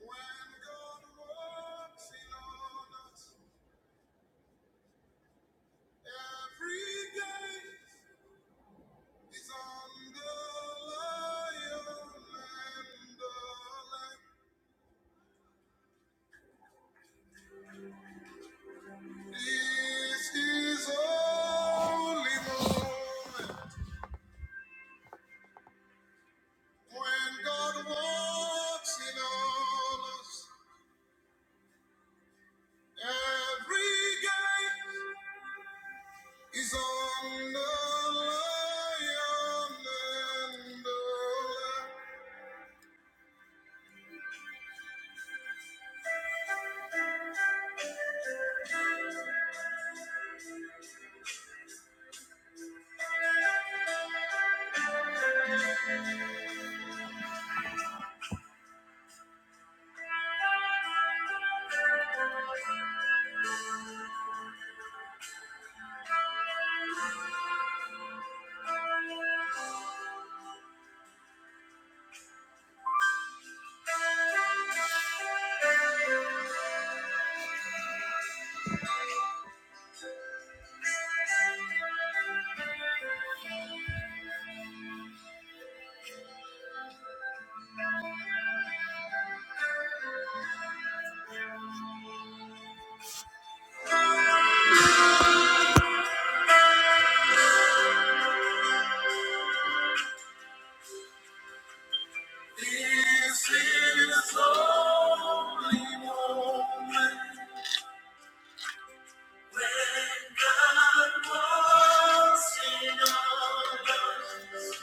When God works in on us, every day is on the lion and the lamb. This is only moment when God works in on us. Every day is on the lion and the lamb. This is only moment when God was in us.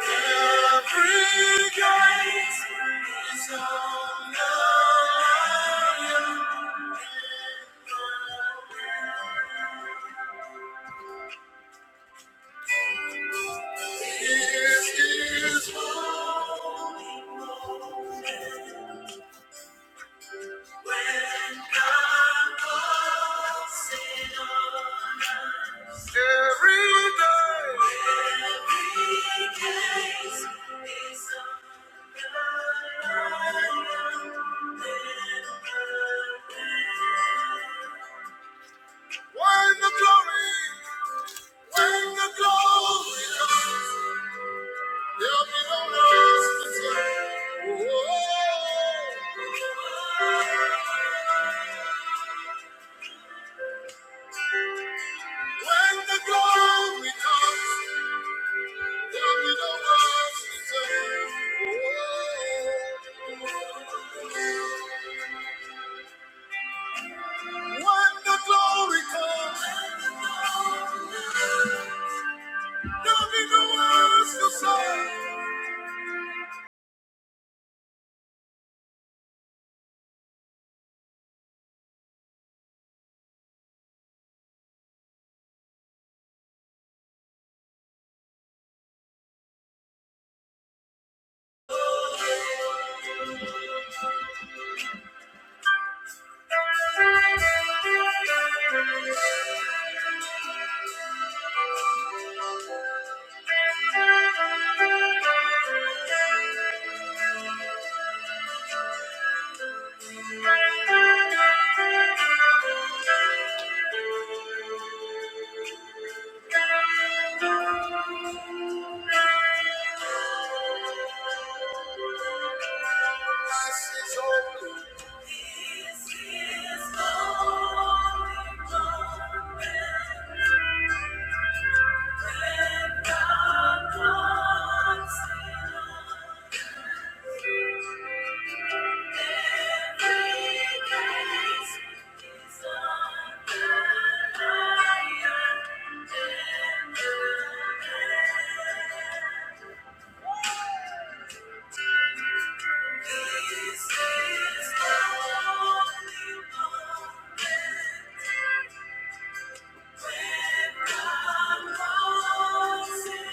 Every gate is on the lion. This is every day. Every gate is on the lion. When the glory. When the glory comes, there'll be no less to tell. Oh, When the glory comes, there'll be no less to tell. Oh, When the glory comes, there'll be no words to say. Christ is holy. When the glory when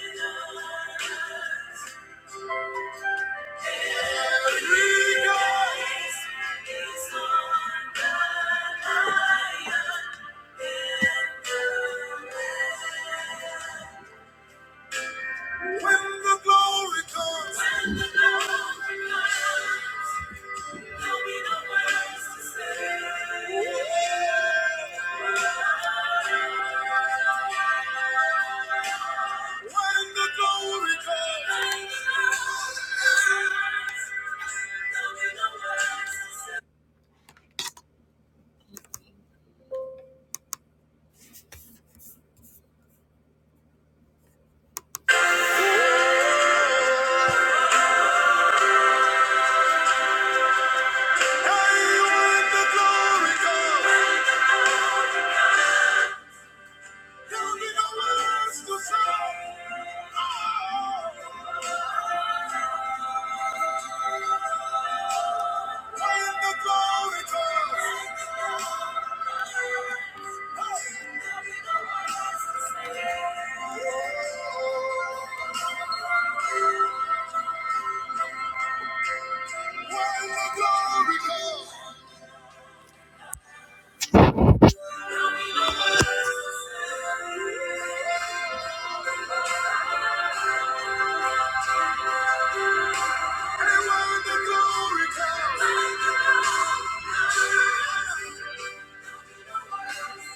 the glory comes, there'll be no words to say. Glory comes.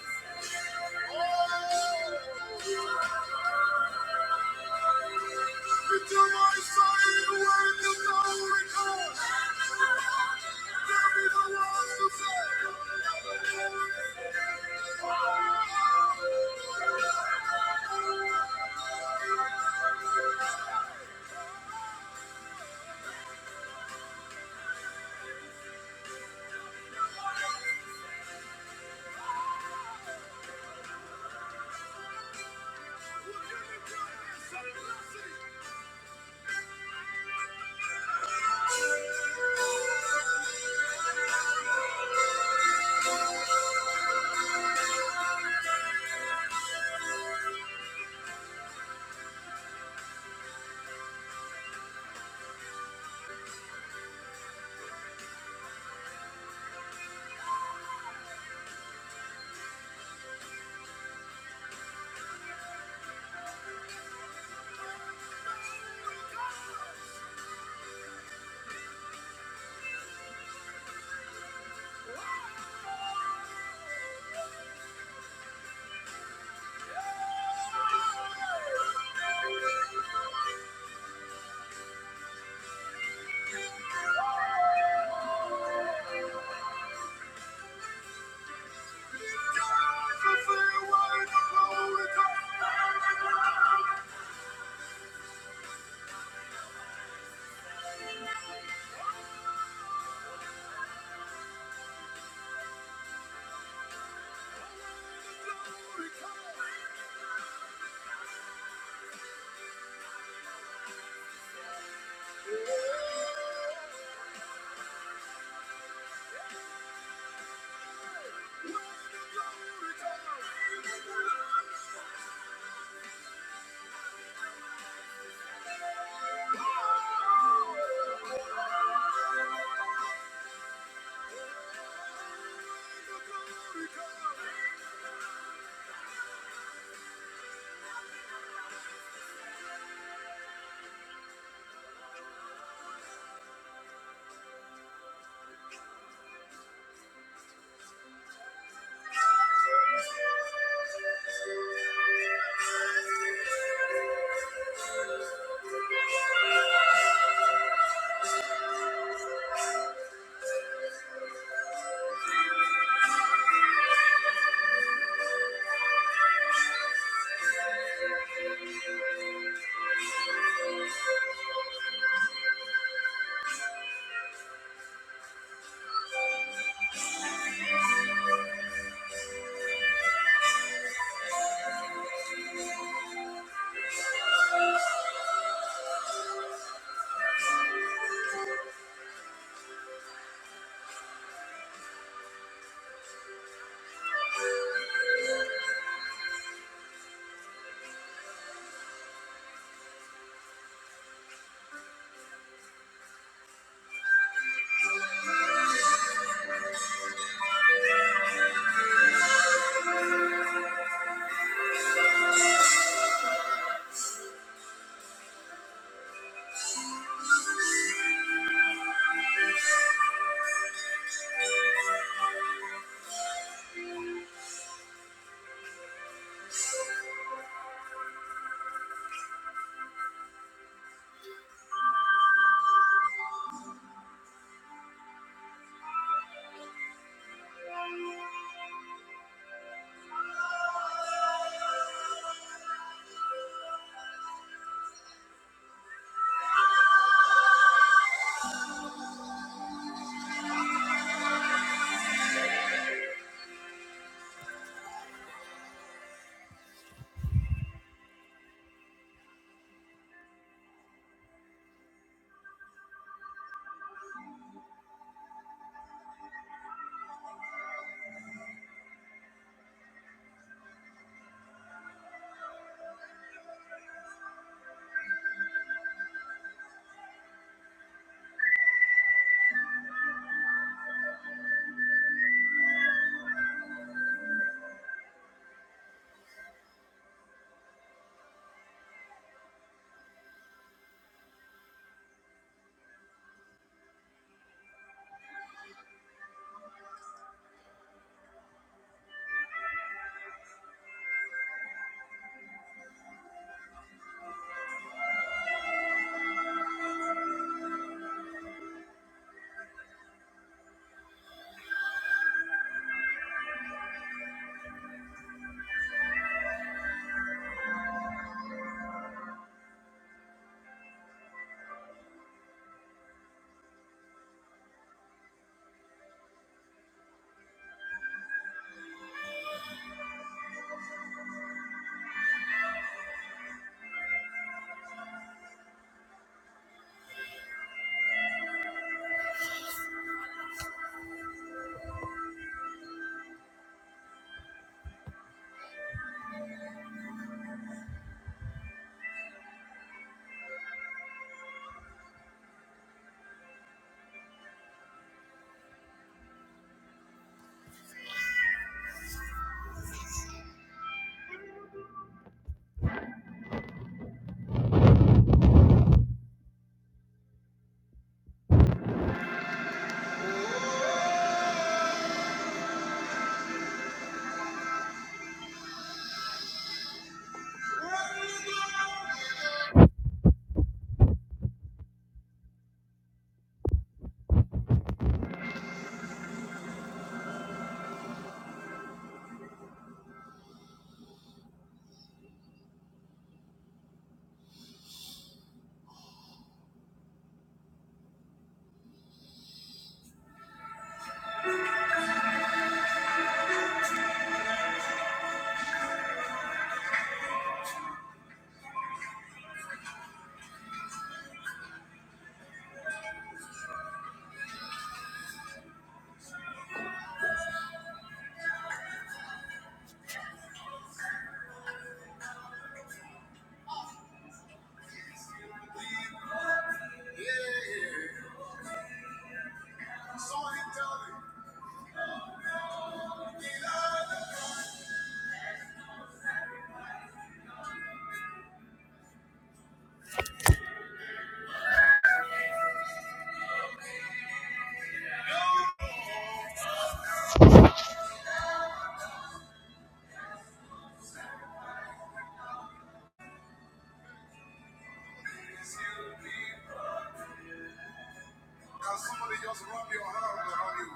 Can somebody just rub your hand around you?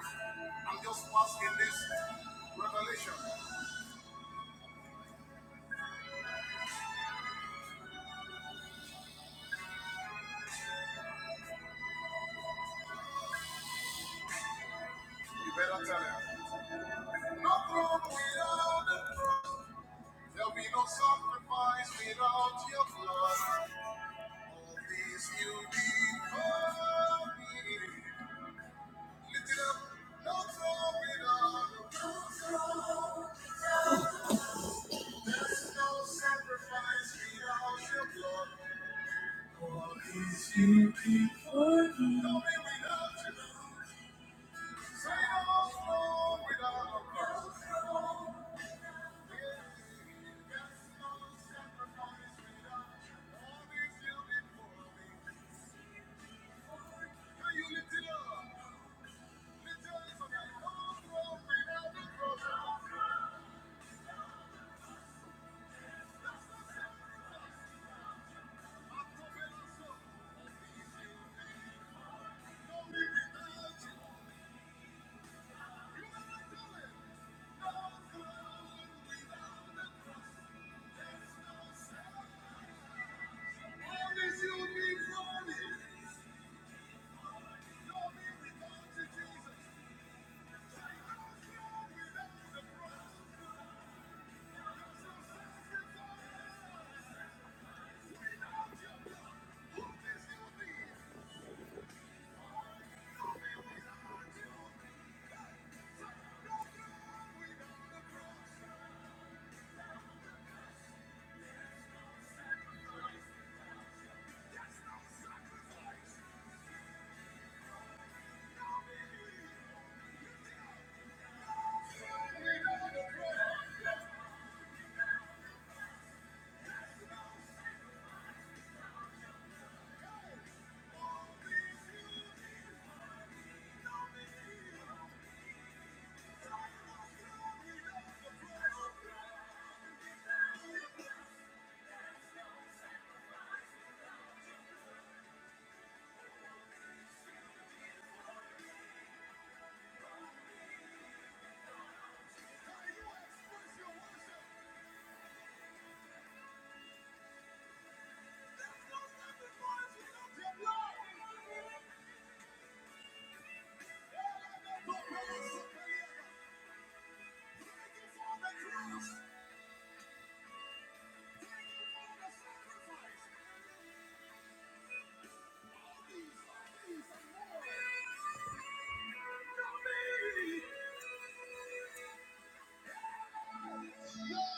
I'm just asking this revelation. You better tell him. No throne without the blood. There'll be no sacrifice without your blood. All this you did for me. Lift it up. No throne without the blood. There's no sacrifice without your blood. All this you did for me. No me without you. Say no throne without the blood. Thank you.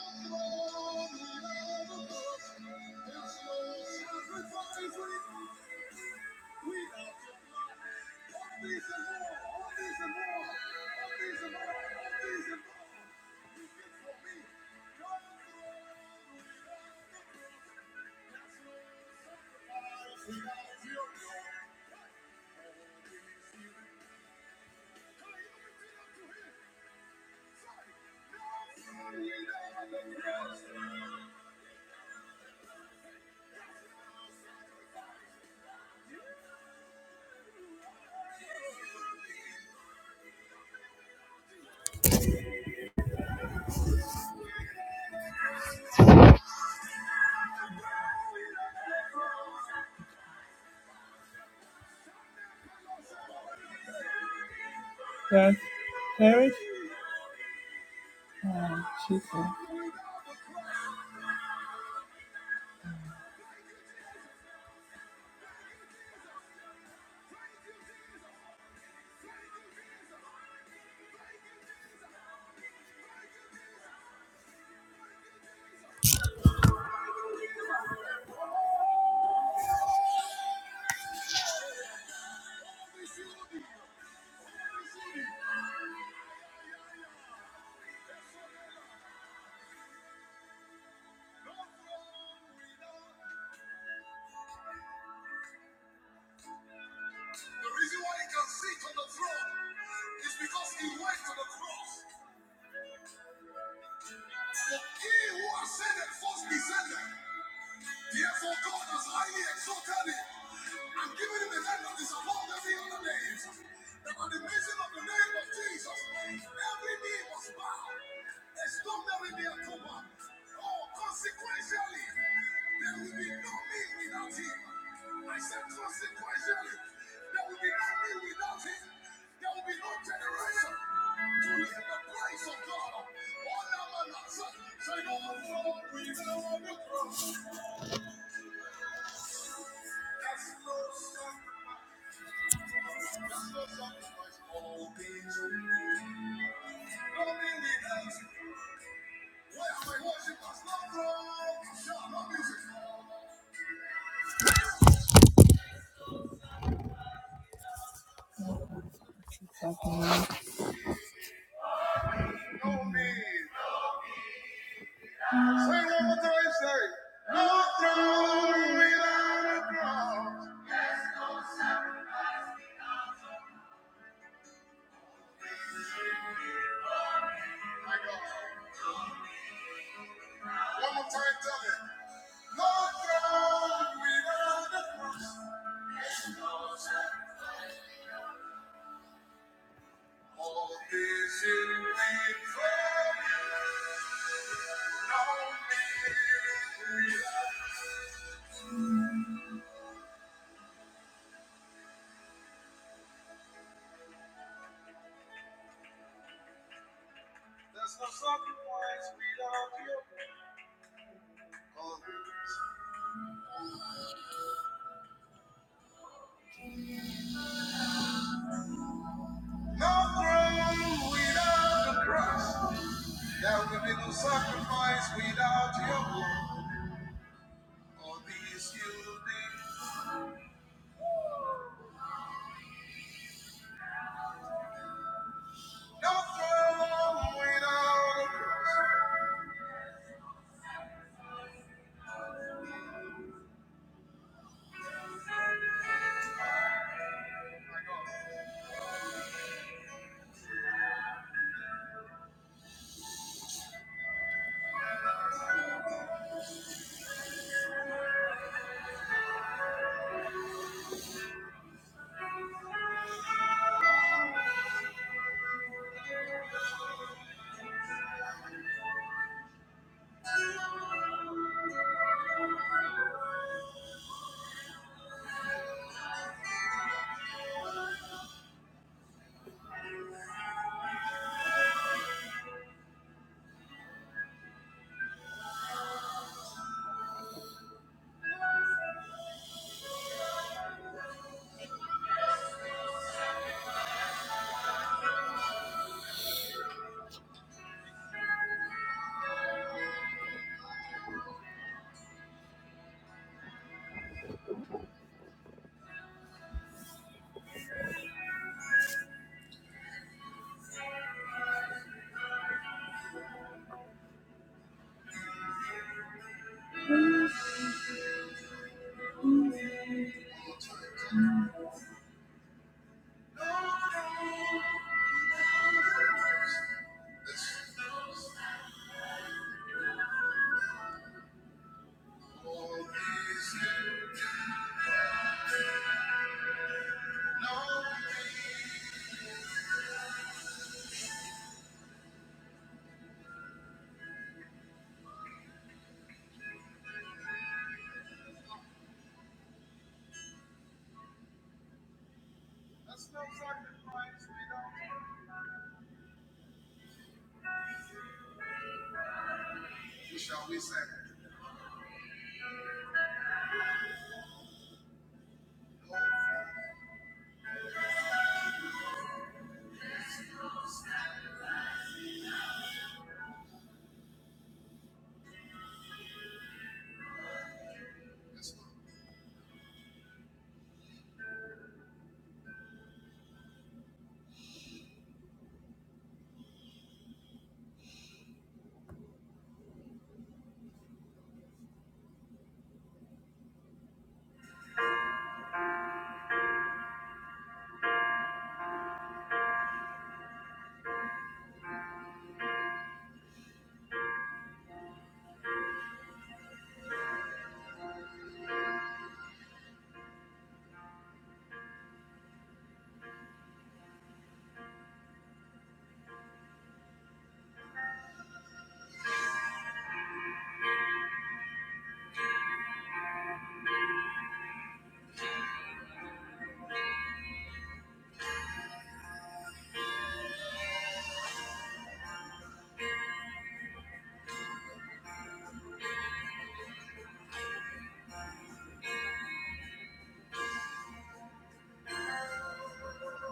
The reason why he can sit on the throne is because he went to the cross. For he who ascended first descended. Therefore, God has highly exalted him and given him a name that is above every other name. That at the mention of the name of Jesus, every knee must bow. There's no merit there to man. Oh, consequentially, there will be no me without him. I said, consequentially, there will be no me without him. There will be no generation to live the grace of God. All that man has said, say, no, Lord, we know on the cross. No throne without a cross. There's no All this in me, for you know me. We are- There's no sacrifice without you. No throne without the cross. There will be no sacrifice without your blood. All these you did. No throne without the cross. All these you did. No, there's no sacrifice without you. shall we say?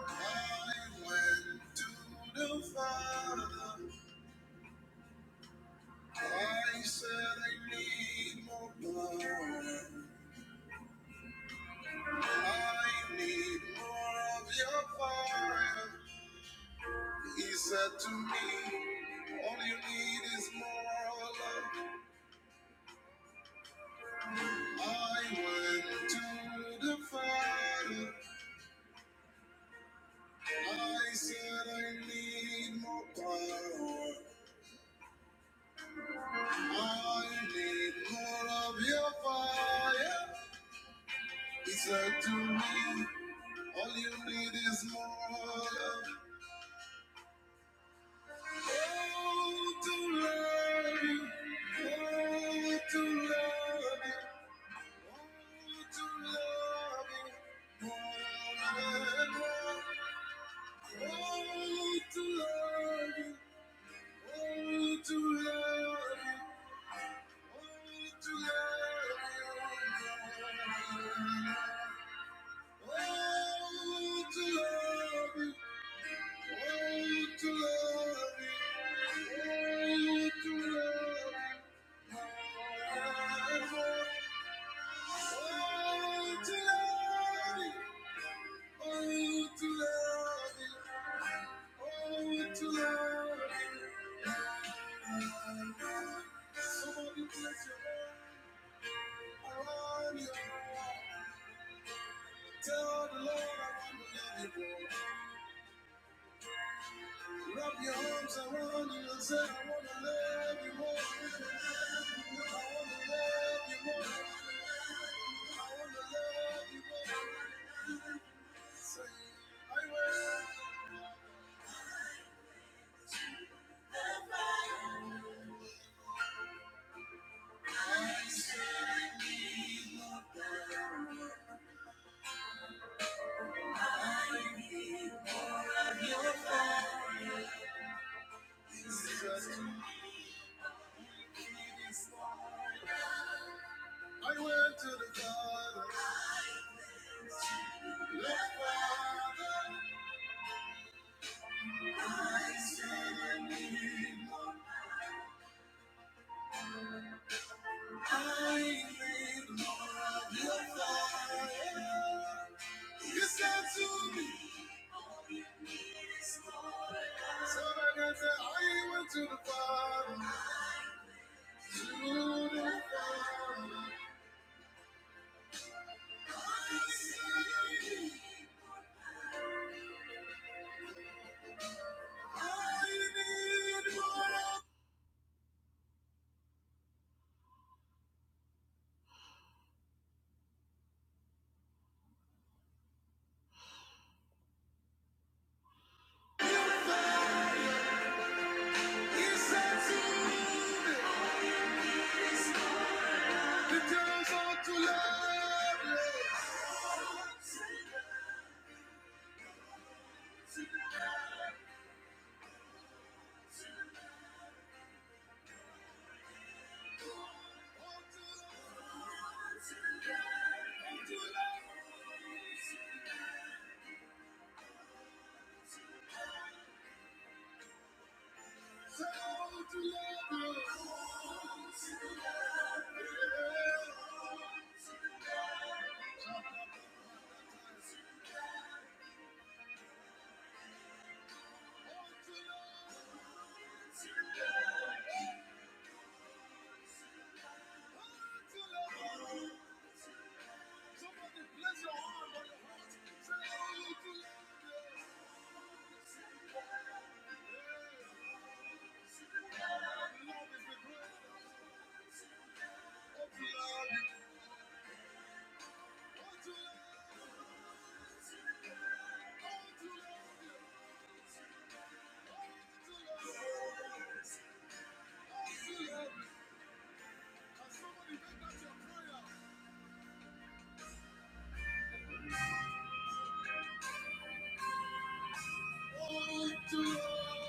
I went to the Father. I said I need more power. I need more of your fire. He said to me, All you need is more love. I went to the Father. I said I need more power. I need more of your fire. He said to me, All you need is more love. Oh, to love you. Oh, to love you. Oh, to love you. More and more. Oh, to love you. Oh, to love you. Oh, to love you. More and more. Oh, to love you. Oh, to love you. Oh, to love you. Forever. Oh, to love you. Oh, to love you. Oh, to love you. Somebody bless your Lord. I want you. Tell the Lord I want to love you. boy. Wrap your arms around you and say, I wanna love you more. I wanna love you more. I wanna love you more. Say, I will. I need more of your fire, Jesus. I went to the Father, left Father, Son, and me. I live your fire. You said to me, all you need is more. love. so like I said I went to the Father, to the Father. I need more. love. You said to me, the days are too lovely, so too lovely. Oh, too lovely.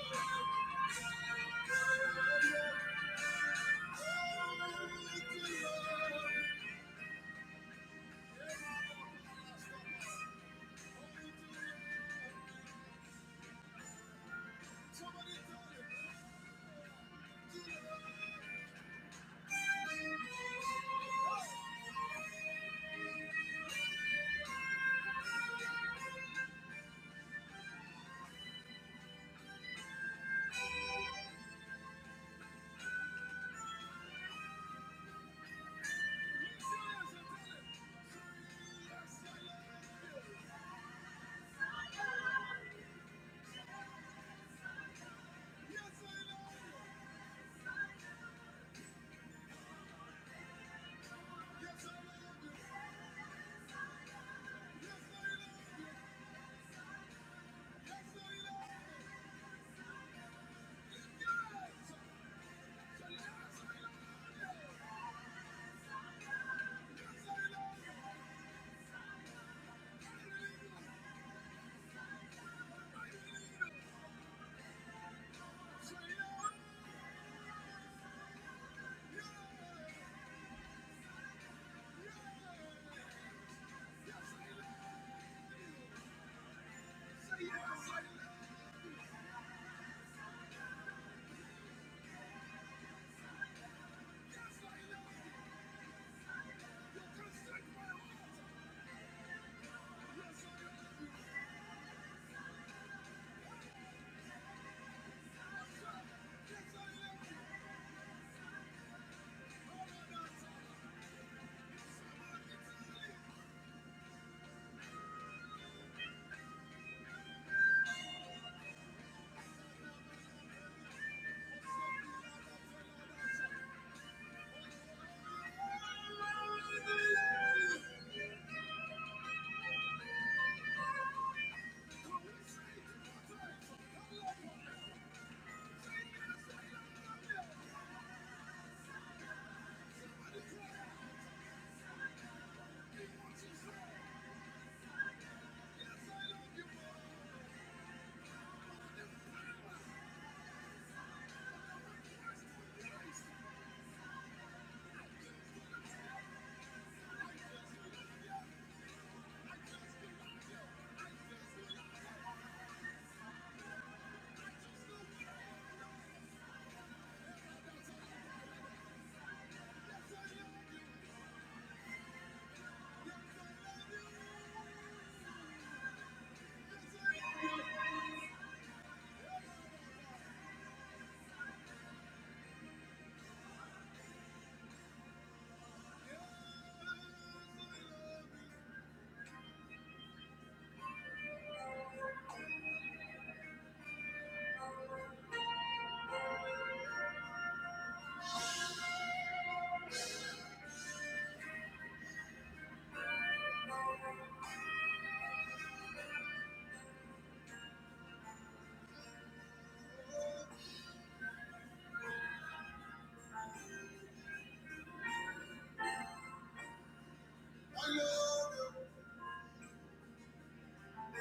I love you.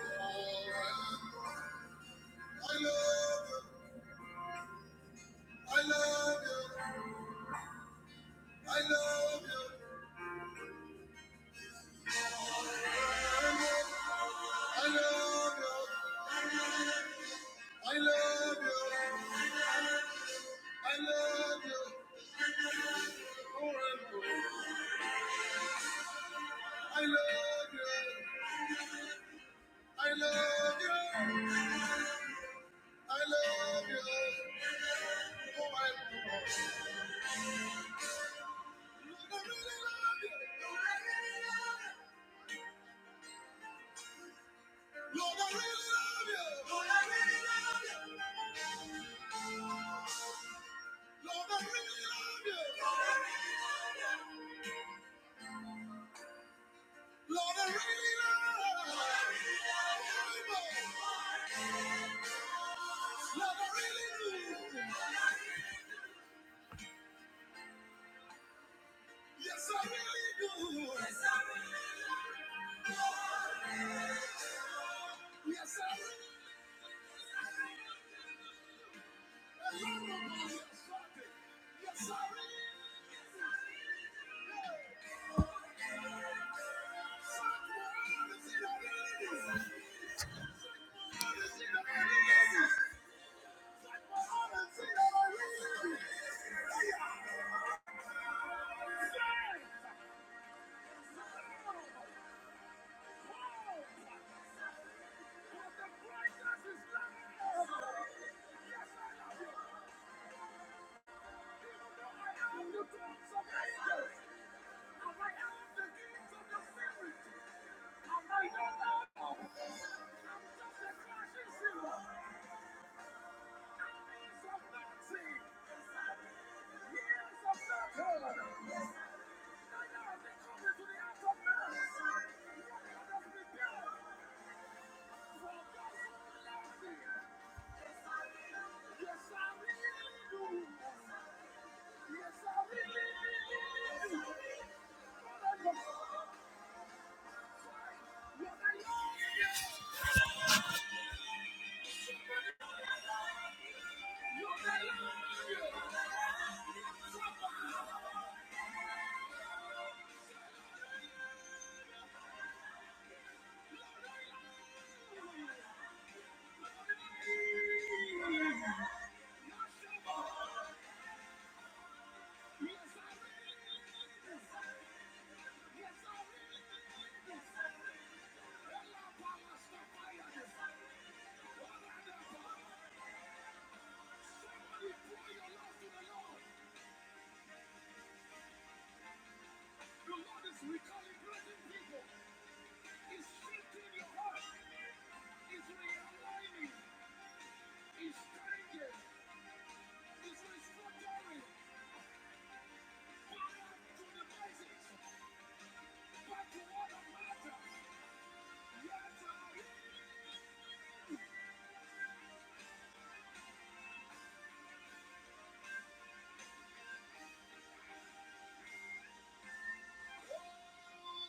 I love you. I love you. I love you. I love you. I love you. I love you. Forever. I love you. I love you. I love you. Forever. Lord, I really love you. Lord, I really love you. Lord, I really love you. Lord, I really love you. Lord, I really love you. Lord, I really love you. Lord, I really do. Yes, I really do. Yes, I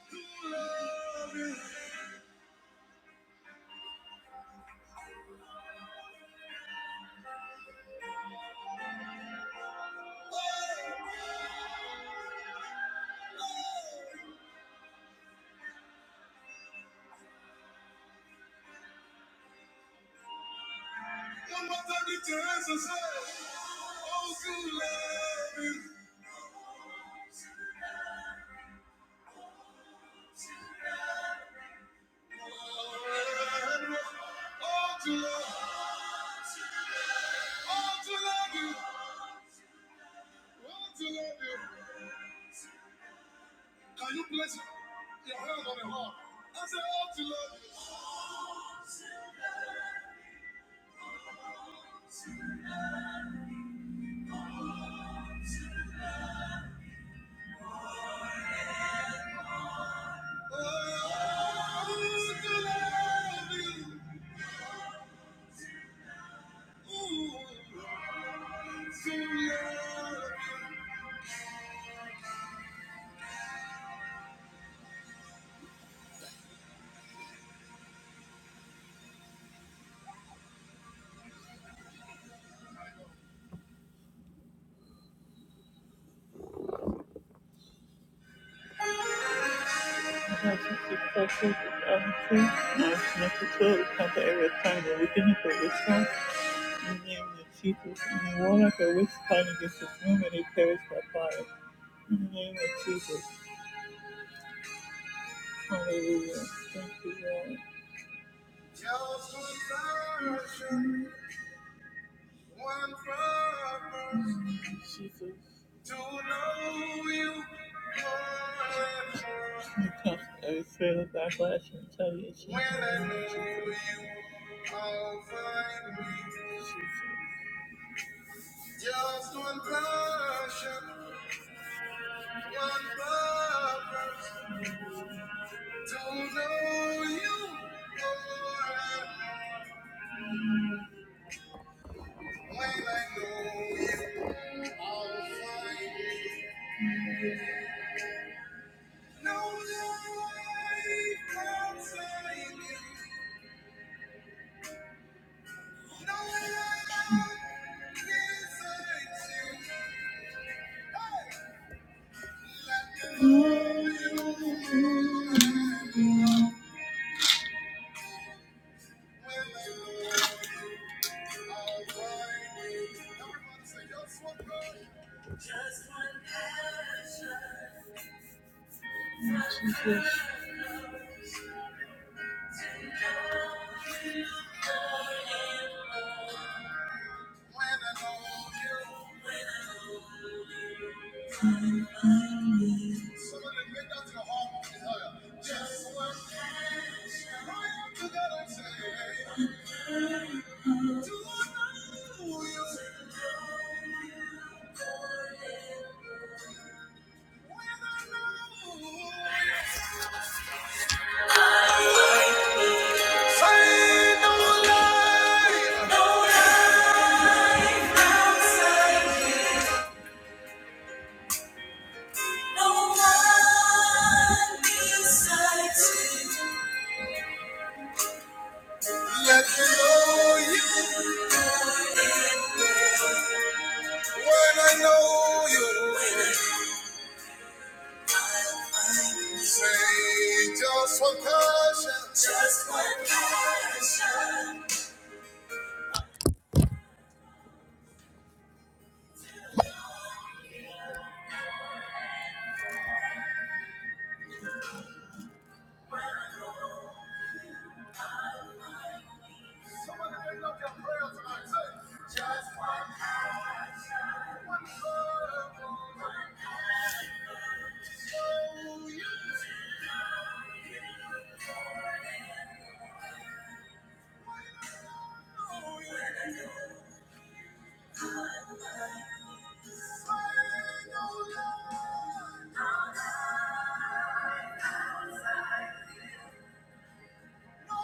do love you. Oh, one more time, lift your hands and say, Oh, to love you. Oh, to love you, Oh, to love you. Oh, to love you. Can you place your hand on the heart? I say, Oh, to love you. Hallelujah. Thank you, Lord. One purpose Jesus. to know you forever. Every spirit of backlash and retaliation. When I know you, I'll find me. Jesus. Just one passion, one purpose to know you forever. When I know you, I'll find me. No I can save you. No life can When are blinding. Everybody "Just one passion." I know you. Somebody make that your heart desire. Just one dance. Right together and say, "Do I know you?" When I know you. Say no lie. No one Let me know you. When I know you, I'll find you, say just one passion. Just one passion. Somebody lift up your prayer tonight. Say, just one passion. One love. So you know you. Say no lie. No one besides. No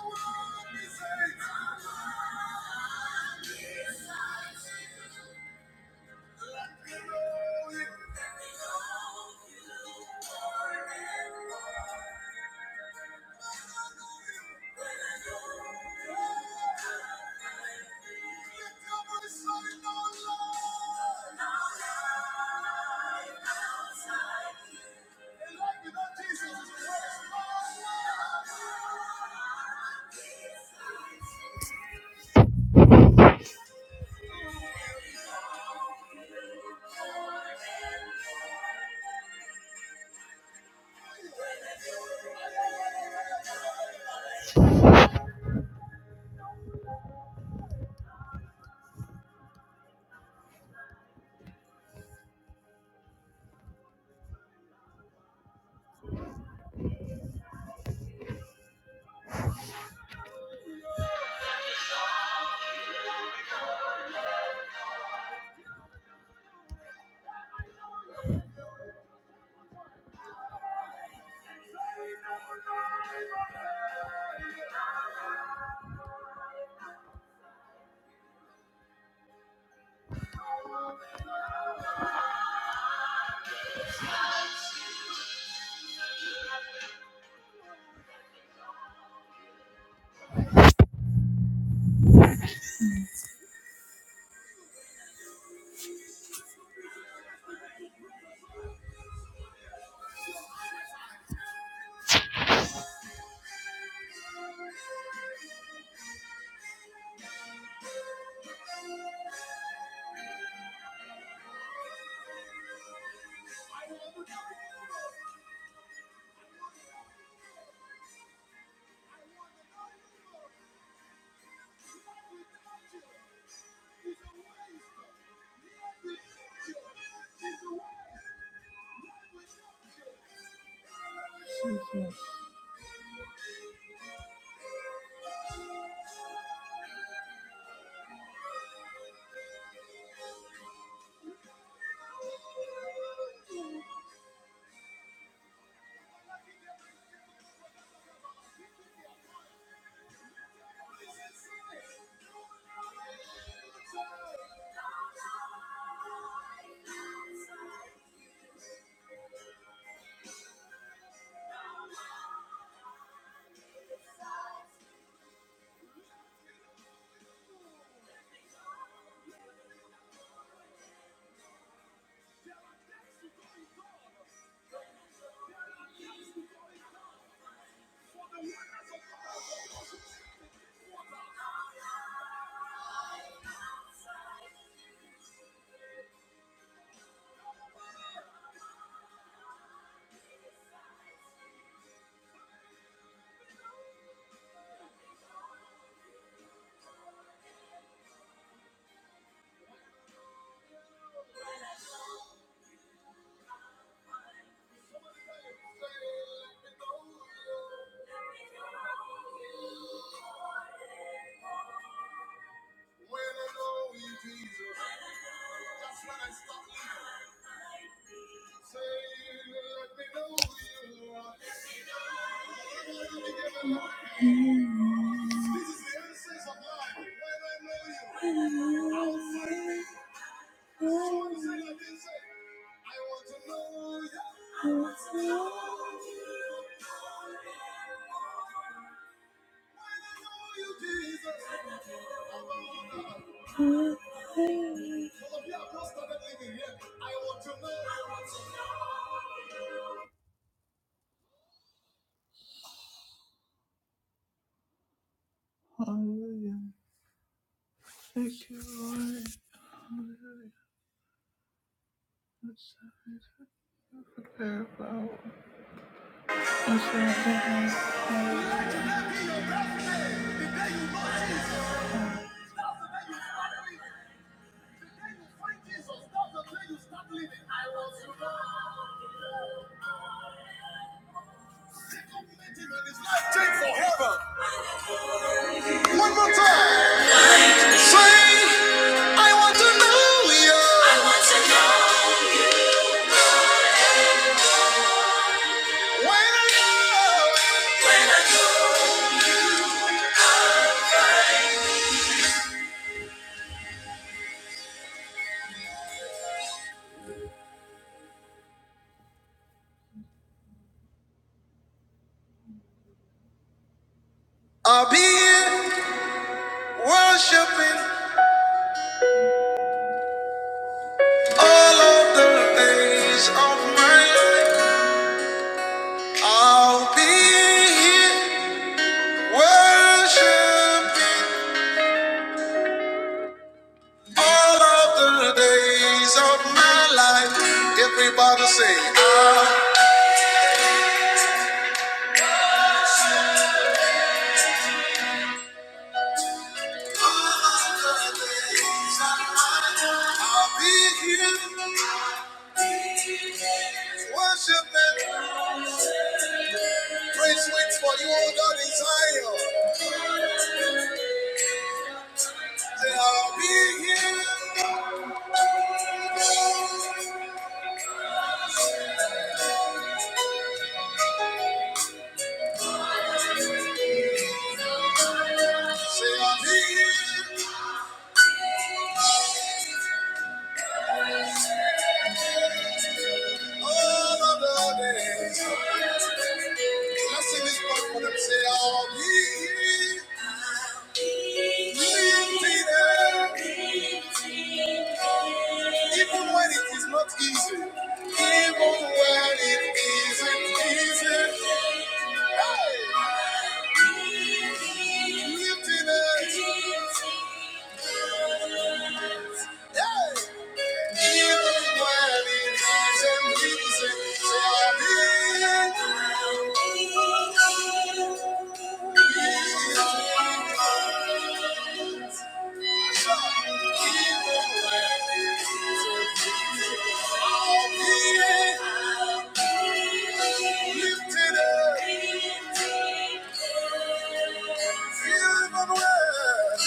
Jesus. Thank you. When I know you, that's when I stop living. Say, let me know you. This is the essence of life. When I know you, outside me. Hallelujah. Thank you, Lord. Hallelujah. Let's have this prayer power. One more time. Say, I want to know you. I want to know. When I know, I'll be here worshiping all of the days of my life. I'll be here. Worshiping all of the days of my life. Everybody say, I'll be here. Worshiping, praise waits for you, oh God in Zion. Say, I'll be here. Say, I'll be here. All of our days. Can I sing this part for them? Say, I'll be lifted up, even when it is not easy. Even when it isn't easy, hey, lifting us. Hey, even when it isn't easy, so I'll be lifted up, feeling good.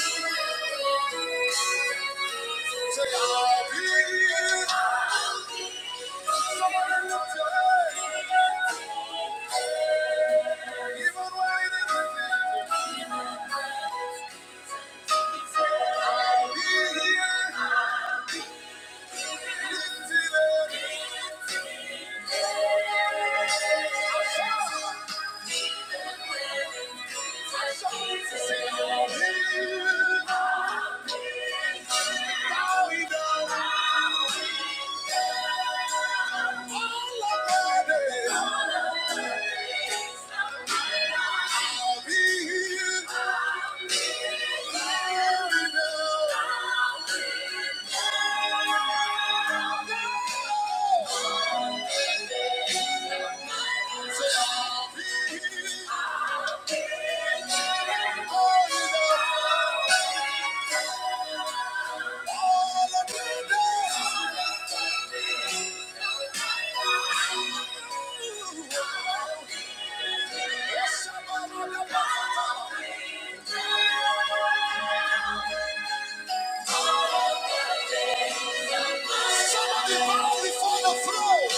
Say I'll be. Thank you. I'll be Yeah. Somebody bow before the throne.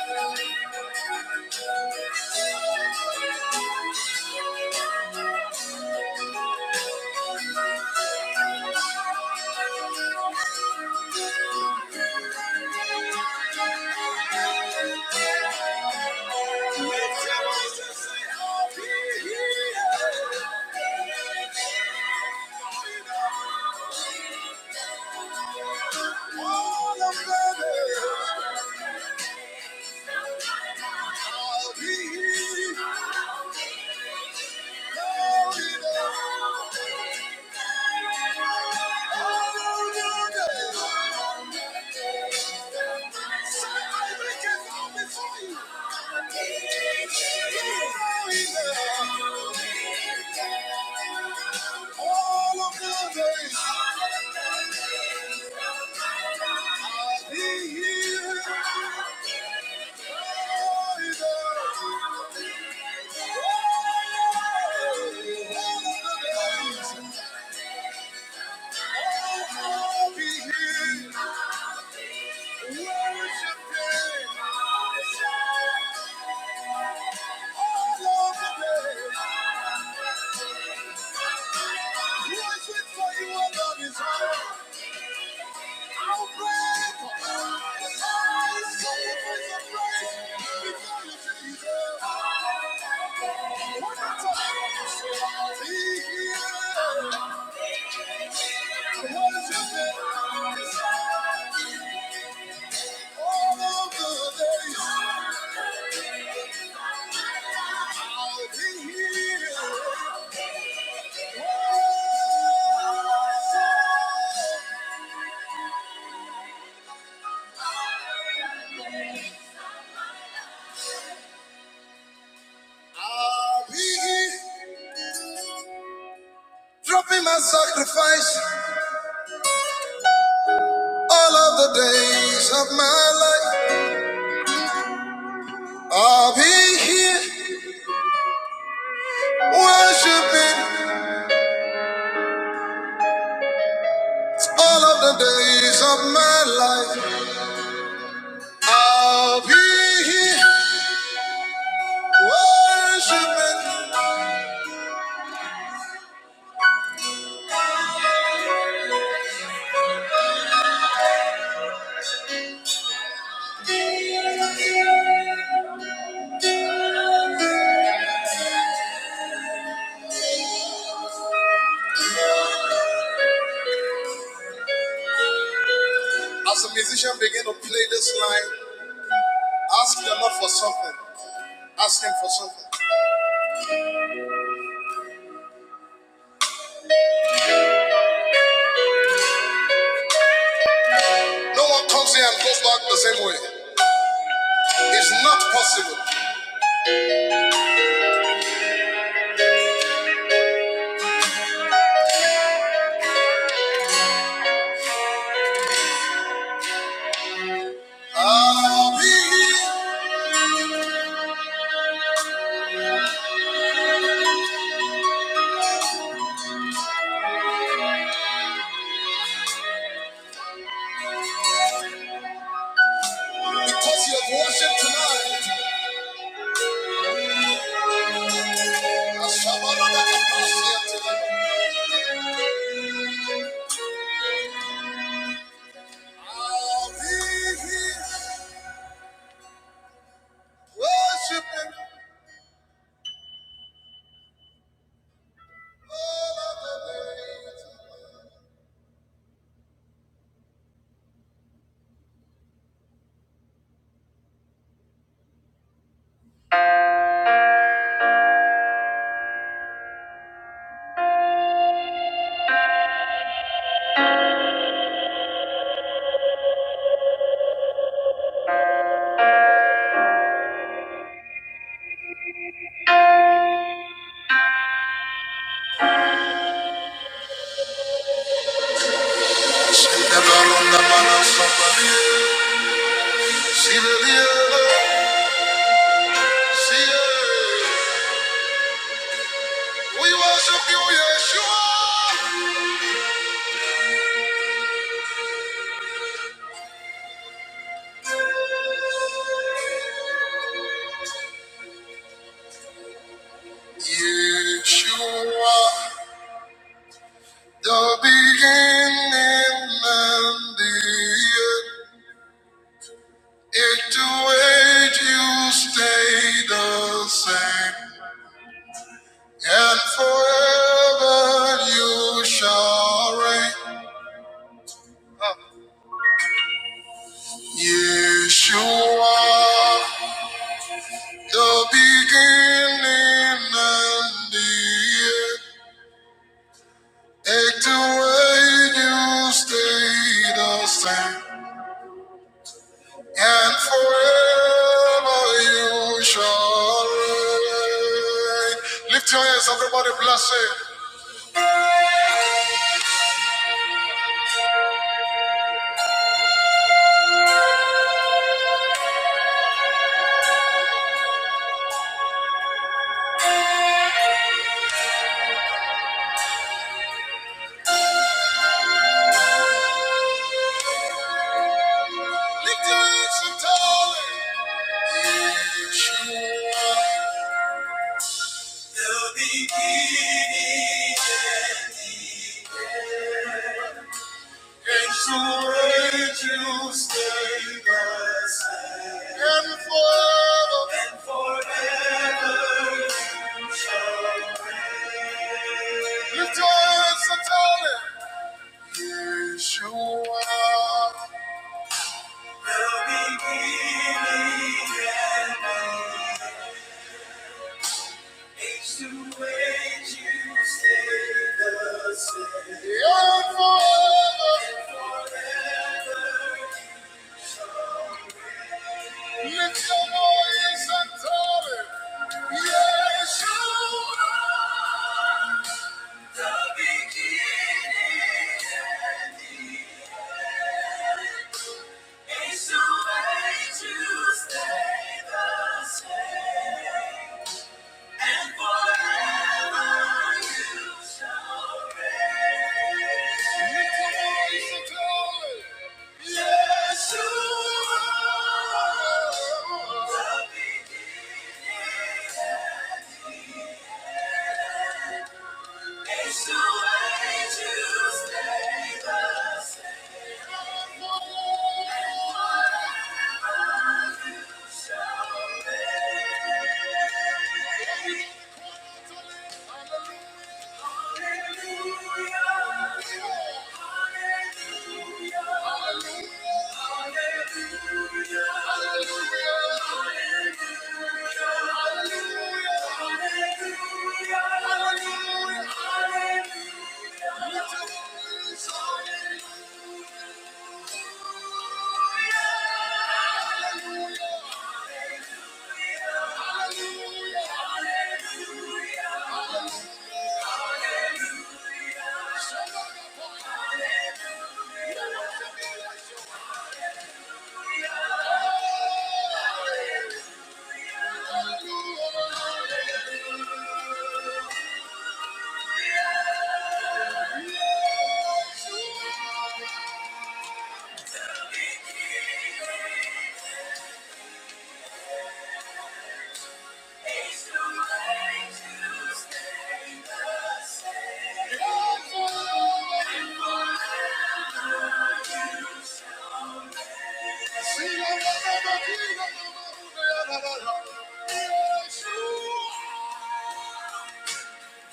Thank you. Let your voices say, "I'll be here. Thank you. I'll be here. All of the days I'll be here. All of the days, I'll be here. I'll be dropping my sacrifice all of the days of my life. I'll be here worshiping all of the days of my life. I'll be here worshiping. As the musician begin to play this line, ask the Lord for something. Ask Him for something. No one comes here and goes back the same way. It's not possible. i be here because you have worshiped tonight. We worship you, Yeshua. Yeshua. The beginning and the end. Into age you stay the same. And forever you shall reign. Yeshua. The beginning and the end. Into age you stay the same. and forever you shall reign. Lift your hands, everybody, bless it. Lift your hands and tell him. Yes, you are the beginning and It's the way to it you stay by. And forever. And forever. Lift your hands and tell him. Yes, you are. Yes, you are the beginning. It's the way to stay the same. Hallelujah. See you never, never, never, never, never, never, never,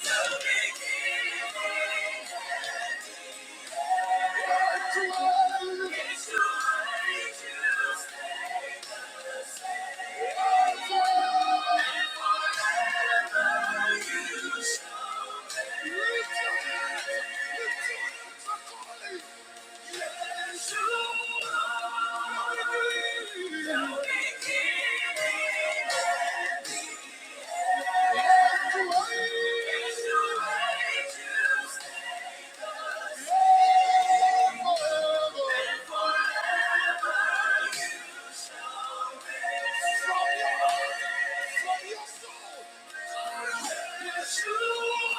Yes, you are you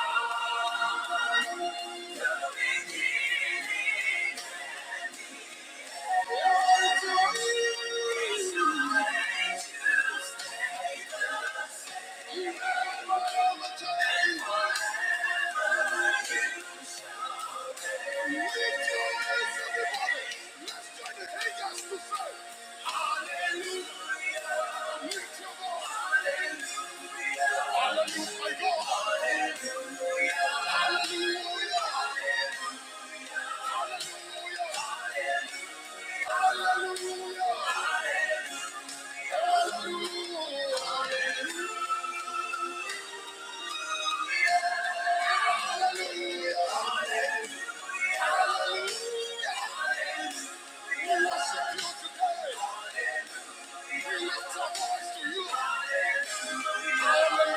are the beginning. Let's join the haters to fight.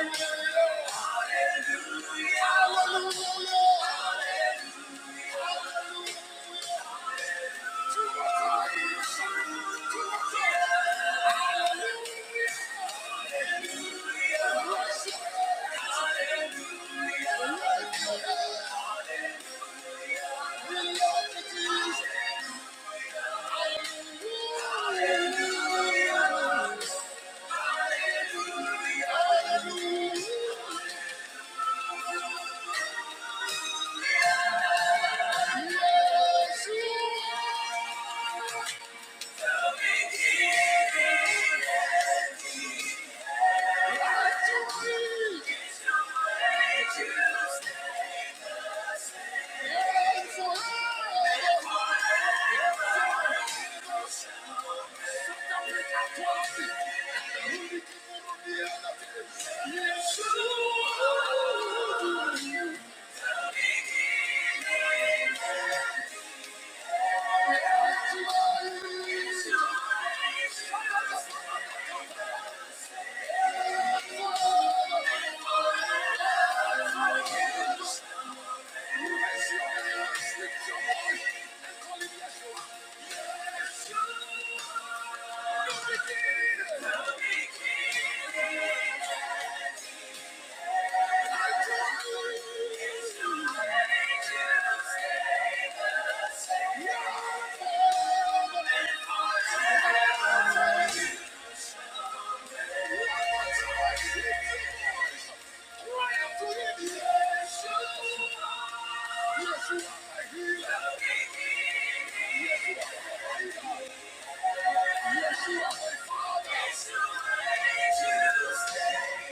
Hallelujah. Hallelujah. Yes, you. Thank you. Yes, you are a healer. Yes, you are a healer. Yes, you are my father.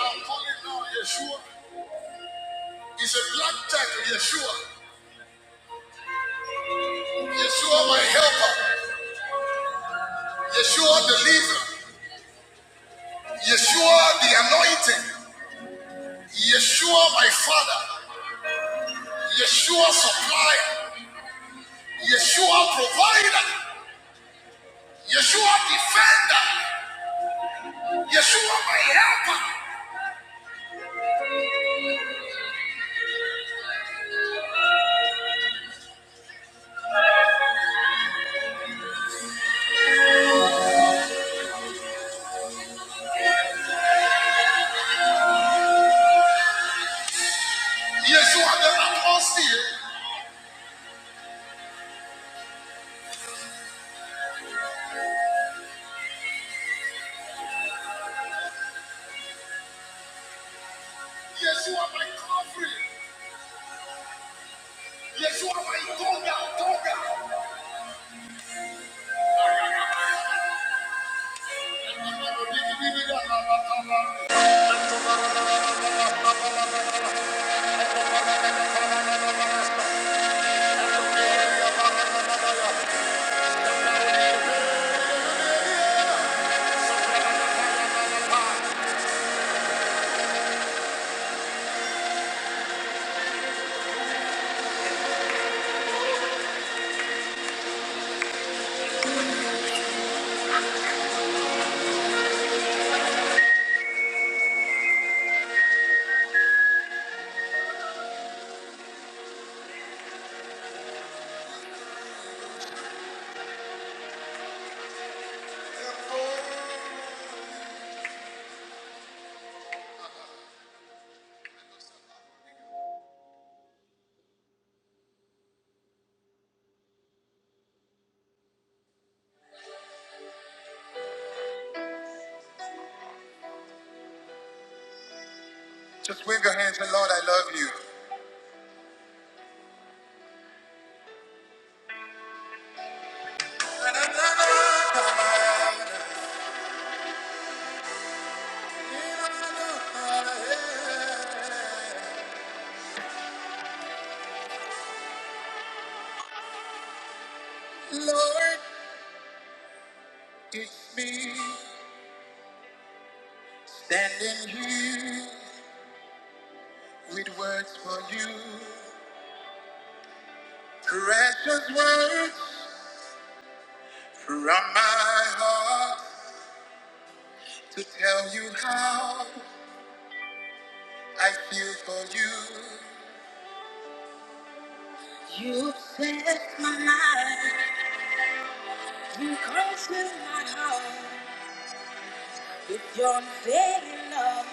I'm calling now Yeshua. It's a black title, Yeshua. Yeshua, my helper. Yeshua, the leader. Yeshua, the anointing. Yeshua, my father. Yeshua supplier, Yeshua provider, Yeshua defender, Yeshua my helper, Yeshua the atmosphere, Yeshua my covering, Yeshua my toga, toga. Just wave your hands and Lord, I love you. My heart to tell you how I feel for you. You set my life, you grace my heart. With your unfailing love,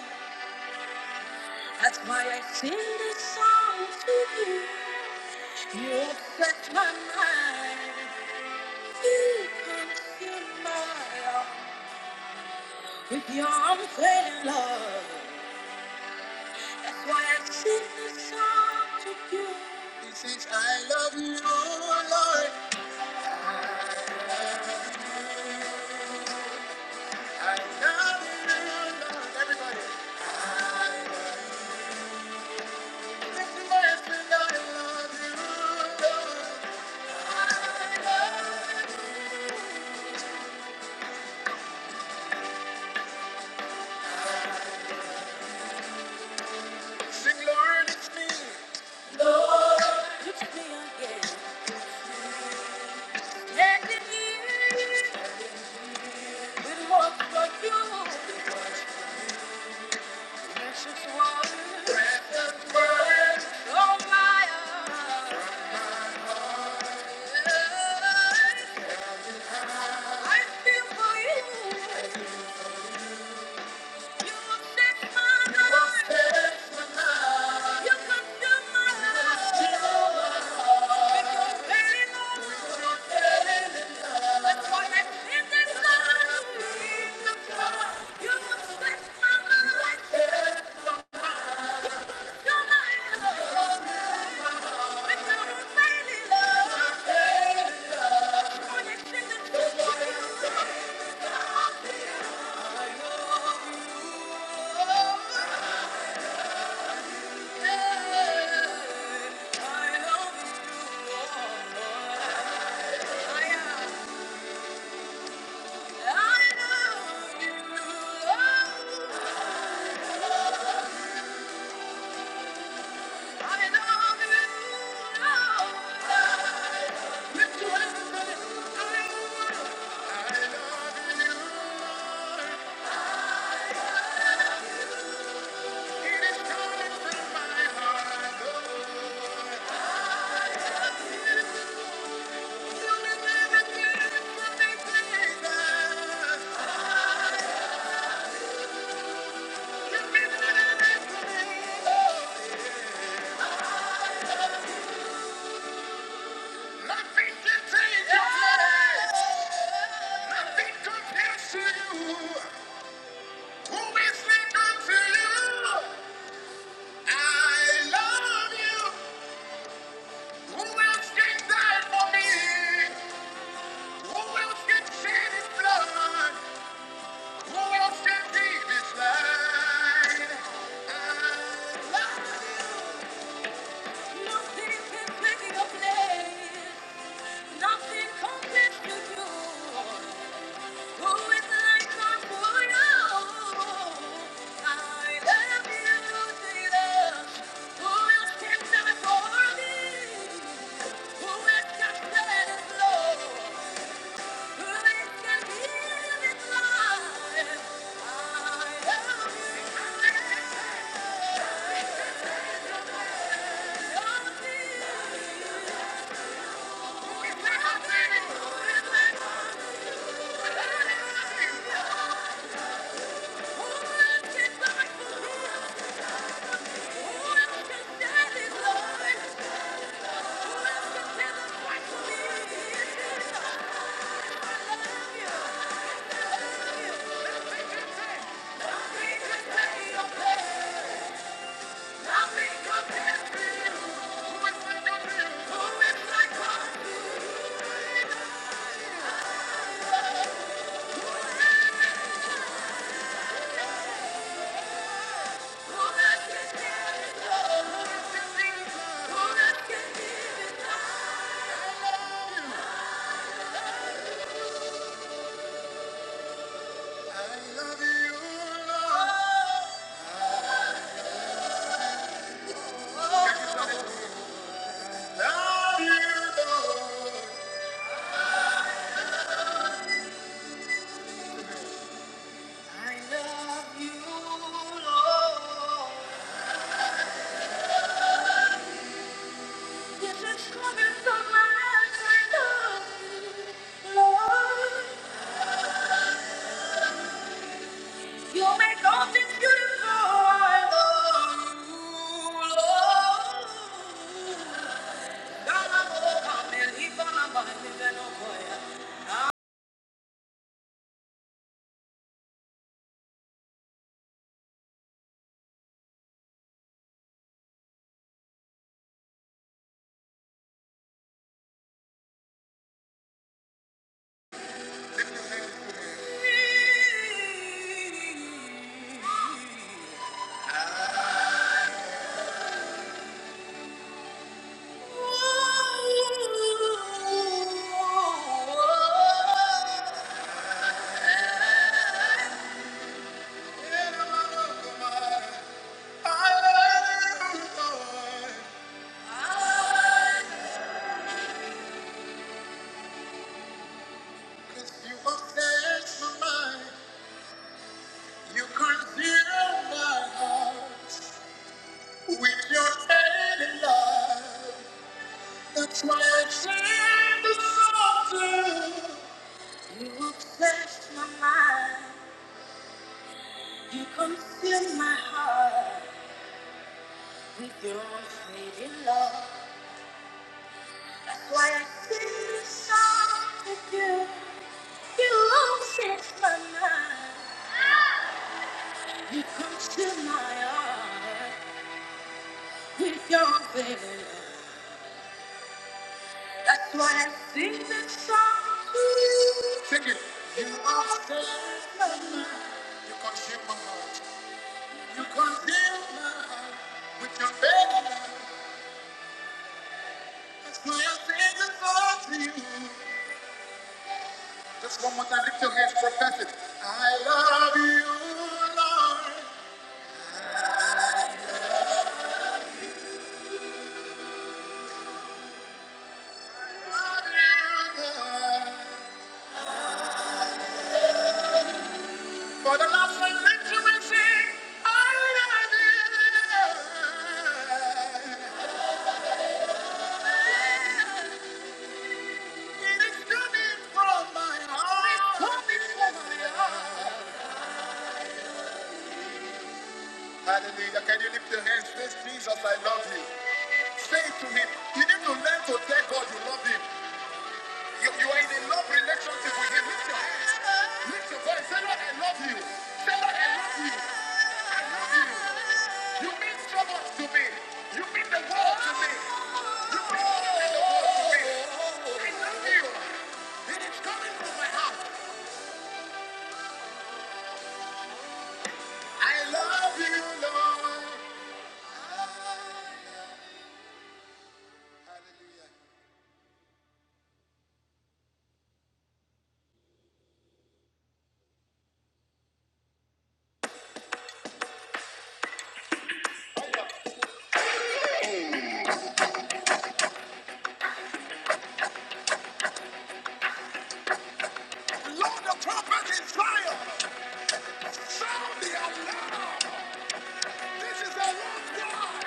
that's why I sing this song to you. You upset my mind, you consume my heart. With your unfailing love, that's why I sing this song to you. Touch me again, let me you, with what for you, precious water, breath of my heart. I feel for you. I am. Who else can give his life? Thank you. Thank you. I love you, Lord. This is coming from my heart. I love you, Lord. You make all things beautiful. I love you, Lord. God, I'm overcome. Leave all my mind, leave it all for you. Ooh, oh, oh, oh. Yeah, I'm overcome. Consume my heart with Your faded love, why I sing this song to you? You obsess my mind. You come my heart with your unfading love. That's why I sing this song to you. Sing it. You are saved my mind. You consume my heart. You consume my heart with your baby. That's why I sing this song to you. Just one more time, lift your hands, profess it. I love you, Lord. I Love you, Lord. For the last time, lift your hands, sing. I love you, Lord. Hallelujah. Can you lift your hands? Praise Jesus, I love you. Say to him. You need to learn to tell God you love him. You, you are in a love relationship with him. Lift your hands. Lift your voice. Say, Lord, I love you. Say, Lord, I love you. I love you. You mean so much to me. You mean the world to me. You mean more than the world to me. I love you. It is coming from my heart. I love you, Lord. Hallelujah. Blow the trumpet in triumph. Sound the alarm. This is a war cry.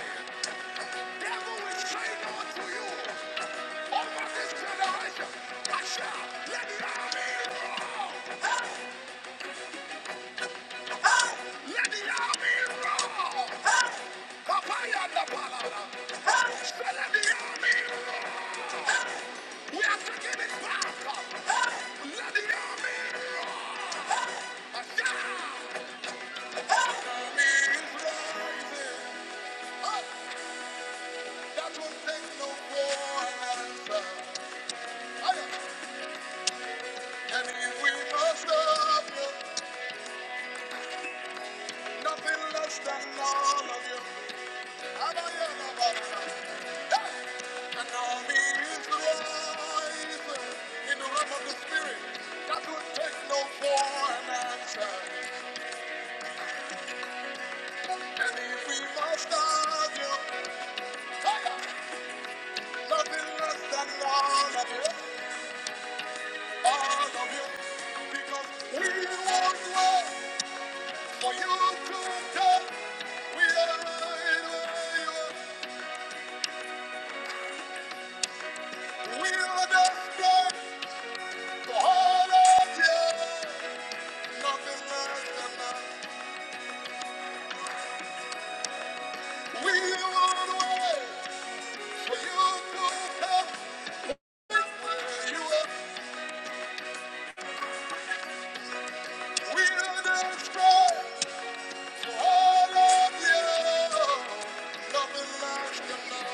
Devil is saying unto you. Over this generation. Russia, let the army roar. Hey, hey. Let the army papaya and the banana. We are taking it back. Hey, let the army shout. Is rising. Up. That will take no more an answer. I am And if we must love you, nothing less than all of you. I know you love us. Hey! And all me is rising in the realm of the spirit. That would take no for an answer. And if we must love you, hey! nothing less than all of you. All of you. Because we won't wait for you to come. We are in where you are. We are the church, the of Jesus, nothing less than that. We will wait for you to come where you are. We are the church, the of Jesus, nothing less than that.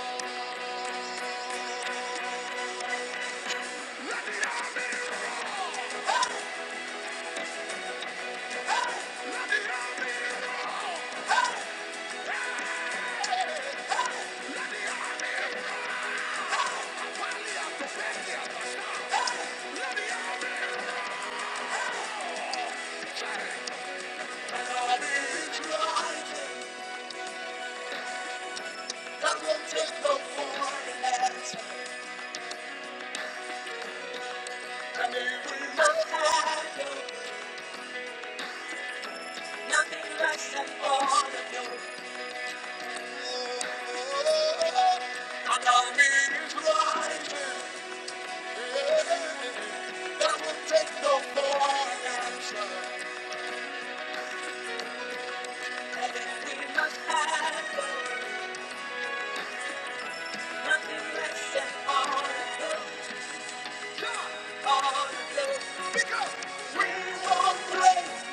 We must nothing less than all of you. I know me is right. We must have nothing less than all of you. All of you. Because Everybody said,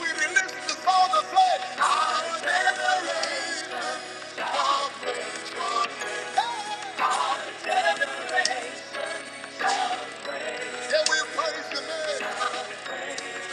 we release the sound of life, and we praise the name. Somebody roar it up!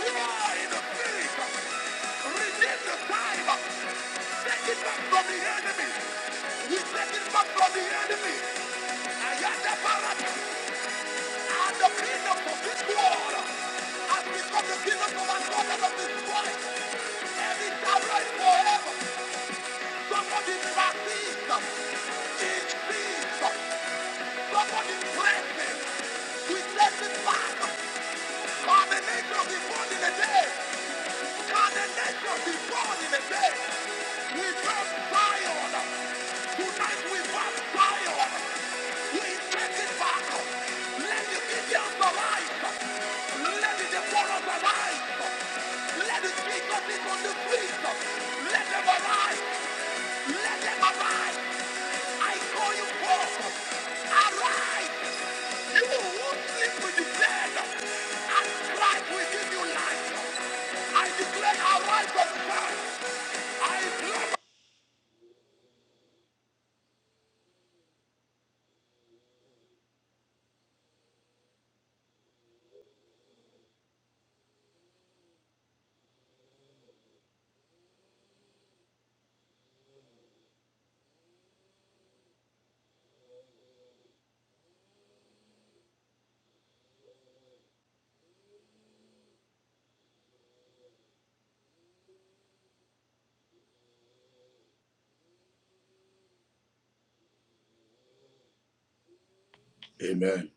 Roar in the spirit! Redeem the time. Take it back from the enemy. We take it back from the enemy. I am the parrot. I am the kingdom of this world. I've become the kingdom of my brothers of this world. And it shall rise forever. Somebody deliver Jesus. Teach Jesus. Somebody bless me. We bless his Father. Can the nations be born in a day? the nations be born in a We burn Zion. Tonight we burn Zion. Somebody, Amen.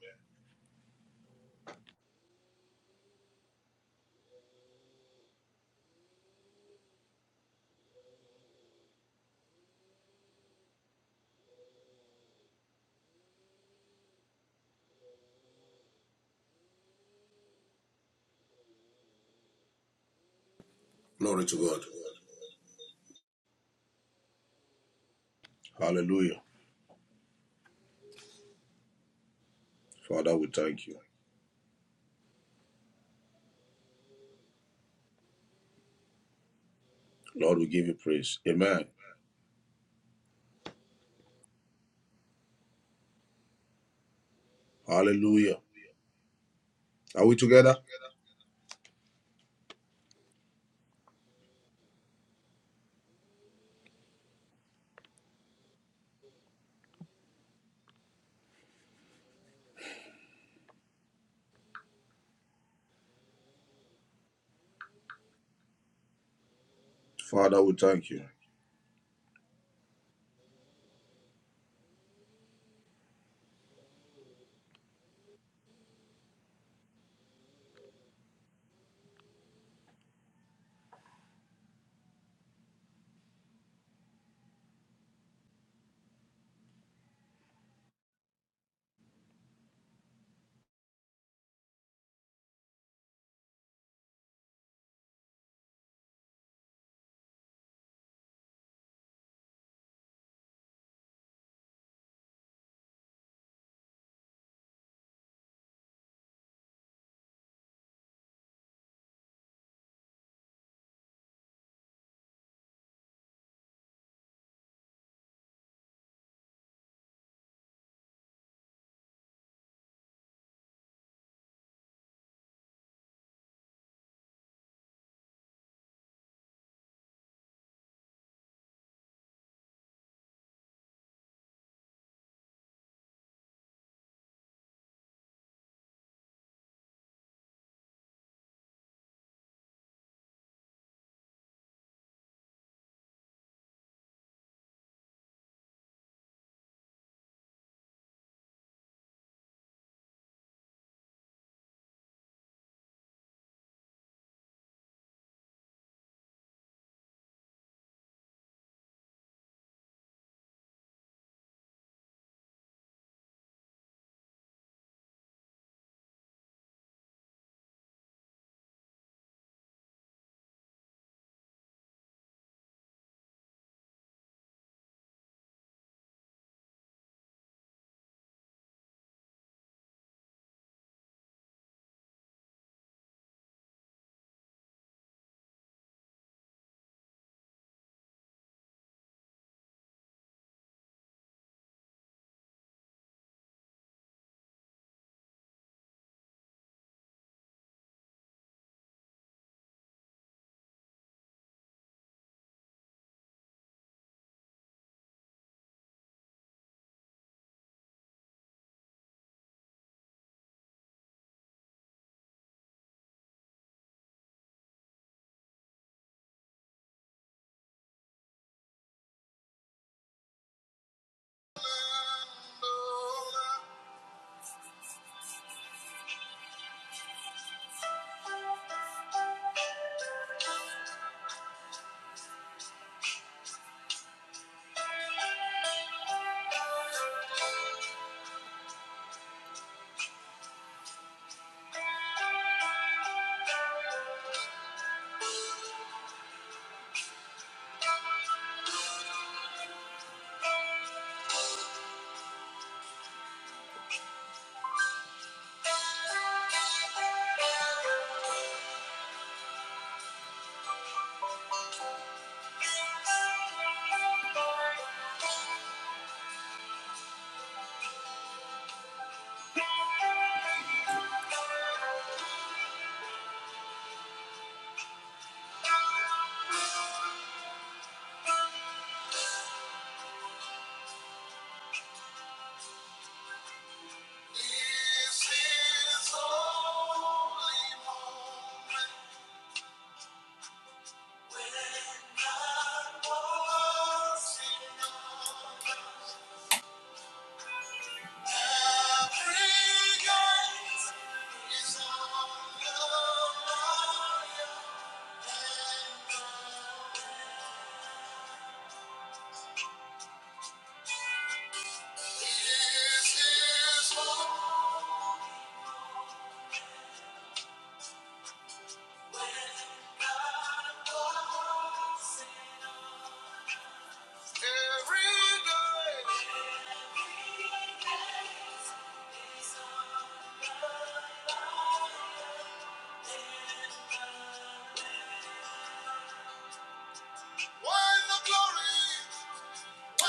Glory to God. Hallelujah. Father, we thank you. Lord, we give you praise. Amen. Hallelujah. Are we together? Father, we thank you.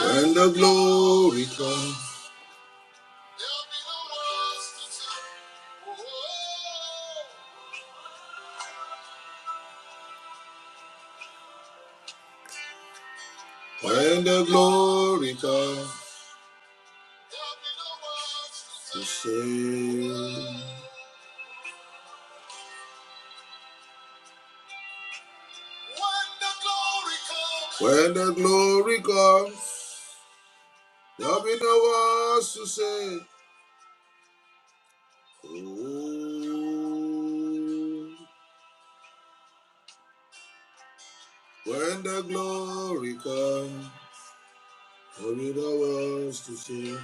When the glory comes, when the glory comes to sing. When the glory comes, there'll be no words to say. Oh, when the glory comes, for it all was to sing.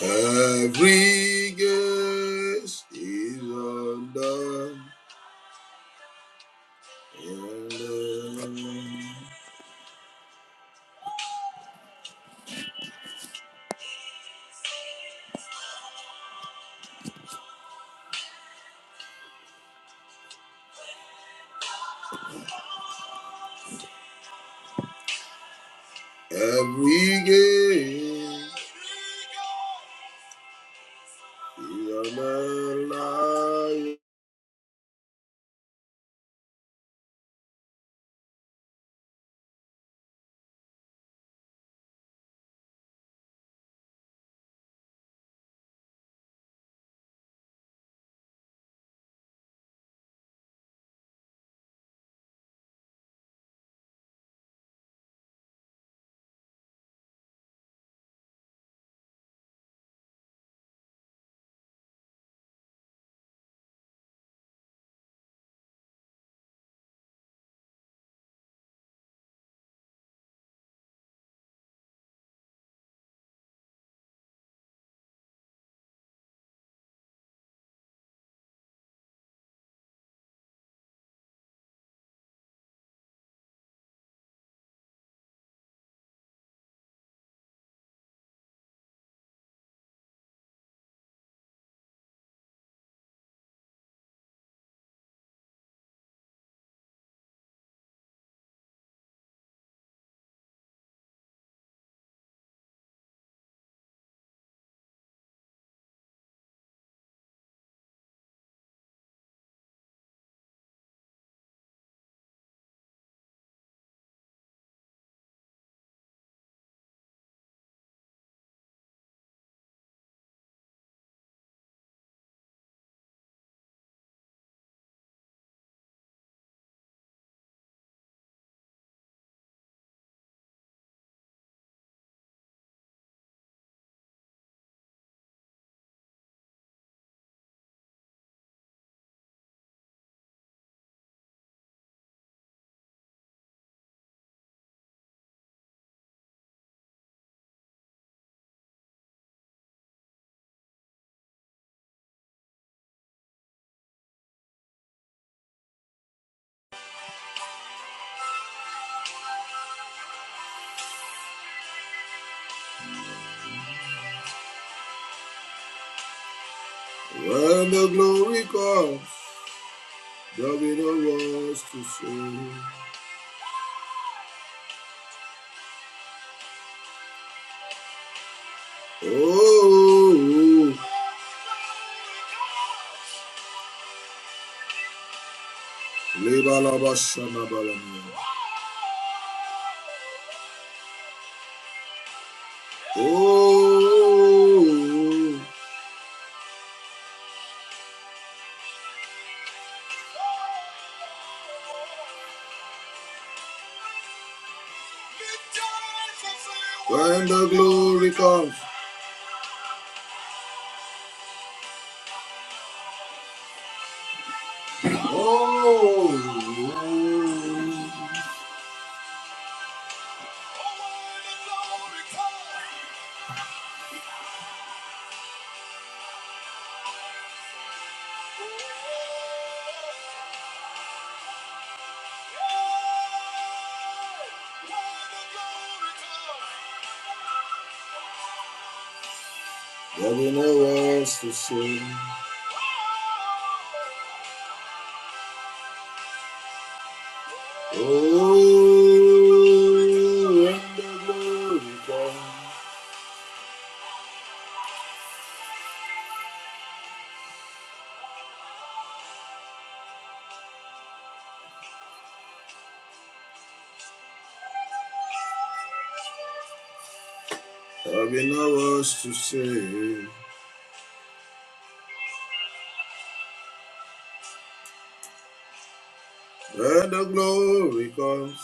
Every guest is undone. Every guest is undone. When the glory comes. There'll be no words to say. Oh, Leba Laba Shana Balania. Oh, when the glory comes. Oh, There were no words to say. Oh, when the glory comes, there were no words to say. When the glory comes,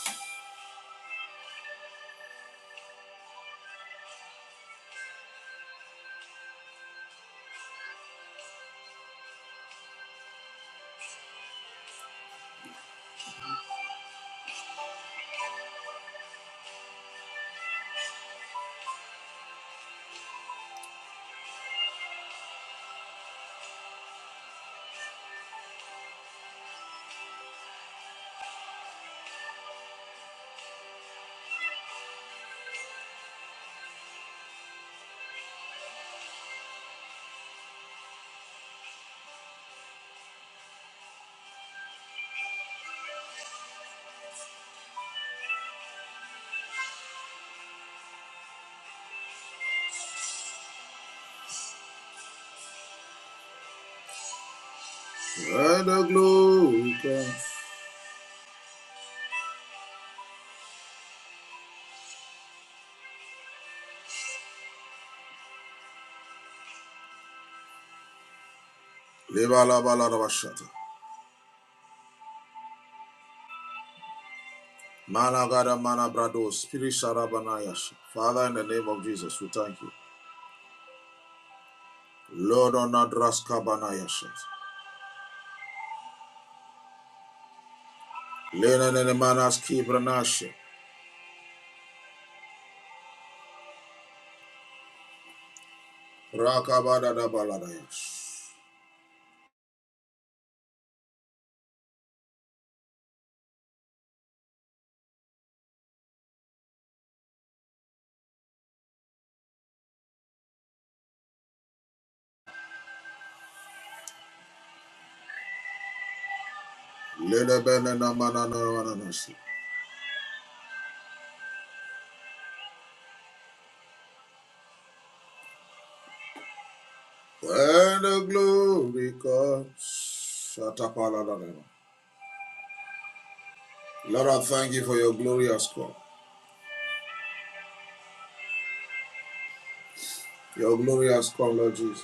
when the glory comes. Leba la ba la da ba shata. Mana gada mana brado, spirit shara bana yasha. Father, in the name of Jesus, we thank you. Lord, on adraska bana yasha. Lena nene manas kibrana yasha. Rakabadadabaladayash. Ledebenenamananamananashi. When the glory comes, Shatapaladadaba. Lord, I thank you for your glorious call. Your glorious call, Lord Jesus.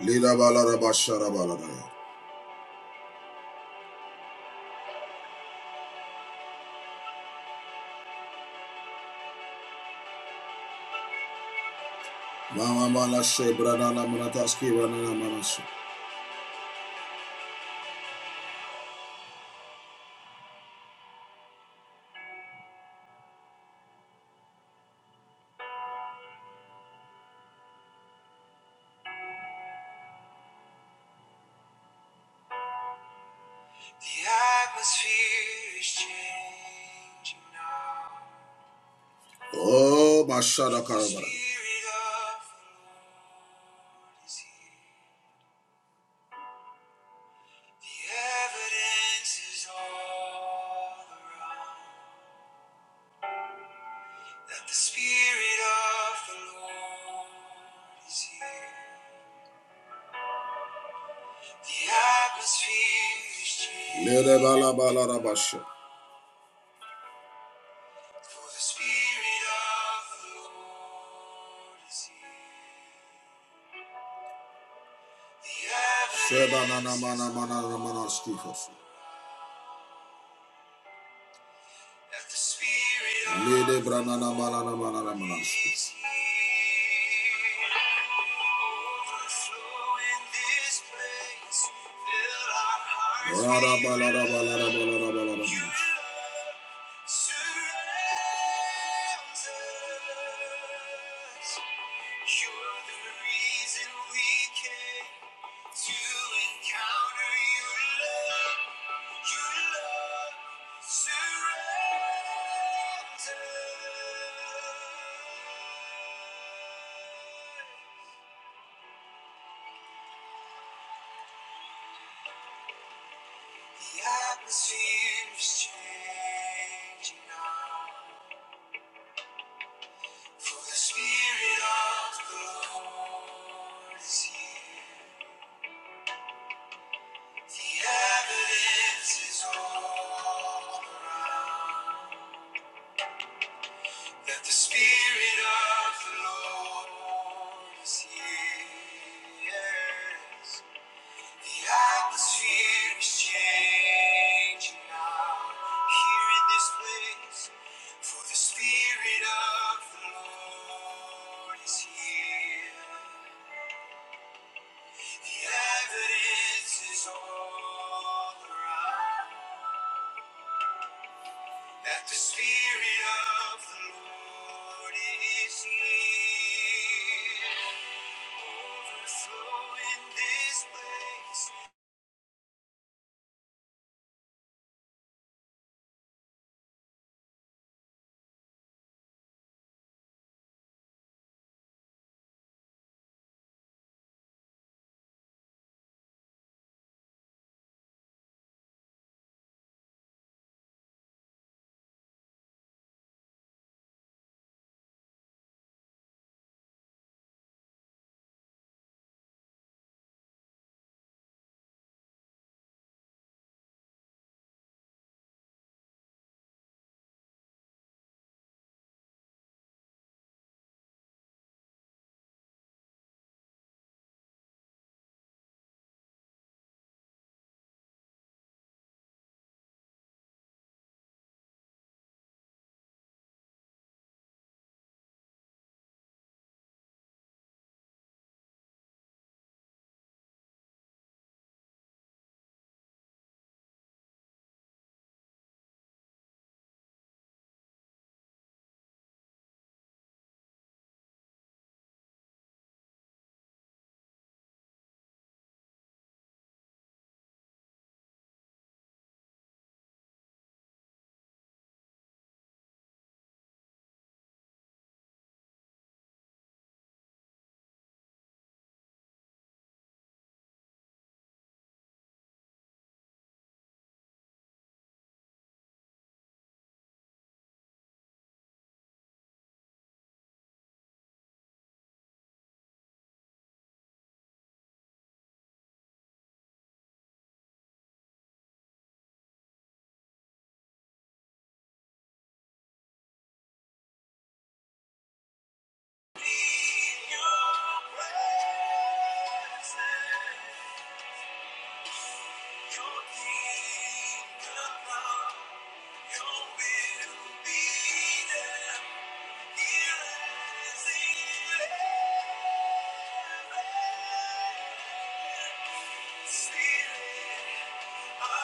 Lida balada bashara balada. Mama mana shebra na na mana taski The atmosphere is changing now. Oh, mashada karabara. The evidence is all around that the Spirit of the Lord is here. The atmosphere is changing. Ledebalabalabasha. For the Spirit of the Lord is here. The evidence is all around. that the spirit of Lede branana manana manana manana. is overflow in this place, fill our hearts with balada balada balada balada. Your love surrounds us. You're the reason we came to encounter your love. The the is changing now. For the spirit of the Lord is here. The evidence is all around. That the Spirit of the Lord is here. Yes. The atmosphere is changing now here in this place. For the Spirit of the Lord is here. The evidence is all around that the Spirit of the Lord is here. Spirit. Thank you.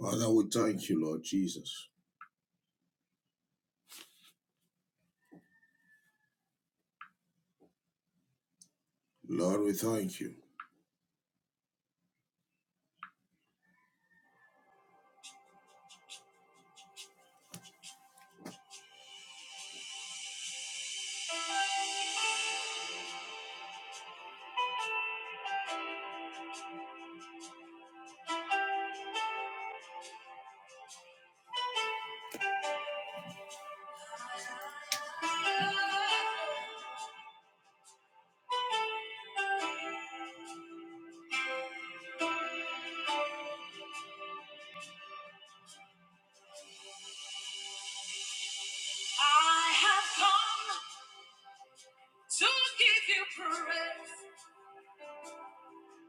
Father, we thank you, Lord Jesus. Lord, we thank you. I have come to give you praise.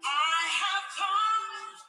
I have come.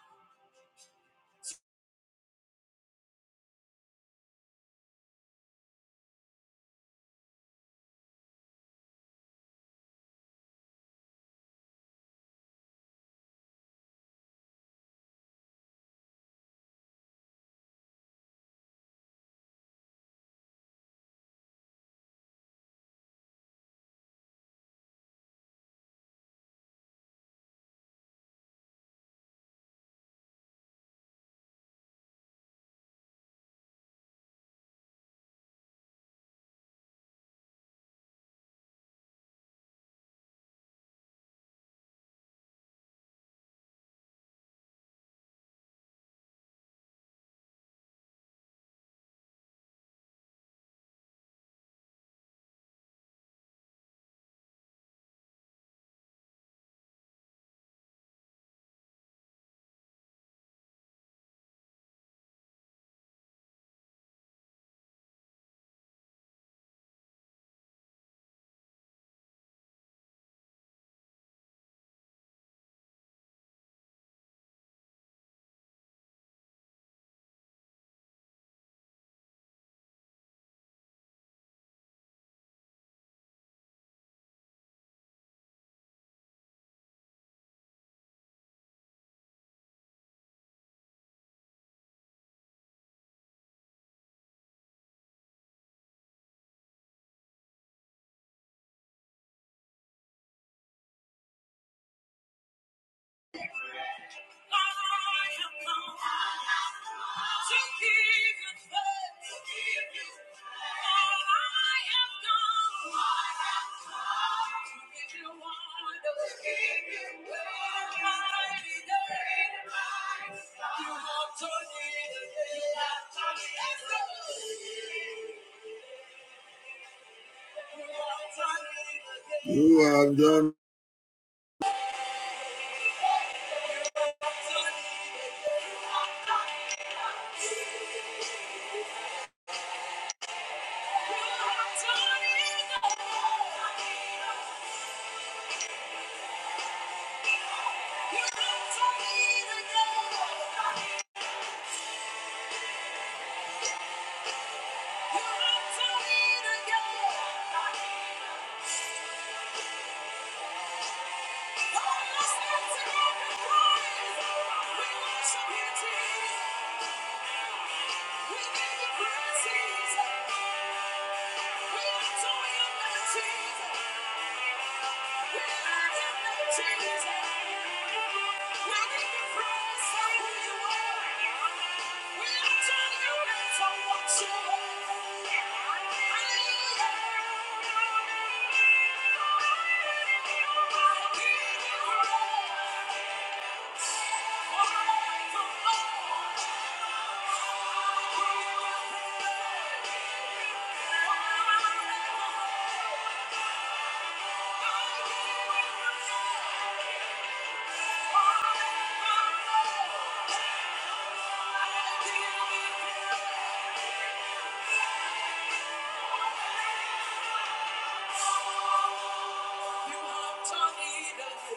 You have done Jesus. you Thank you.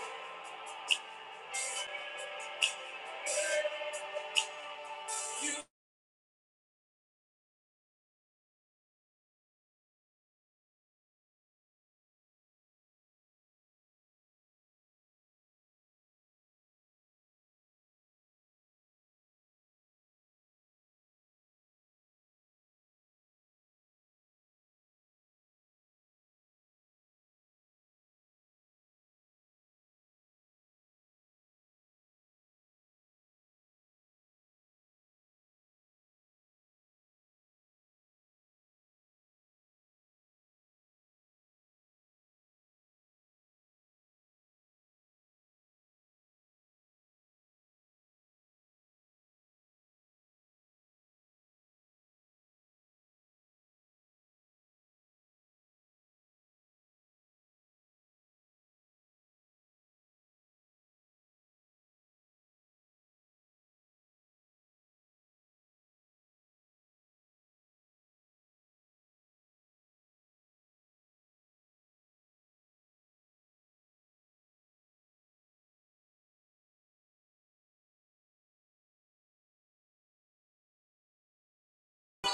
Come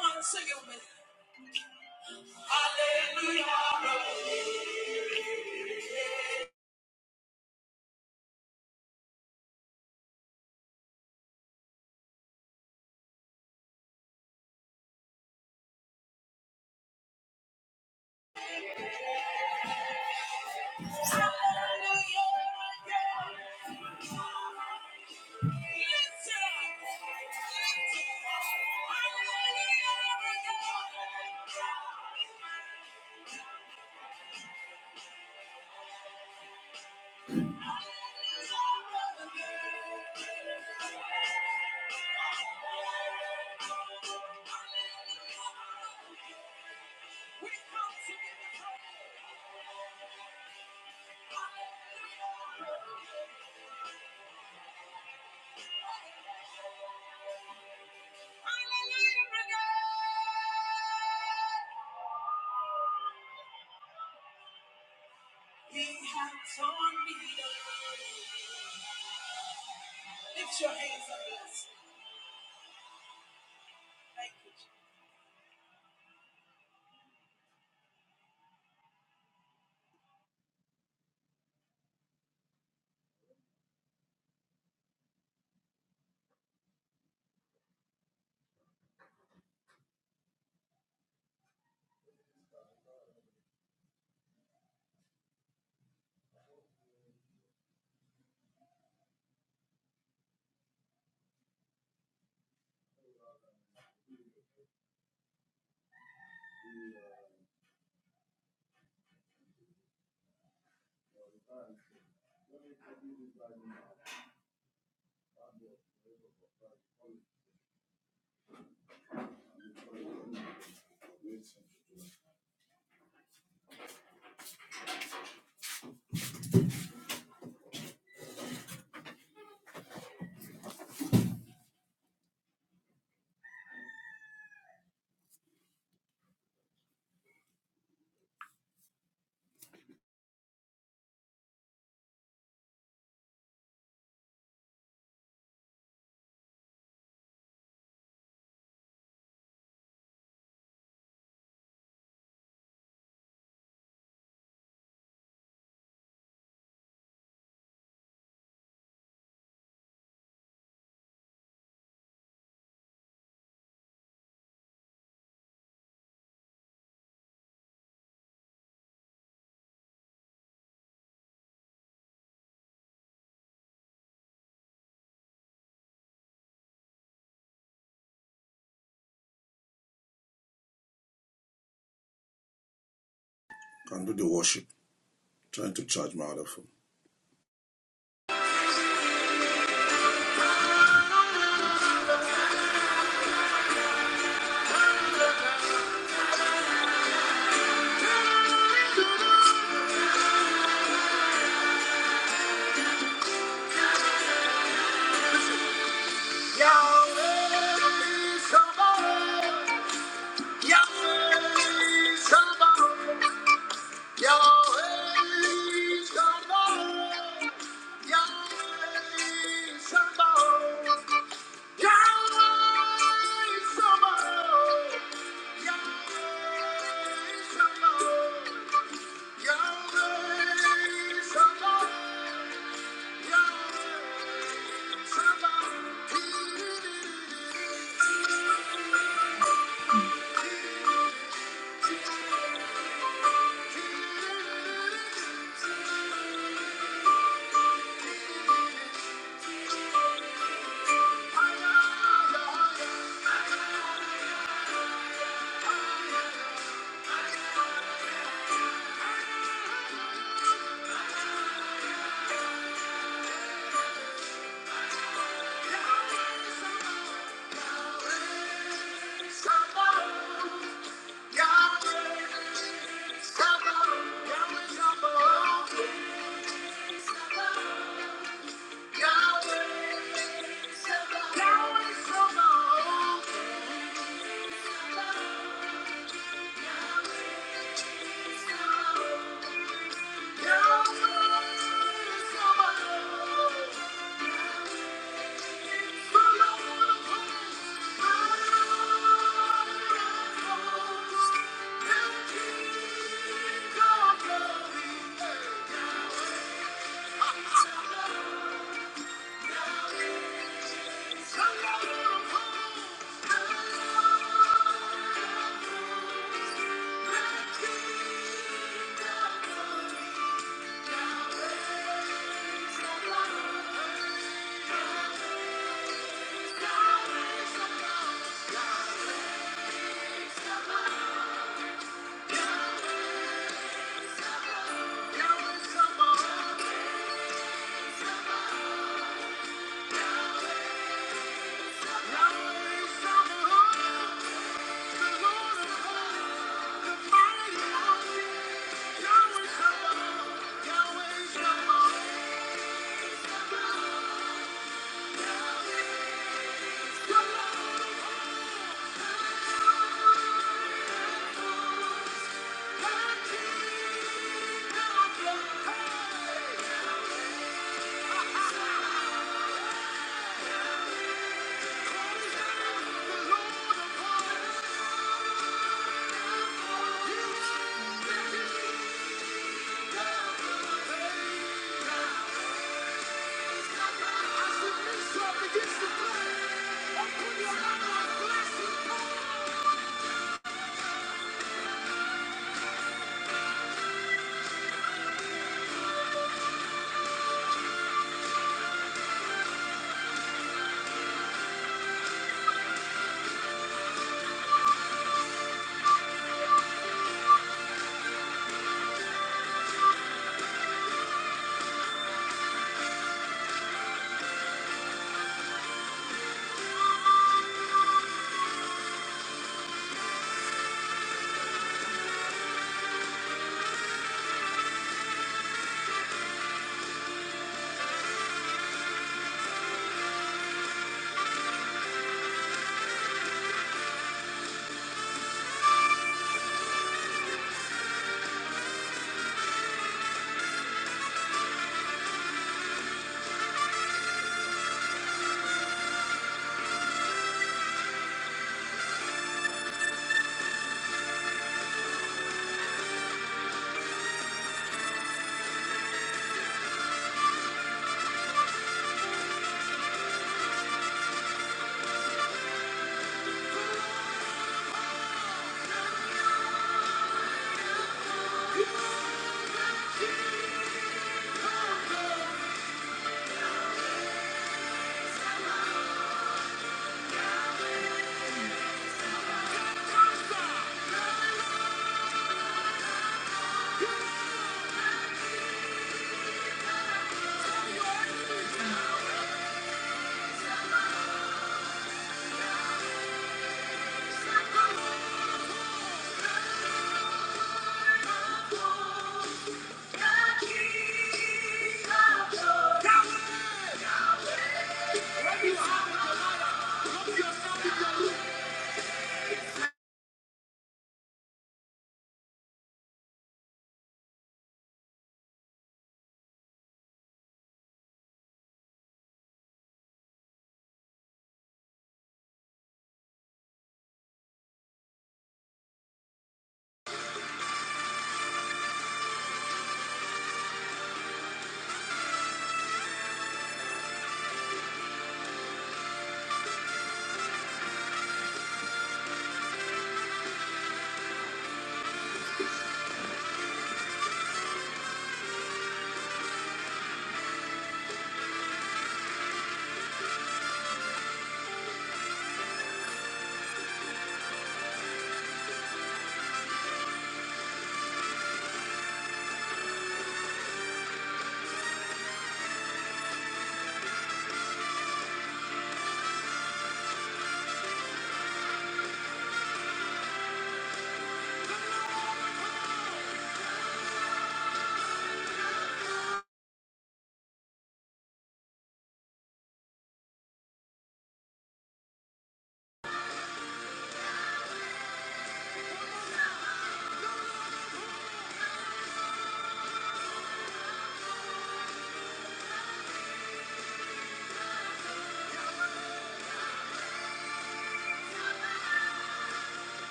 on, sing it with me. Hallelujah. Hallelujah. Can do the worship. Trying to charge my other phone. yeah, somebody.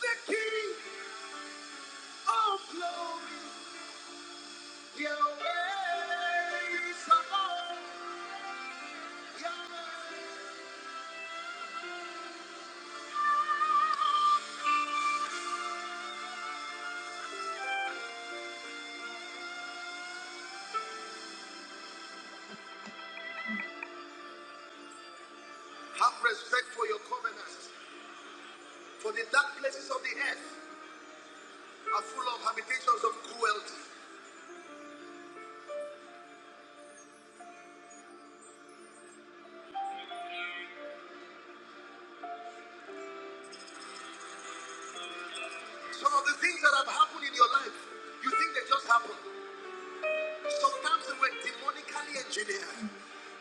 The King of Glory, Yahweh Sabaoth. Have respect for your covenant, for the dark places of the earth are full of habitations of cruelty. Some of the things that have happened in your life, you think they just happened. Sometimes they were demonically engineered.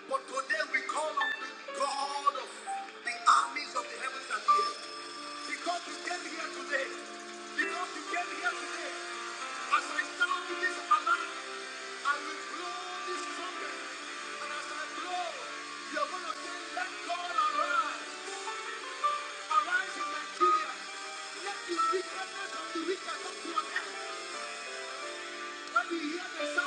But today we call on the God of the armies of the heavens and the earth. Because you came here today, because you came here today, as I sound to this alarm, I will blow this trumpet. And as I blow, you're going to say, let God arise. Arise in Nigeria. Let the wickedness of the wicked come to an end. When you hear this,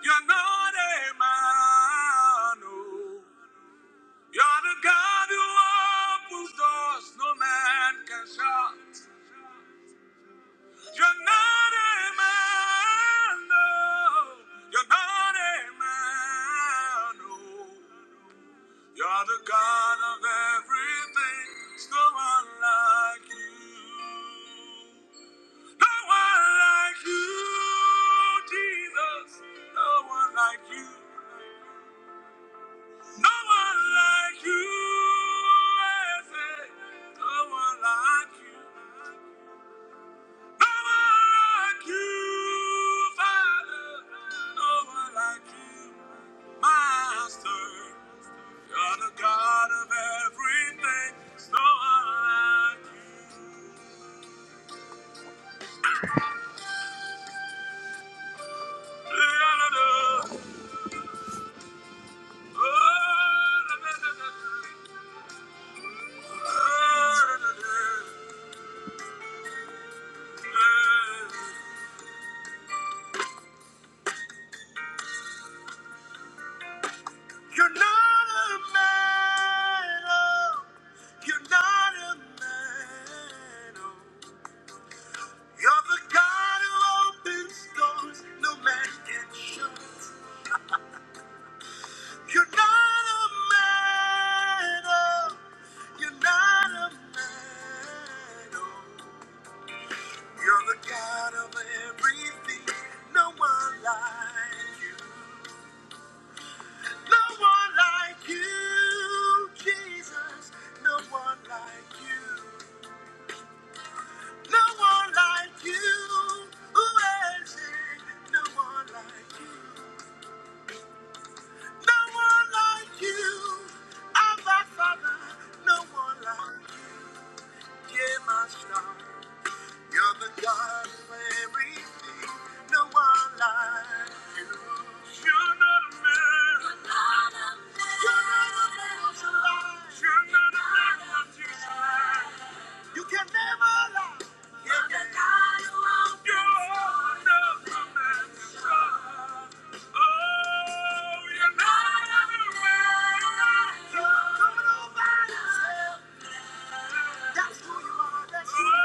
you're, not, you're the God who opens doors. you Are the God of everything, there's no one like you. No one like you, Jesus. No one like you. No one like you, I say, No one like you. like you, Father. No one like you, Master. You're the God of everything. There's No one like you. La-la-la. Oh, la-la-la. You're not a man, oh. You're not a man, oh. You're the God who opens doors no man can shut. You're not a man, oh. You're not a man, oh. You're the God of everything, no one like you. Like you, Jesus, no one like you. Who else? No, I, no one. Yeah, my star. You're the God of everything, no one like you. You're not a man, you're not a man what you lie. You can never lie. You can. You're not a man to lie. Oh, you're not a man. You're coming on by yourself. Thank you.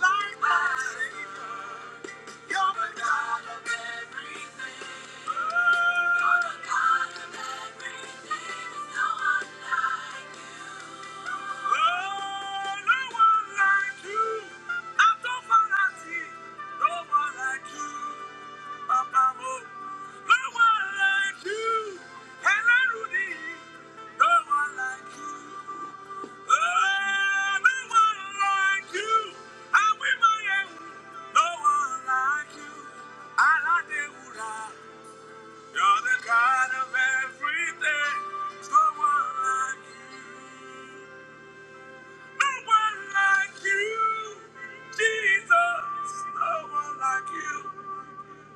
no one like you. No one like you, Jesus, no one like you.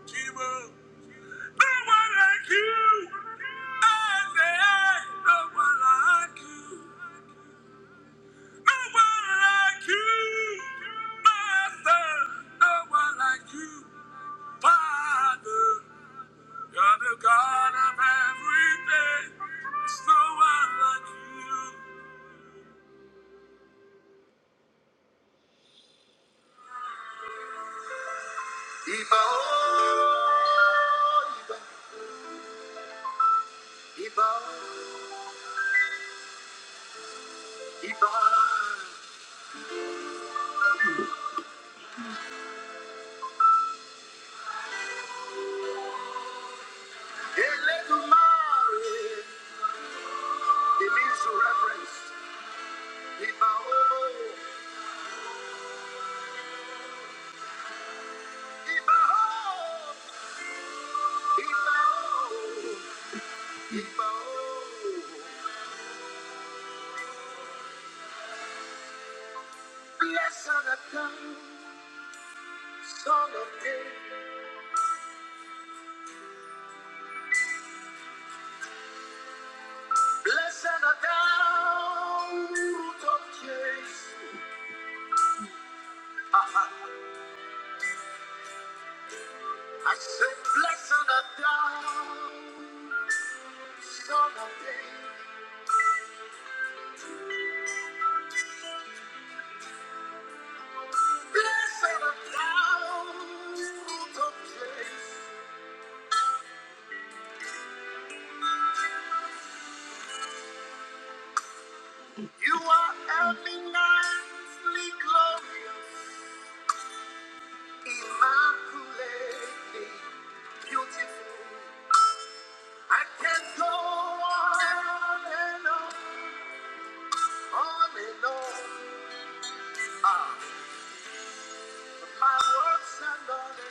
Sheba. No one like you. I say, no one like you. No one like you. Master, no one like you. Father, you're the God of everything. no one like you. Iba, oh, Iba, Iba, Iba. It means to reference. Ibao, Ibao, Ibao, Ibao. Blessed art thou, Son of David. Blessed art thou. I say, blessed art you are eminently glorious, immaculately beautiful. I can go on and on, on and on. Ah, my words are not enough.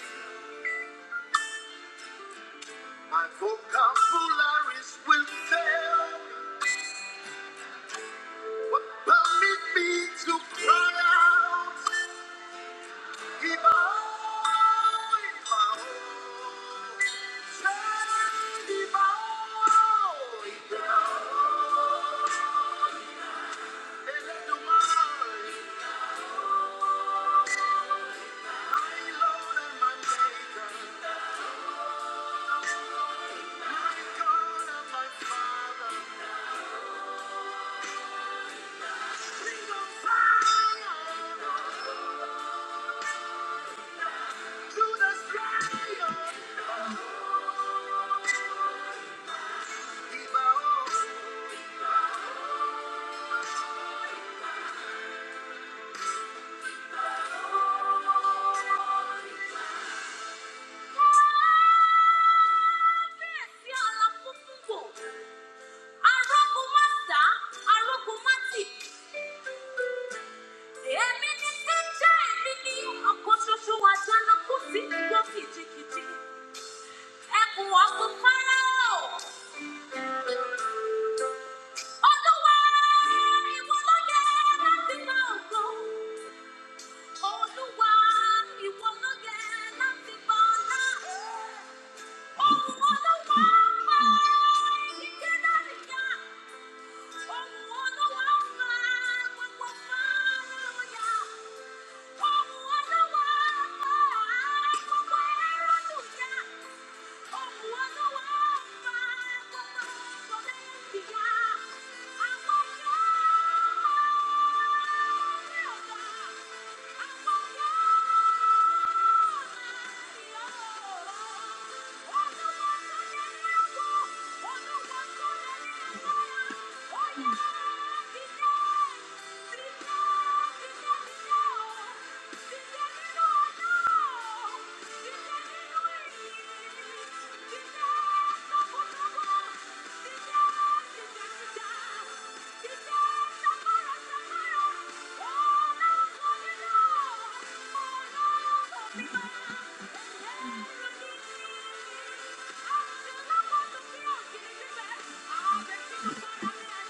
Ẹkùn ọ̀gbìn Fáráò, Olúwa ìwọ ló yẹ láti máa gbọ́. Olúwa ìwọ ló yẹ láti gbọ́ ọlá. Ohùn Olúwa pa ìdíje láti jà. Ohùn Olúwa pa gbogbo fárúya. Ohùn Olúwa pa gbogbo ẹrú jà. Oh, Thank you.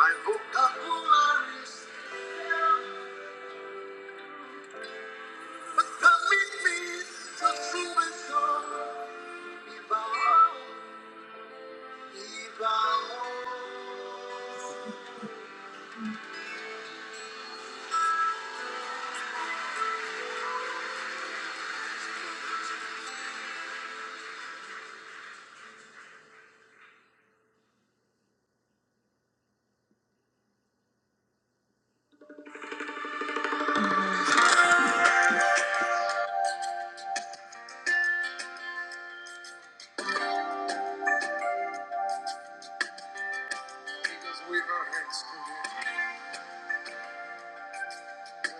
I woke up Because we are high school. Can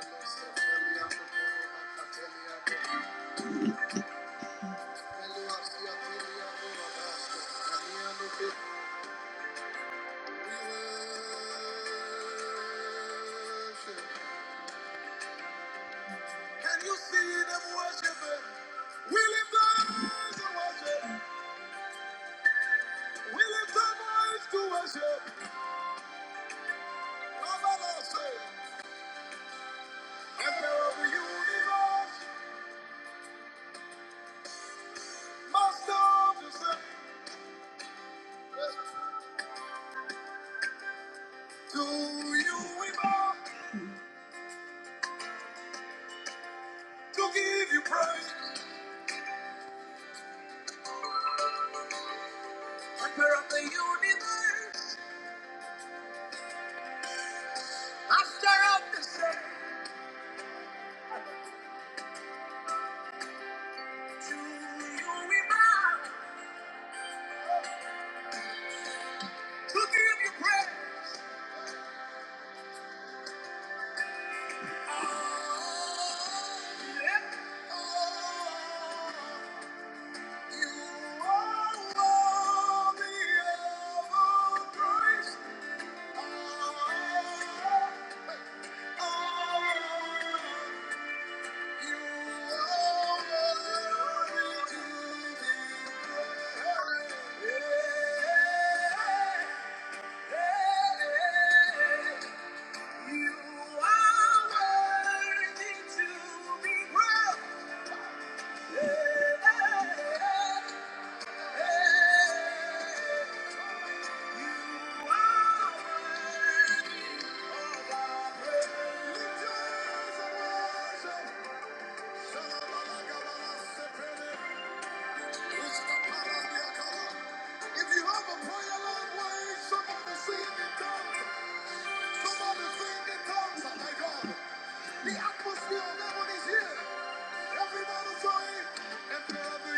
you see them worshiping? We lift our eyes to worship. We lift our voice to worship. Father, Lord, say, Emperor of the universe, Master of the same. To you we bow to give you praise. Emperor of the universe. I stir up the sun to you remind to give you praise. Oh, oh, you are worthy of our praise. Oh, oh, oh, you are worthy to be praised. Yeah. yeah, yeah. You are If you have a prayer language, somebody sing in tongues. Somebody sing in tongues. Oh my God. The atmosphere of heaven is here. Everybody say, Emperor of the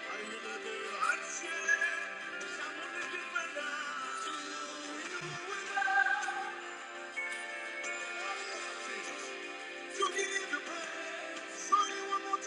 universe. Rise like a man and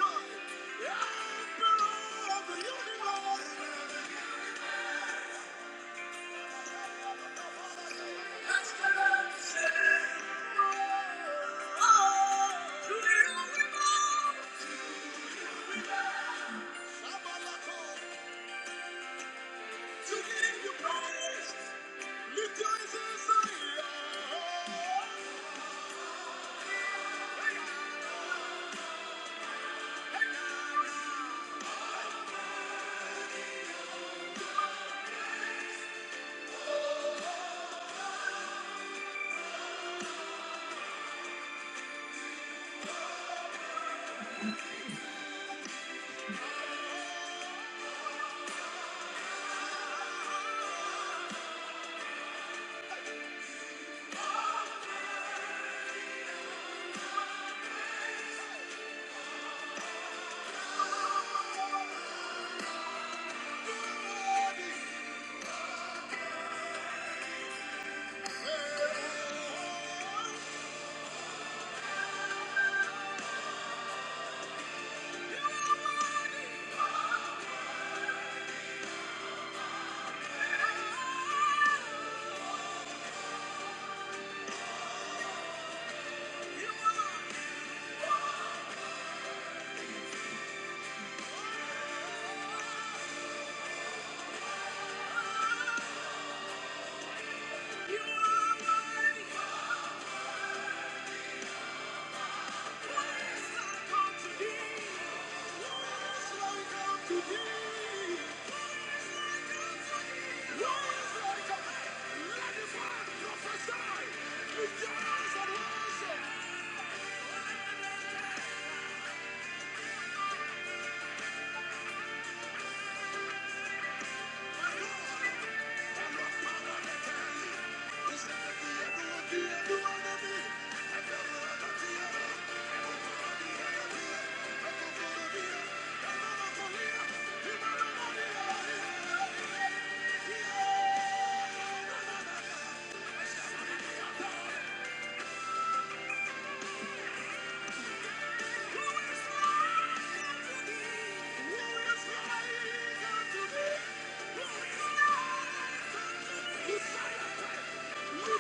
die. Rejoice and worship. My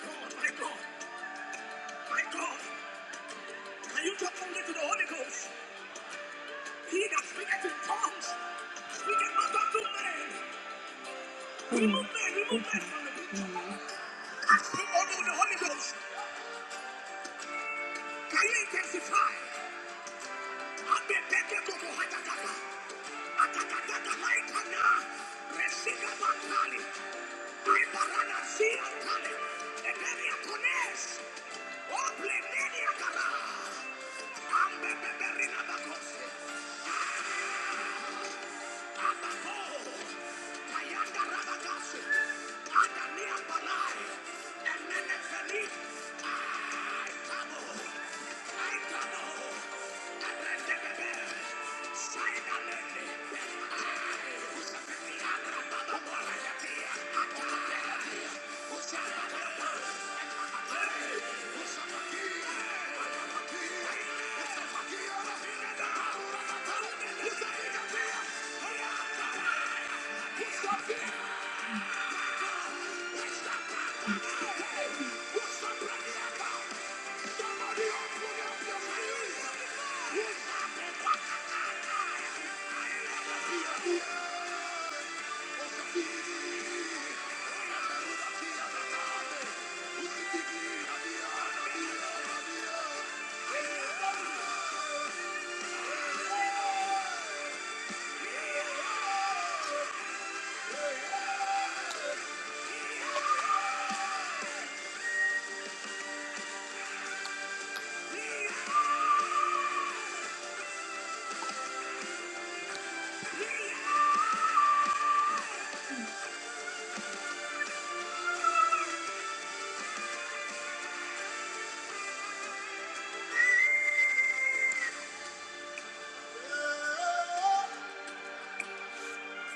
God, my God, my God! Can you talk only to the Holy Ghost? He that speaketh in tongues We cannot talk to men. Asking only with the Holy Ghost. Can you intensify? Abe beke koko hatakata. Atakatakata ikana. Resika bakali. Aibarana siya kale. Eberia kones. Oble nenia karambe beberina bakos.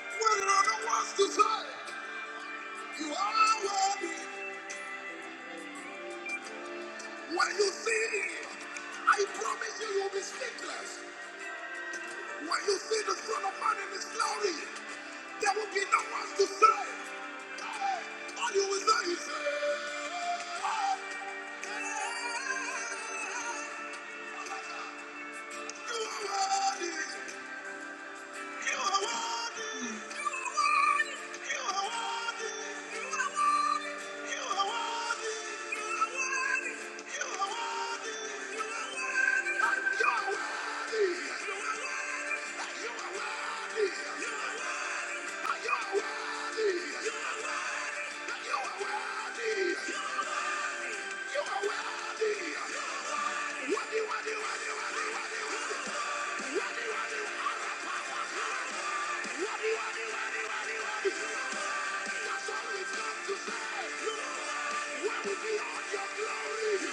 When the words to say, you are worthy. When you see him, I promise you, you'll be speechless. When you see the Son of Man in His glory. There will be no one to say. "Hey," All you will say is, "Hey, you are worthy. You are worthy. You are worthy. You are worthy. You are worthy. And you are worthy. And you are worthy." That's all it's got to say. Where will be all your glory?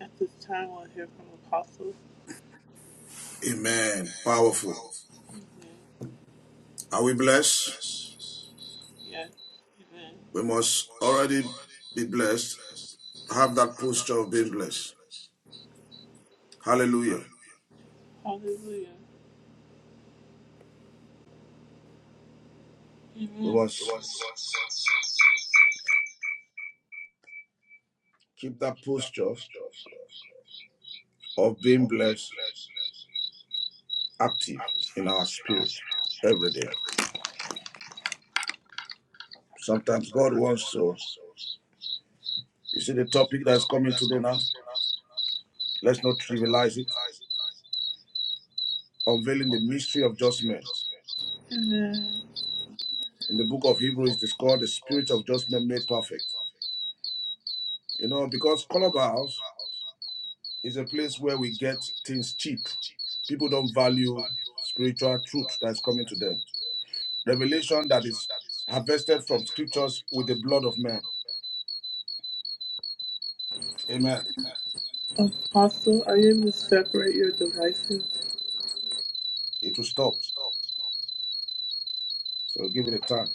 At this time, we'll hear from Apostle. Amen. Powerful. Are we blessed? Yes, amen. We must already be blessed. Have that posture of being blessed. Hallelujah. Hallelujah. We must keep that posture of being blessed active in our spirit every day. Sometimes God wants us. You see the topic that's coming today now? Let's not trivialize it. Unveiling the mystery of judgment. In the book of Hebrews, it is called the spirit of judgment made perfect. You know, because Clubhouse Is a place where we get things cheap. People don't value spiritual truth that's coming to them. Revelation that is harvested from scriptures with the blood of men. Amen. Apostle, are you able to separate your devices? It will stop. So give it a time.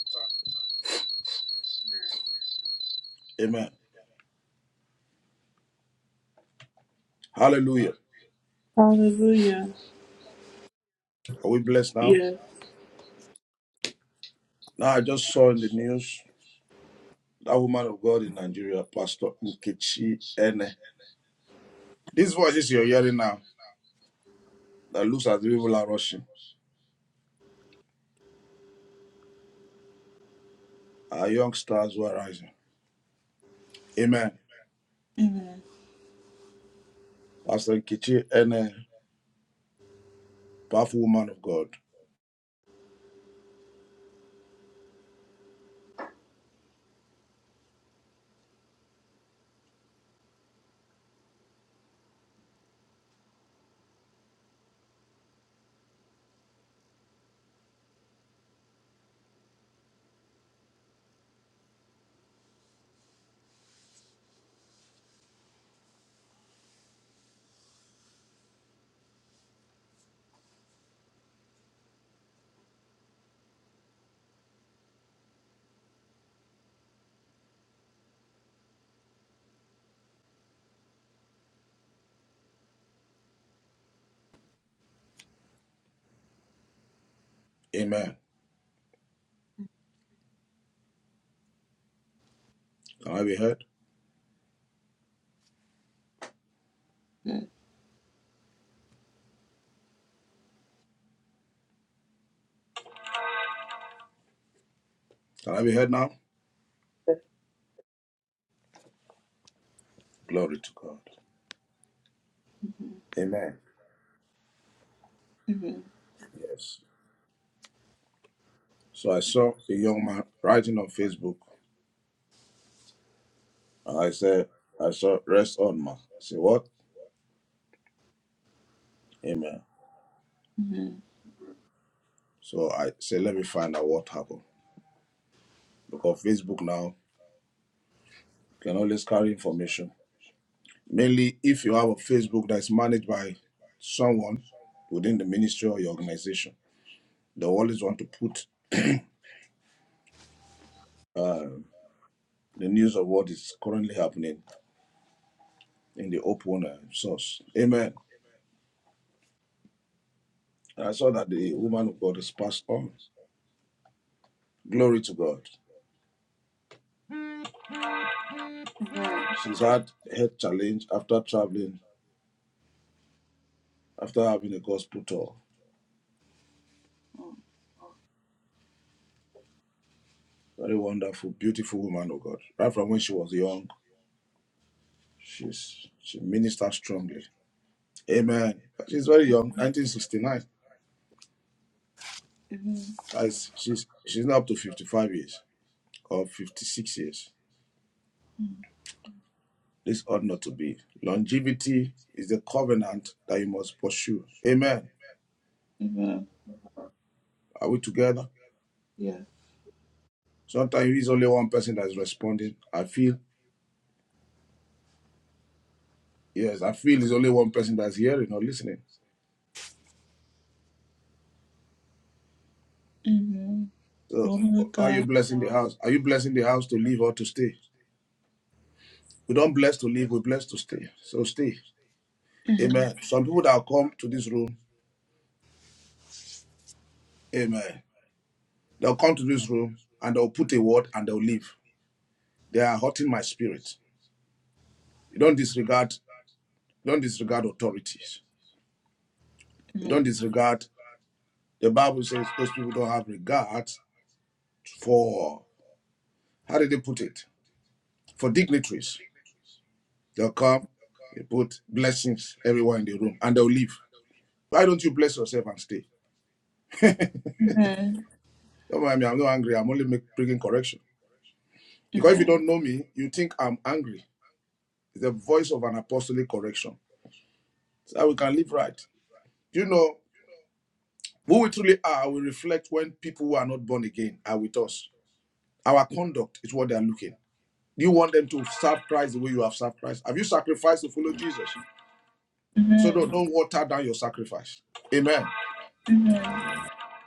Amen. Hallelujah. Hallelujah. Are we blessed now? Yes, Now I just saw in the news that woman of God in Nigeria, Pastor Nkechi Ene. These voices you're hearing now that looks as if people are rushing. Our young stars were rising. Amen. Pastor Kichi and a powerful woman of God. Amen. Can I be heard? Can I be heard now? Glory to God. Amen. Yes. So I saw a young man writing on Facebook, and I said, I saw rest on man. I said, what? Amen. So I said, let me find out what happened. Because Facebook now can always carry information. Mainly if you have a Facebook that's managed by someone within the ministry or your organization, they always want to put uh, the news of what is currently happening in the open uh, source. Amen. I saw that the woman of God is passed on. Glory to God. She's had health challenge after traveling, after having a gospel tour. Very wonderful, beautiful woman of God. Right from when she was young, she's she ministered strongly. Amen. She's very young, 1969. That's, she's she's now up to 55 years or 56 years. This ought not to be. Longevity is the covenant that you must pursue. Amen. Are we together? yes. Sometimes it's only one person that's responding. I feel, yes, I feel it's only one person that's hearing or listening. Amen. So, Woman of are God. you blessing the house? Are you blessing the house to leave or to stay? We don't bless to leave, we bless to stay. So, stay. Amen. Some people that come to this room, amen, they'll come to this room and they'll put a word and they'll leave. They are hurting my spirit. You don't disregard, you don't disregard authorities. You don't disregard. The Bible says those people don't have regard for, how did they put it? For dignitaries. They'll come, they put blessings everywhere in the room, and they'll leave. Why don't you bless yourself and stay? Don't mind me, I'm not angry. I'm only making bringing correction. Because if you don't know me, you think I'm angry. It's the voice of an apostolic correction. So that we can live right. You know, who we truly are will reflect when people who are not born again are with us. Our conduct is what they are looking Do You want them to serve Christ the way you have served Christ. Have you sacrificed to follow Jesus? So don't, don't water down your sacrifice. Amen.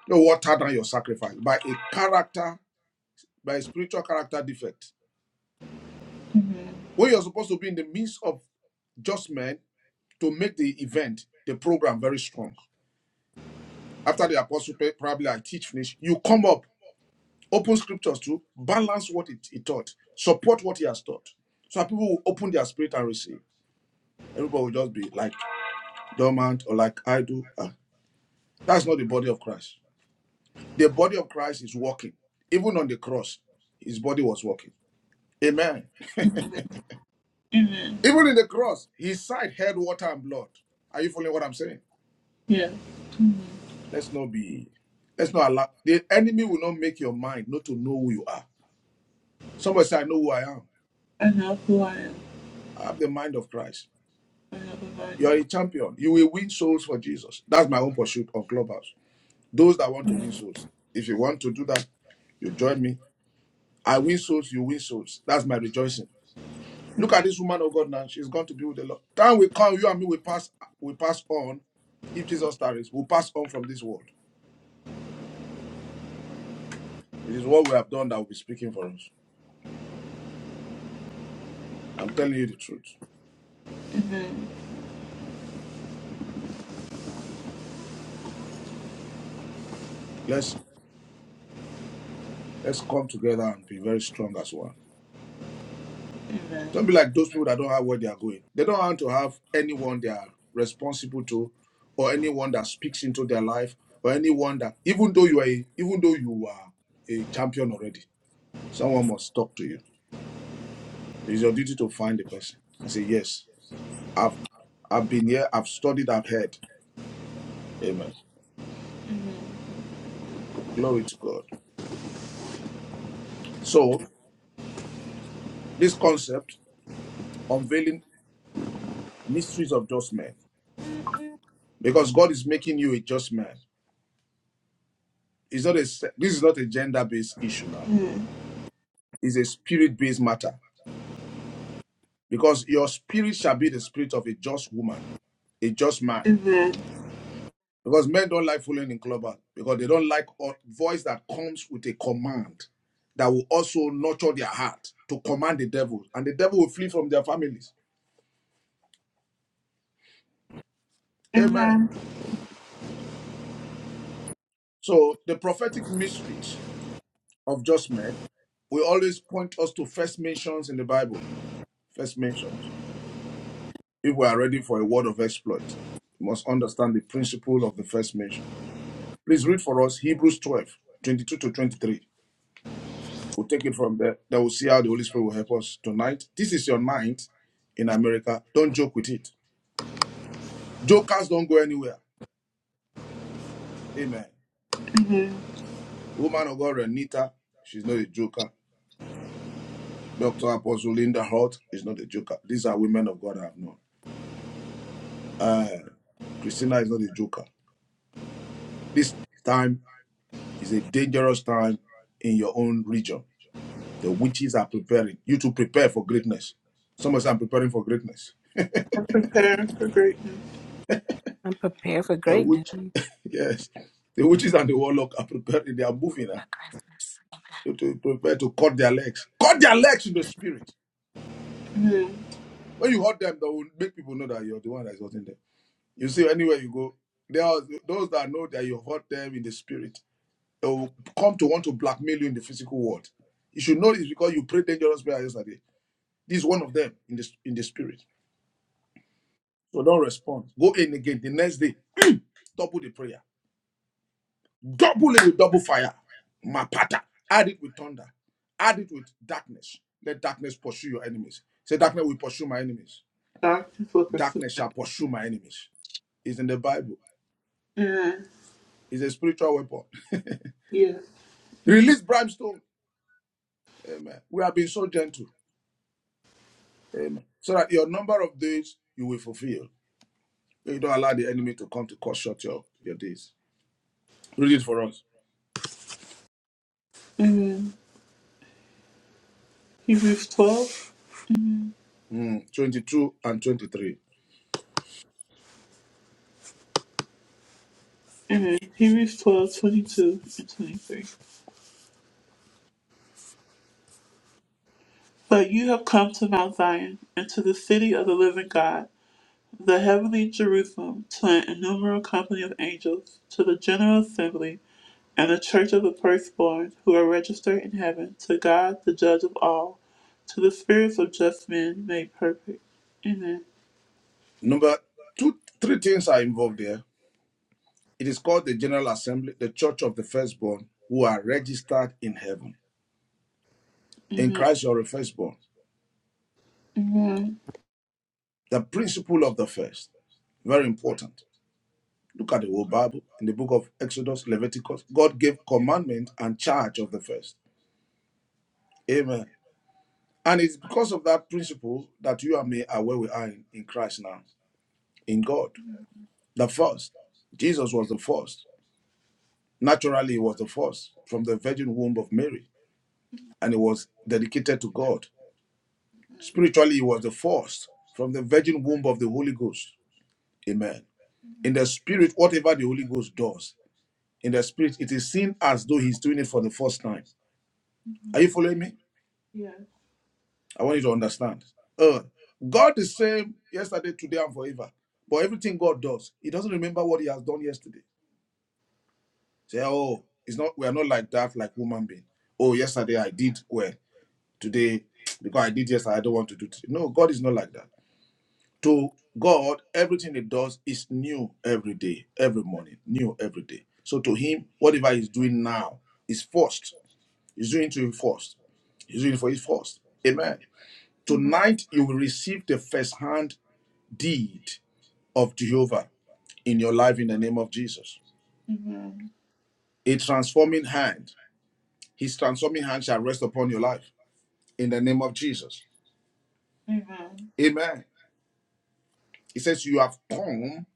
Don't water down your sacrifice by a character, by a spiritual character defect. When you're supposed to be in the midst of just men to make the event, the program very strong. After the apostle pray- probably I teach finish, you come up, open scriptures to balance what it, he taught, support what he has taught. So that people will open their spirit and receive. Everybody will just be like dormant or like idle. Ah, That's not the body of Christ. The body of Christ is walking. Even on the cross, his body was walking. Amen. Even in the cross, his side had water and blood. Are you following what I'm saying? Yes, Let's not be, let's not allow. The enemy will not make your mind not to know who you are. Somebody say, I know who I am. I know who I am. I have the mind of Christ. I know who I You are am. a champion. You will win souls for Jesus. That's my own pursuit of Clubhouse. Those that want to win souls. If you want to do that, you join me. I win souls, you win souls. That's my rejoicing. Look at this woman of God now. She's going to be with the Lord. Time will come, you and me will pass, We pass on. If Jesus tarries, we'll pass on from this world. It is what we have done that will be speaking for us. I'm telling you the truth. Let's let's come together and be very strong as one. Don't be like those people that don't have where they are going. They don't want to have anyone they are responsible to, or anyone that speaks into their life, or anyone that even though you are a, even though you are a champion already, someone must talk to you. It's your duty to find the person and say yes. I've I've been here, I've studied, I've heard. Amen. Glory to God. So this concept, unveiling mysteries of just men, because God is making you a just man. It's not a se- this is not a gender-based issue now. It's a spirit-based matter. Because your spirit shall be the spirit of a just woman, a just man. Because men don't like fooling in clubhouse, because they don't like a voice that comes with a command that will also nurture their heart to command the devil, and the devil will flee from their families. Amen. So the prophetic mysteries of just men will always point us to first mentions in the Bible. First mentions. If we are ready for a word of exploit, we must understand the principle of the first mention. Please read for us Hebrews 12 22 to 23. We'll take it from there. That we'll see how the Holy Spirit will help us tonight. This is your night in America. Don't joke with it. Jokers don't go anywhere. Amen. Woman of God, Renita, she's not a joker. Dr. Apostle Linda Holt is not a joker. These are women of God I have known. Uh, Christina is not a joker. This time is a dangerous time in your own region. The witches are preparing you to prepare for greatness. Someone said, I'm preparing for greatness. I'm preparing for greatness. I'm prepared for The greatness. witch, yes. The witches and the warlock are preparing. They are moving now. forgiveness. Amen. You to prepare to cut their legs. Cut their legs in the spirit. When you hurt them, that will make people know that you're the one that's hurting them. You see, anywhere you go, there are those that know that you hurt them in the spirit it will come to want to blackmail you in the physical world. You should know this because you prayed dangerous prayer yesterday. This is one of them in the in the spirit. So don't respond. Go in again the next day. Double the prayer. Double it with double fire. Mapata. Add it with thunder. Add it with darkness. Let darkness pursue your enemies. Say darkness will pursue my enemies. Darkness will pursue. Darkness shall pursue my enemies. It's in the Bible. Amen. It's a spiritual weapon. Yes, Release brimstone. Amen. We have been so gentle. Amen. So that your number of days you will fulfill. You don't allow the enemy to come to cut short your, your days. Read it for us. amen. Hebrews 12. Mm, 22 and 23. Amen. Hebrews 12 22 and 23. But you have come to Mount Zion, and to the city of the living God, the heavenly Jerusalem, to an innumerable company of angels, to the general assembly, and the church of the firstborn, who are registered in heaven, to God, the judge of all, to the spirits of just men made perfect. Number two, three things are involved there. It is called the General Assembly, the Church of the Firstborn, who are registered in heaven. In Christ, you're a firstborn. The principle of the first, very important. Look at the whole Bible in the book of Exodus, Leviticus. God gave commandment and charge of the first. Amen. And it's because of that principle that you and me are where we are in, in Christ now, in God. The first. Jesus was the first. Naturally, he was the first from the virgin womb of Mary, and he was dedicated to God. Spiritually, he was the first from the virgin womb of the Holy Ghost. Amen. In the spirit, whatever the Holy Ghost does, in the spirit, it is seen as though he's doing it for the first time. Are you following me? I want you to understand. Uh, God is the same yesterday, today, and forever. But everything God does, he doesn't remember what he has done yesterday. Say, oh, it's not we are not like that, like human being. Oh, yesterday I did well. Today, because I did yesterday, I don't want to do it. No, God is not like that. To God, everything He does is new every day, every morning, new every day. So to Him, whatever He's doing now is first. He's doing to Him first. He's doing for His first. Amen. Tonight you will receive the first-hand deed of Jehovah in your life in the name of Jesus. A transforming hand. His transforming hand shall rest upon your life. in the name of Jesus. Amen. He says, You have come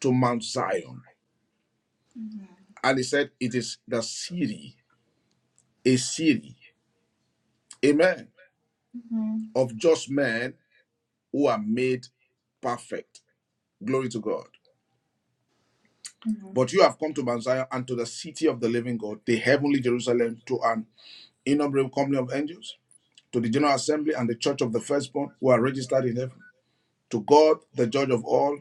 to Mount Zion. And he said, It is the city, a city, amen, of just men who are made perfect. Glory to God. Amen. But you have come to Mount Zion and to the city of the living God, the heavenly Jerusalem, to an innumerable company of angels, to the general assembly and the church of the firstborn who are registered in heaven, to God, the judge of all,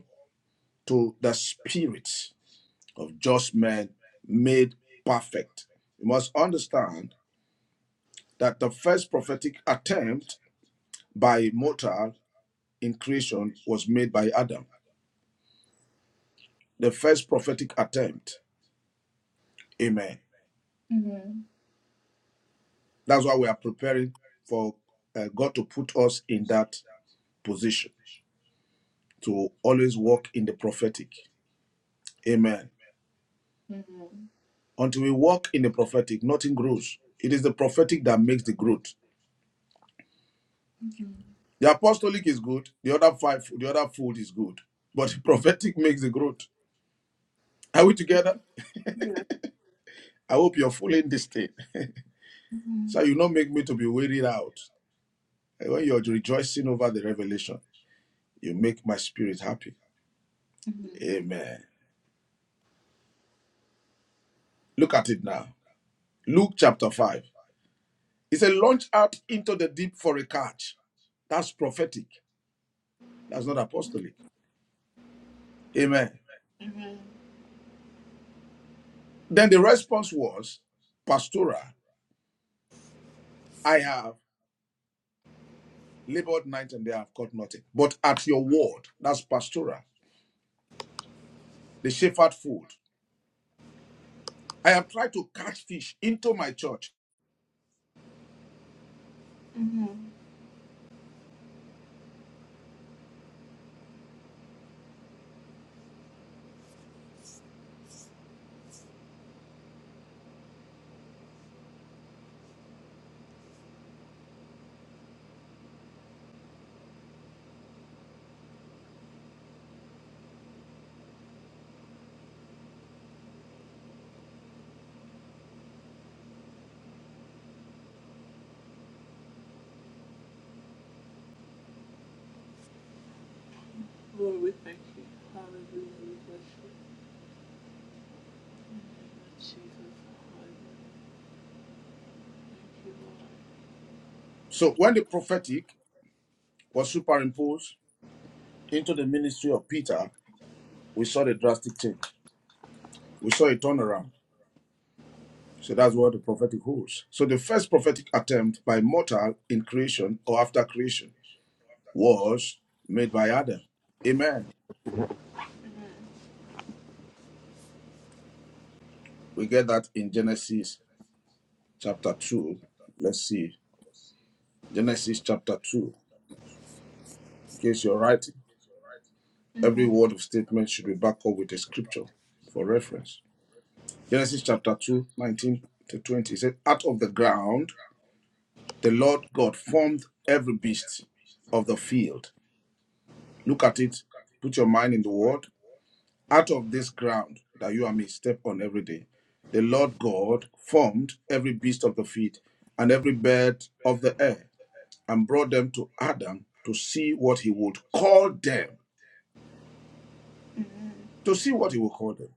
to the spirits." of just men made perfect. You must understand that the first prophetic attempt by a mortal in creation was made by Adam. The first prophetic attempt. Amen. That's why we are preparing for uh, God to put us in that position to always walk in the prophetic. Amen. Until we walk in the prophetic, nothing grows. It is the prophetic that makes the growth. The apostolic is good. The other five, the other food is good. But the prophetic makes the growth. Are we together? I hope you're following this thing. so you not make me to be wearied out. And When you're rejoicing over the revelation, you make my spirit happy. Amen. Look at it now. Luke chapter 5. It a launch out into the deep for a catch. That's prophetic. That's not apostolic. Amen. Then the response was, Pastora, I have labored night and day, i have caught nothing. But at your word, that's pastoral, the shepherd food. I have tried to catch fish into my church. Lord, we thank you. Hallelujah. We bless you. In Jesus' name. Thank you, So when the prophetic was superimposed into the ministry of Peter, we saw the drastic change. We saw a turnaround. So that's what the prophetic holds. So the first prophetic attempt by mortal in creation or after creation was made by Adam. Amen. We get that in Genesis chapter 2. Let's see. Genesis chapter 2. In case you're writing. Every word of statement should be backed up with a scripture for reference. Genesis chapter 2 19 to 20. It says, Out of the ground, the Lord God formed every beast of the field. Look at it, put your mind in the word. Out of this ground that you and me step on every day, the Lord God formed every beast of the field and every bird of the air and brought them to Adam to see what he would call them. To see what he would call them.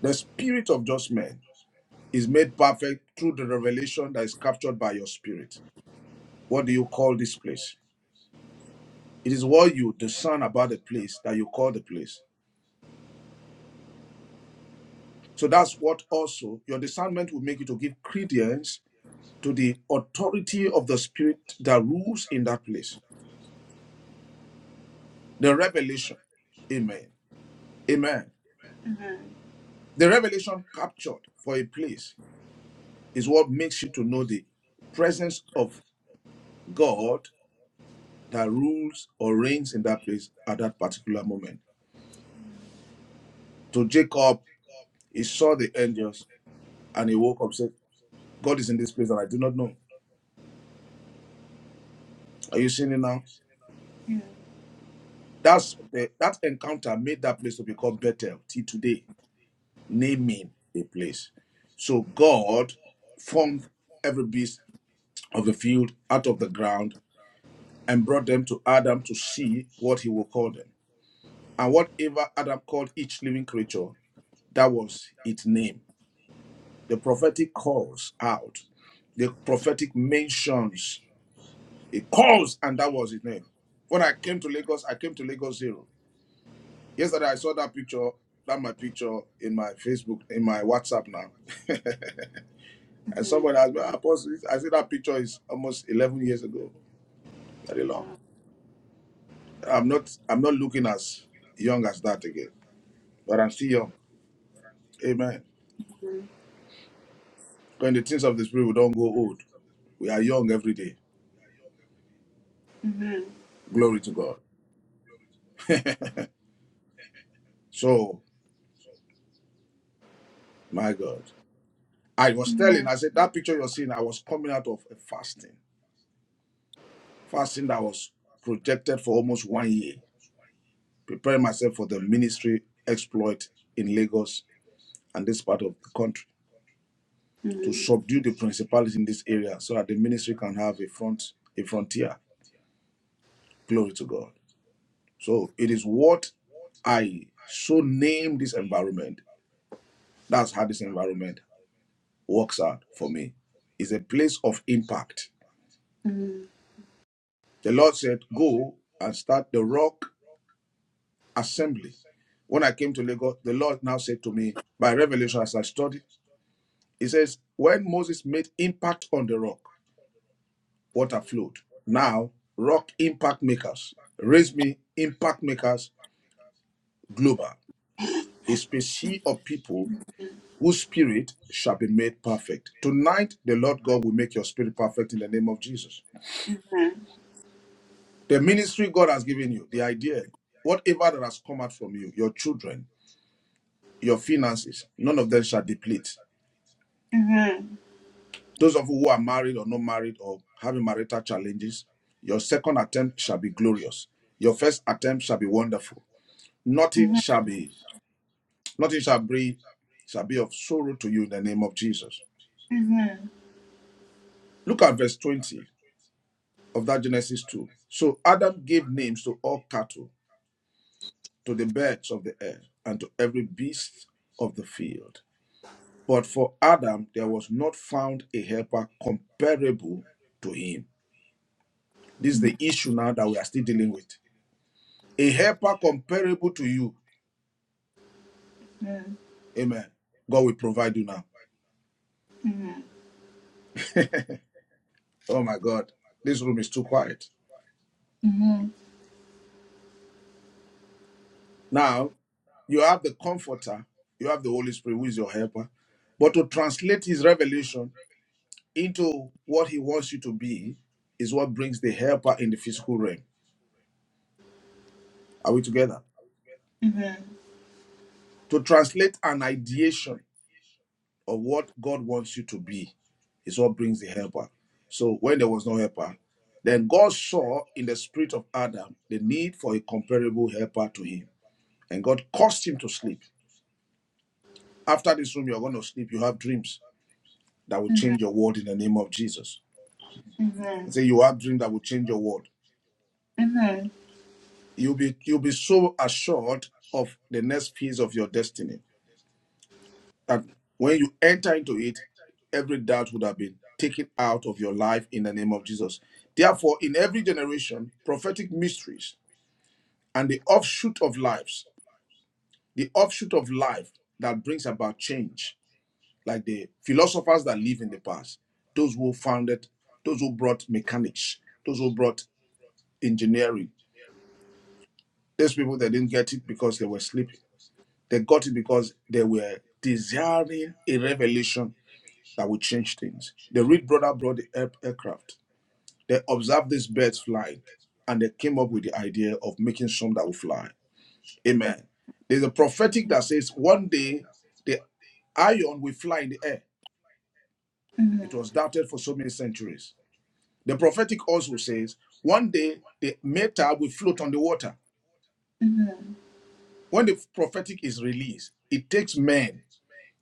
The spirit of just men is made perfect through the revelation that is captured by your spirit. What do you call this place? It is what you discern about the place that you call the place. So that's what also your discernment will make you to give credence to the authority of the spirit that rules in that place. The revelation. Amen. Amen. The revelation captured for a place is what makes you to know the presence of God that rules or reigns in that place at that particular moment. To Jacob He saw the angels and he woke up, said, God is in this place and I do not know. Are you seeing it now? That's the, that encounter made that place to be called Bethel till today, naming a place. So God formed every beast of the field out of the ground and brought them to Adam to see what he will call them. And whatever Adam called each living creature, that was its name. The prophetic calls out, the prophetic mentions He calls, and that was his name. When I came to Lagos, I came to Lagos Zero. Yesterday, I saw that picture, that my picture in my Facebook, in my WhatsApp now. and someone asked me, "Ah, Apostle, I said that picture is almost 11 years ago, very long. I'm not, I'm not looking as young as that again, but I'm still young. Amen. When the things of the Spirit, we don't go old. We are young every day. Glory to God. So, my God. I was telling, I said, that picture you're seeing, I was coming out of a fasting. fasting that was projected for almost one year, preparing myself for the ministry exploit in Lagos and this part of the country to subdue the principalities in this area so that the ministry can have a front, a frontier. Glory to God. So it is what I so name this environment. That's how this environment works out for me. It's a place of impact. The Lord said, Go and start the rock assembly, when I came to Lagos, the Lord now said to me by revelation as I studied, He says, When Moses made impact on the rock, water flowed. Now, rock impact makers, raise me impact makers global, a species of people whose spirit shall be made perfect. Tonight, the Lord God will make your spirit perfect in the name of Jesus. The ministry God has given you, the idea, whatever that has come out from you, your children, your finances, none of them shall deplete. Those of you who are married or not married or having marital challenges, your second attempt shall be glorious. Your first attempt shall be wonderful. Nothing shall be, nothing shall be, shall be of sorrow to you in the name of Jesus. Look at verse 20 of that Genesis 2. So Adam gave names to all cattle, to the birds of the air, and to every beast of the field. But for Adam, there was not found a helper comparable to him. This is the issue now that we are still dealing with. a helper comparable to you. Amen. God will provide you now. Oh my God, this room is too quiet. Now, you have the comforter, you have the Holy Spirit, who is your helper. But to translate his revelation into what he wants you to be is what brings the helper in the physical realm. Are we together? To translate an ideation or what God wants you to be is what brings the helper. So when there was no helper, then God saw in the spirit of Adam the need for a comparable helper to him. And God caused him to sleep. After this room, you're going to sleep. You have dreams that will change your world in the name of Jesus. I say you have dreams that will change your world. You'll be you'll be so assured of the next phase of your destiny. And when you enter into it, every doubt would have been taken out of your life in the name of Jesus. Therefore, in every generation, prophetic mysteries and the offshoot of lives, the offshoot of life that brings about change, like the philosophers that live in the past, those who founded, those who brought mechanics, those who brought engineering, those people that didn't get it because they were sleeping. They got it because they were desiring a revelation that will change things. The Reed brother brought the air- aircraft. They observed these birds flying and they came up with the idea of making some that will fly. Amen. There's a prophetic that says one day the iron will fly in the air. It was doubted for so many centuries. The prophetic also says one day the metal will float on the water. When the prophetic is released, it takes men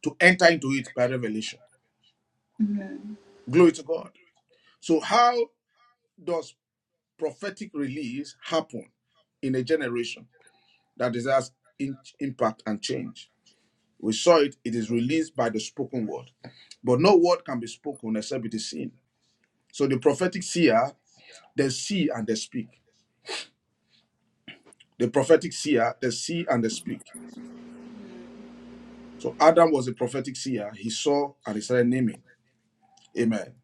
to enter into it by revelation. Glory to God. So, how does prophetic release happen in a generation that desires in- impact and change. We saw it, it is released by the spoken word. But no word can be spoken except it is seen. So the prophetic seer, they see and they speak. The prophetic seer, they see and they speak. So Adam was a prophetic seer. He saw and he started naming. Amen.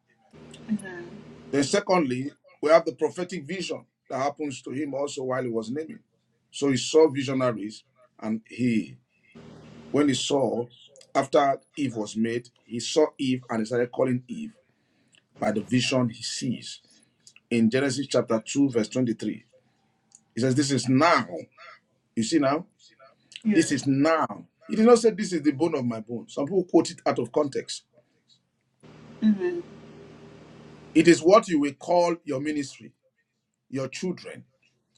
Then secondly, we have the prophetic vision that happens to him also while he was naming. So he saw visionaries and he When he saw, after Eve was made, he saw Eve and he started calling Eve by the vision he sees in Genesis chapter 2, verse 23. He says, This is now. You see now? This is now. He did not say, This is the bone of my bone. Some people quote it out of context. It is what you will call your ministry, your children,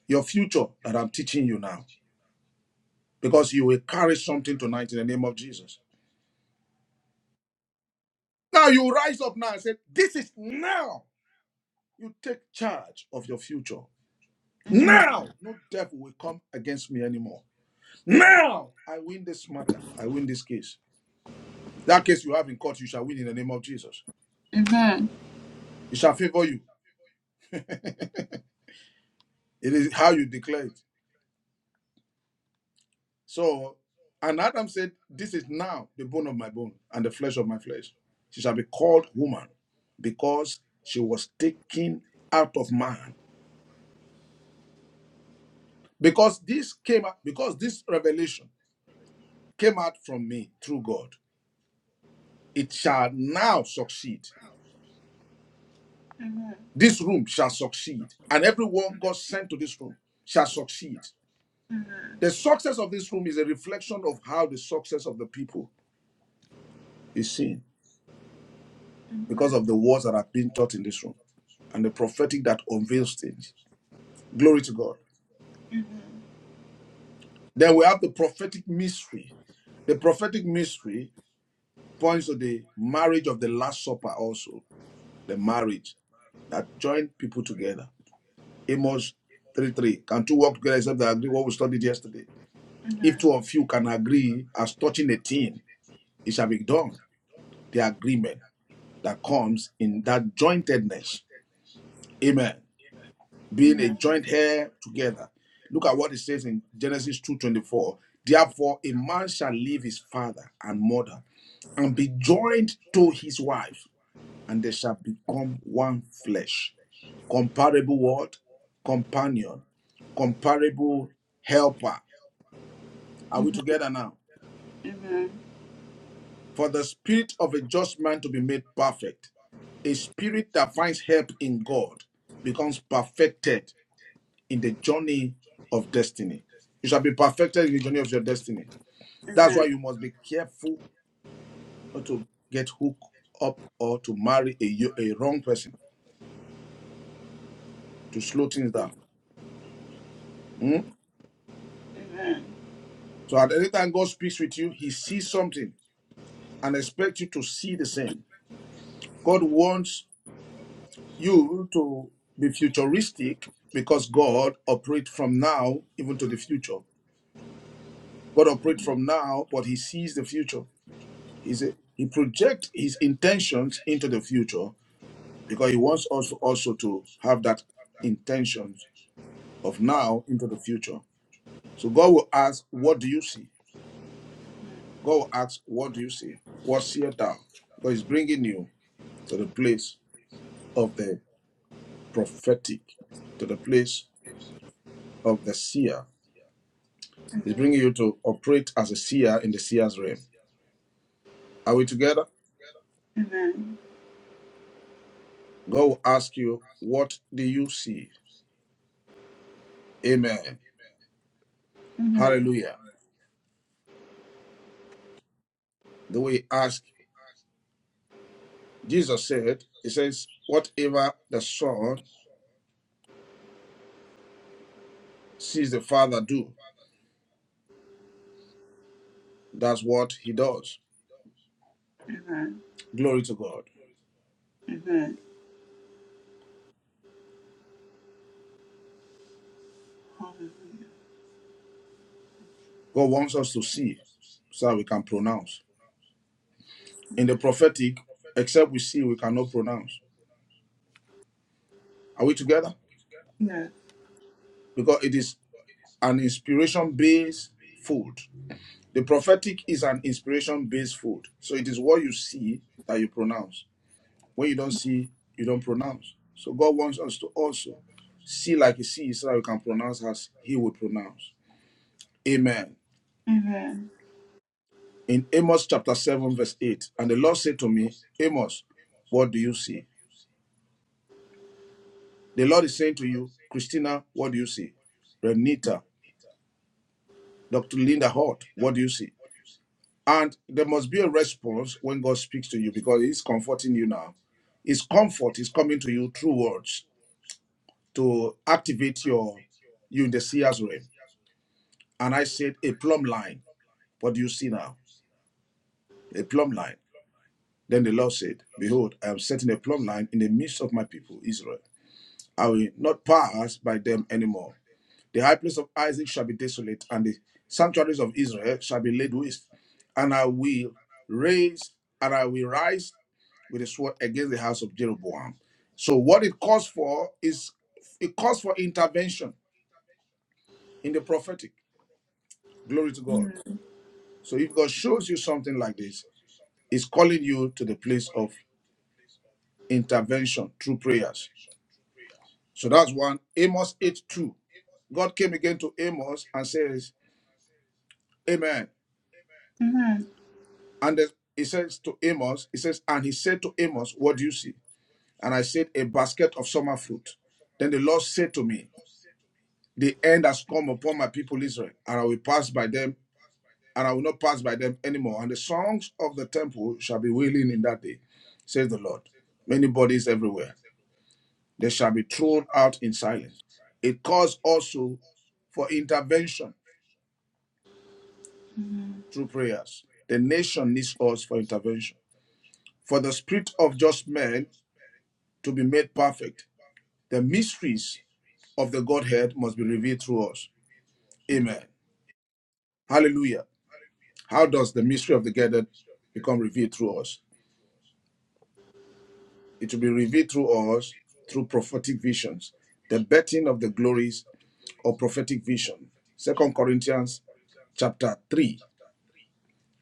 your future that I'm teaching you now. Because you will carry something tonight in the name of Jesus. Now you rise up now and say, This is now. You take charge of your future. Now, no devil will come against me anymore. Now, I win this matter. I win this case. That case you have in court, you shall win in the name of Jesus. It shall favor you. It is how you declare it. So, and Adam said, This is now the bone of my bone and the flesh of my flesh. She shall be called woman because she was taken out of man. Because this came out, because this revelation came out from me through God, it shall now succeed. This room shall succeed, and everyone God sent to this room shall succeed. The success of this room is a reflection of how the success of the people is seen because of the words that have been taught in this room and the prophetic that unveils things. Glory to God. Then we have the prophetic mystery. The prophetic mystery points to the marriage of the Last Supper, also, the marriage that joined people together. Amos 3 3. Can two walk together except they agree what we studied yesterday? If two of you can agree as touching a thing, it shall be done. The agreement that comes in that jointedness. Amen. Being a joint heir together. Look at what it says in Genesis 2:24. Therefore, a man shall leave his father and mother and be joined to his wife, and they shall become one flesh. Comparable word, companion, comparable helper. Are we together now? For the spirit of a just man to be made perfect, a spirit that finds help in God becomes perfected in the journey of destiny. You shall be perfected in the journey of your destiny. That's why you must be careful not to get hooked up or to marry a, a wrong person, to slow things down. Hmm? So at any time God speaks with you, he sees something and expects you to see the same. God wants you to be futuristic because God operates from now even to the future. God operates from now, but He sees the future. He's a, he projects His intentions into the future because He wants us to also to have that intentions of now into the future. So God will ask, "What do you see?" God will ask, "What do you see? What seest thou?" Because He's bringing you to the place of the prophetic, to the place of the seer He's bringing you to operate as a seer in the seer's realm. Are we together? God will ask you, What do you see? Amen. Hallelujah. The way he asked, Jesus said, He says, Whatever the Son sees the Father do, that's what he does. Glory to God. Lord. Amen. God wants us to see so that we can pronounce. In the prophetic, except we see, we cannot pronounce. Are we together? Yes. Because it is an inspiration based food. The prophetic is an inspiration based food. So it is what you see that you pronounce. When you don't see, you don't pronounce. So God wants us to also see like He sees so that we can pronounce as He would pronounce. Amen. In Amos chapter 7, verse 8, and the Lord said to me, Amos, what do you see? The Lord is saying to you, Christina, what do you see? Renita, Dr. Linda Hort, what do you see? And there must be a response when God speaks to you because He's comforting you now. His comfort is coming to you through words to activate your you in the seer's realm. And I said, A plumb line. What do you see now? A plumb line. Then the Lord said, Behold, I am setting a plumb line in the midst of my people, Israel. I will not pass by them anymore. The high place of Isaac shall be desolate, and the sanctuaries of Israel shall be laid waste. And I will raise, and I will rise with a sword against the house of Jeroboam. So what it calls for is it calls for intervention in the prophetic. Glory to God. So if God shows you something like this, it's calling you to the place of intervention through prayers. So that's one. Amos 8 2. God came again to Amos and says, Amen. And the- he says to Amos, he says, and he said to Amos, What do you see? And I said, A basket of summer fruit. Then the Lord said to me, The end has come upon my people Israel, and I will pass by them, and I will not pass by them anymore. And the songs of the temple shall be wailing in that day, says the Lord. Many bodies everywhere. They shall be thrown out in silence. It calls also for intervention through prayers. The nation needs us for intervention. For the spirit of just men to be made perfect, the mysteries of the Godhead must be revealed through us. Amen. Hallelujah. How does the mystery of the gathered become revealed through us? It will be revealed through us through prophetic visions, the betting of the glories of prophetic vision. Second Corinthians chapter 3,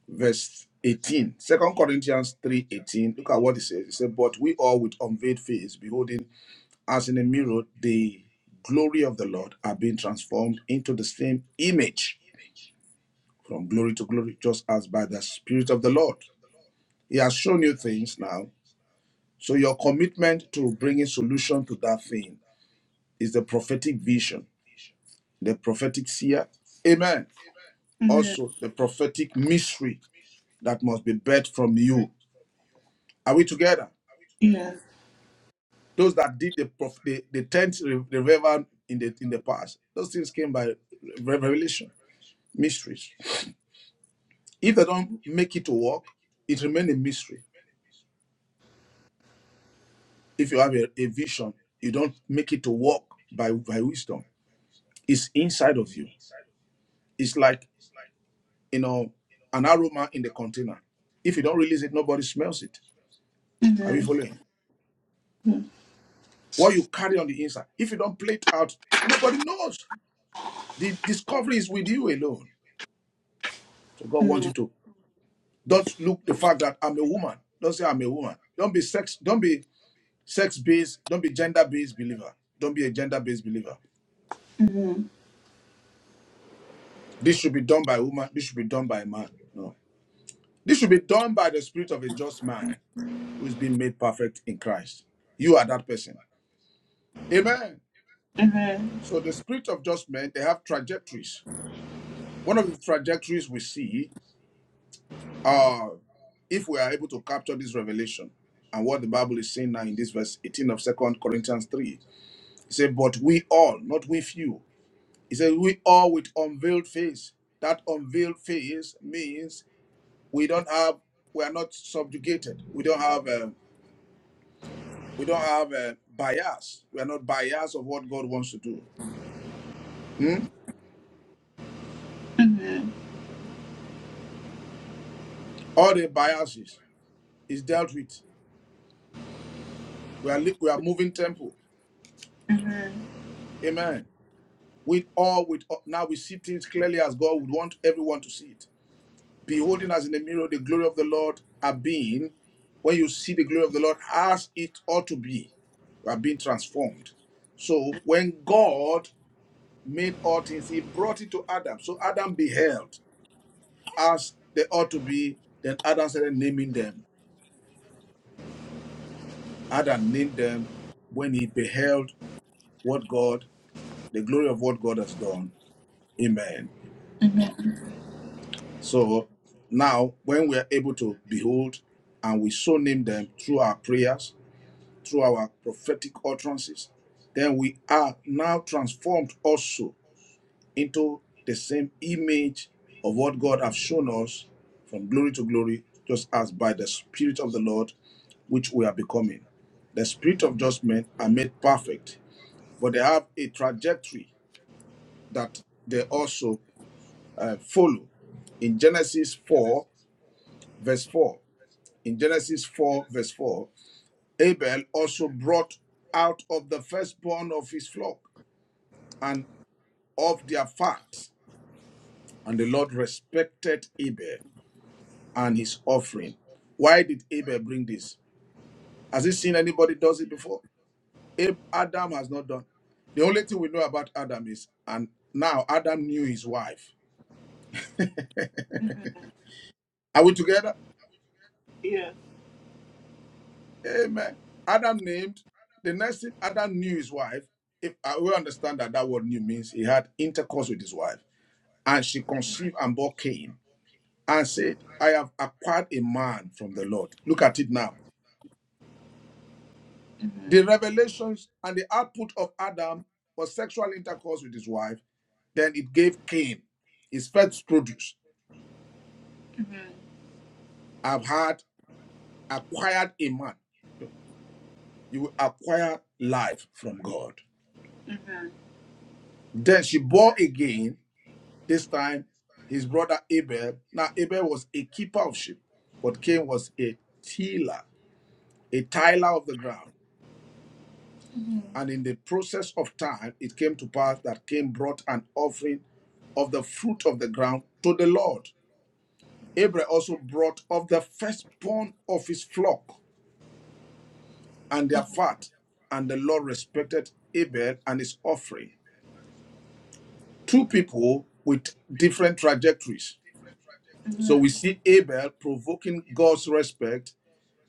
verse 18. Second Corinthians 3 18. Look at what it says. It says, But we all with unveiled face, beholding as in a mirror the glory of the Lord, are being transformed into the same image from glory to glory, just as by the Spirit of the Lord. He has shown you things now So your commitment to bringing solution to that thing is the prophetic vision, the prophetic seer. Amen. Amen. Also, the prophetic mystery that must be birthed from you. Are we together? Yes. Those that did the prof- the, the tenth re- revival in the in the past, those things came by revelation, mysteries. If they don't make it to work, it remains a mystery. If you have a, a vision, you don't make it to work by by wisdom. It's inside of you. It's like you know, an aroma in the container. If you don't release it, nobody smells it. Are we following? What you carry on the inside, if you don't play it out, nobody knows. The discovery is with you alone. So God wants you to don't look the fact that I'm a woman. Don't say I'm a woman. Don't be sex. Don't be sex based. Don't be gender based believer. Don't be a gender based believer. This should be done by a woman. This should be done by a man. No. This should be done by the spirit of a just man who is being made perfect in Christ. You are that person. Amen. So the spirit of judgment, they have trajectories. One of the trajectories we see are if we are able to capture this revelation and what the Bible is saying now in this verse 18 of Second Corinthians 3. It says, But we all, not we few. It says, We all with unveiled face. That unveiled face means we don't have, we are not subjugated. We don't have a, we don't have a bias. We are not biased of what God wants to do. Hmm? All the biases is dealt with. We are we are moving temple. Amen. With all, with all, now we see things clearly as God would want everyone to see it. Beholding as in a mirror the glory of the Lord are being. When you see the glory of the Lord as it ought to be, we are being transformed. So when God made all things, He brought it to Adam. So Adam beheld as they ought to be. Then Adam started naming them. Adam named them when he beheld what God, the glory of what God has done. Amen. So now, when we are able to behold and we so name them through our prayers, through our prophetic utterances, then we are now transformed also into the same image of what God has shown us from glory to glory, just as by the Spirit of the Lord, which we are becoming. The Spirit of just men are made perfect, but they have a trajectory that they also uh, follow in Genesis 4, verse 4. in Genesis 4, verse 4, Abel also brought out of the firstborn of his flock and of their fat. And the Lord respected Abel and his offering. Why did Abel bring this? Has he seen anybody does it before? Adam has not done. The only thing we know about Adam is, and now Adam knew his wife. Are we together? Yes. Amen. Adam named, the next thing Adam knew his wife. If uh, we understand that that word knew means he had intercourse with his wife. and she conceived and bore Cain and said, I have acquired a man from the Lord. Look at it now. The revelations and the output of Adam was sexual intercourse with his wife. Then it gave Cain his first produce. I've had acquired a man. No, You will acquire life from God. Then she bore again, this time his brother Abel. Now, Abel was a keeper of sheep, but Cain was a tiller, a tiller of the ground. And in the process of time, it came to pass that Cain brought an offering of the fruit of the ground to the Lord. Abel also brought of the firstborn of his flock and their fat, and the Lord respected Abel and his offering. Two people with different trajectories. So we see Abel provoking God's respect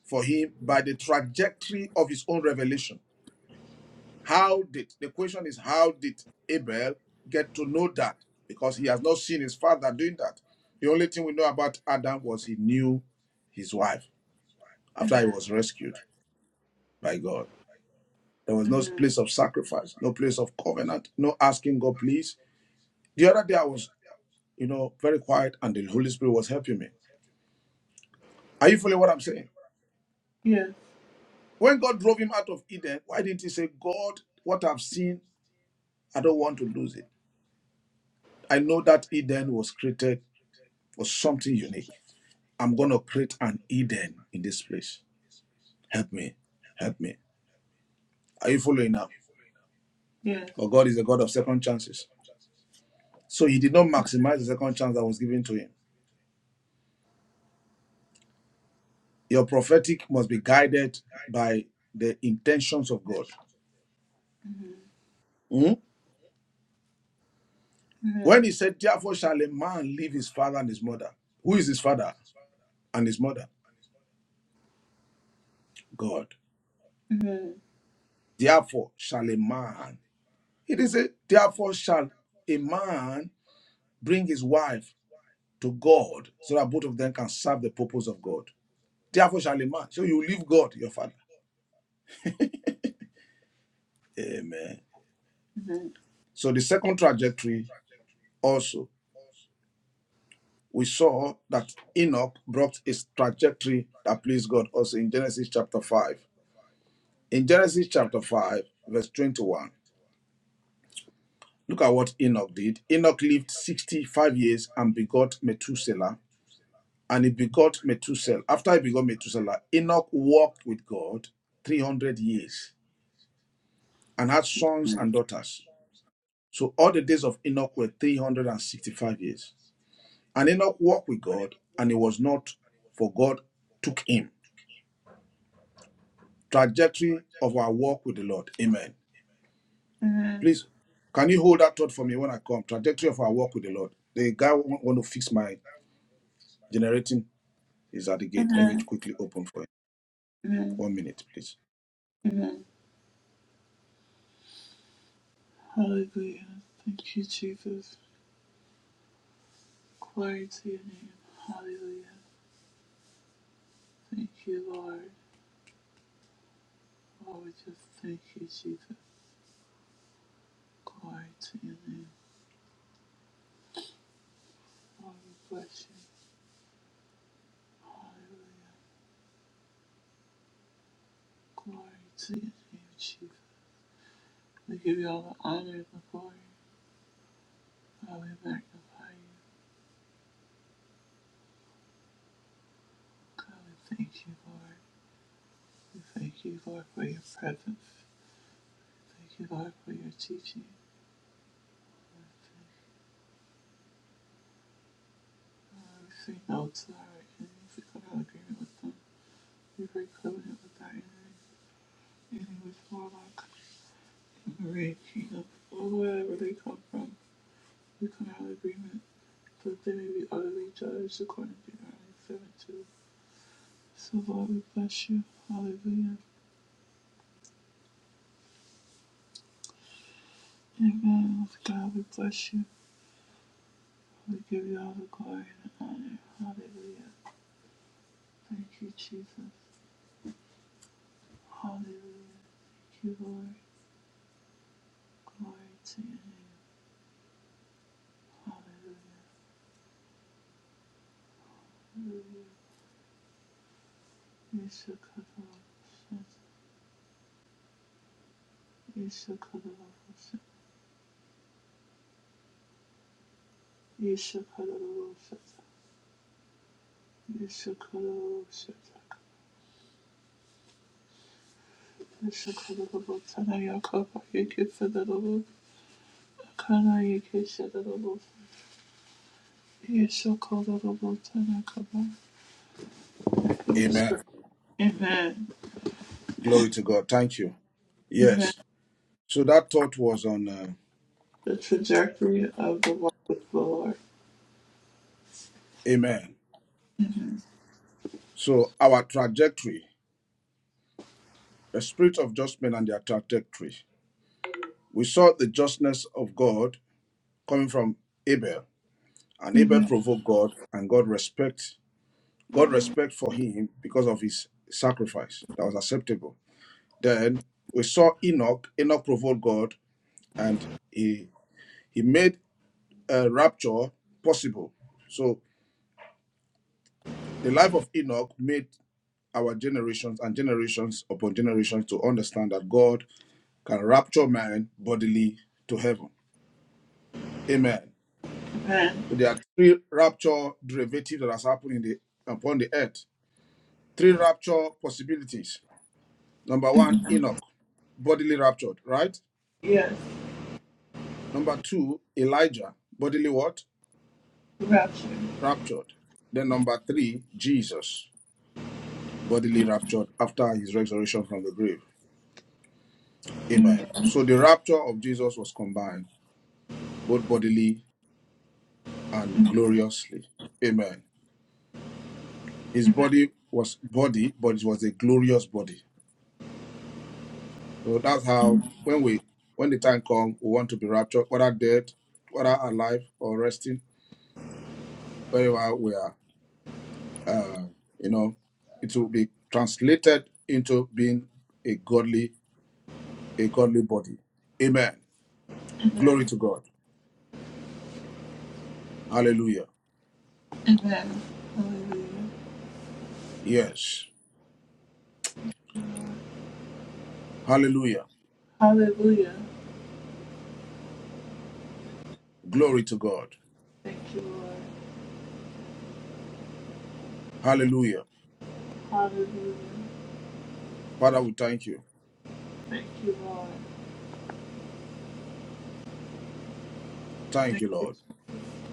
for him by the trajectory of his own revelation. How did the question is how did Abel get to know that? Because he has not seen his father doing that. The only thing we know about Adam was he knew his wife after he was rescued by God. There was no place of sacrifice, no place of covenant, no asking God, please. The other day I was, you know, very quiet and the Holy Spirit was helping me. Are you following what I'm saying? Yes. When God drove him out of Eden, why didn't he say, God, what I've seen, I don't want to lose it? I know that Eden was created for something unique. I'm going to create an Eden in this place. Help me. Help me. Are you following now? Yes. But God is a God of second chances. So he did not maximize the second chance that was given to him. Your prophetic must be guided by the intentions of God. Hmm? When he said, Therefore shall a man leave his father and his mother. Who is his father and his mother? God. Therefore shall a man. It is a therefore shall a man bring his wife to God so that both of them can serve the purpose of God. Therefore shall a man. So you leave God, your father. Amen. So the second trajectory also, we saw that Enoch brought his trajectory that pleased God also in Genesis chapter 5. In Genesis chapter 5, verse 21, look at what Enoch did. Enoch lived 65 years and begot Methuselah. And he begot Methuselah. After he begot Methuselah, Enoch walked with God 300 years and had sons and daughters. So all the days of Enoch were 365 years. And Enoch walked with God, and he was not, for God took him. Trajectory of our walk with the Lord. Amen. Please, can you hold that thought for me when I come? Trajectory of our walk with the Lord. The guy wa- want to fix my generating is at the gate. Let me quickly open for him. Amen. One minute, please. Hallelujah. Thank you, Jesus. Glory to your name. Hallelujah. Thank you, Lord. Lord, we just thank you, Jesus. Glory to your name. Lord, we bless you. Hallelujah. Glory to your name, Jesus. We give you all the honor and the glory. God, we magnify you. God, we thank you, Lord. We thank you, Lord, for your presence. Thank you, Lord, for your teaching. Lord, we say no to our enemies. We come out of agreement with them. If I covenant with thy enemies, and with warlock, and array, king of all wherever they come from, we come out of agreement, so that they may be utterly judged according to Deuteronomy 7 2. So, Lord, we bless you. Hallelujah. Amen. God, we bless you. We give you all the glory and the honor. Hallelujah. Thank you, Jesus. Hallelujah. Thank you, Lord. Glory to you. Hallelujah. Yeshua Kadalabosha. Yeshua Kadalabosha. Yeshua Kadalabosha. The trajectory Amen. Glory to God. Thank you. Yes. So that thought was on. Uh, of the walk with the Lord. amen. So our trajectory, the spirit of judgment and their trajectory. We saw the justness of God coming from Abel And Abel provoked God, and God respect God respect for him because of his sacrifice that was acceptable. Then we saw Enoch. Enoch provoked God, and he he made a rapture possible. So the life of Enoch made our generations and generations upon generations to understand that God can rapture man bodily to heaven. Amen. So there are three rapture derivatives that has happened in the upon the earth. Three rapture possibilities Number one, Enoch, bodily raptured, right? Yes, Number two, Elijah, bodily what? rapture. Raptured. Then number three, Jesus, bodily raptured after his resurrection from the grave. Amen. So the rapture of Jesus was combined, both bodily and gloriously. Amen. His body was body, but it was a glorious body. So that's how when we when the time comes, we want to be raptured, whether dead, whether alive or resting, wherever we are Uh, you know, it will be translated into being a godly, a godly body. Amen. Glory to God. Hallelujah. Yes. Hallelujah. Hallelujah. Glory to God. Thank you, Lord. Hallelujah. Hallelujah. Father, we thank you. Thank you, Lord. Thank Thank you, you. Lord.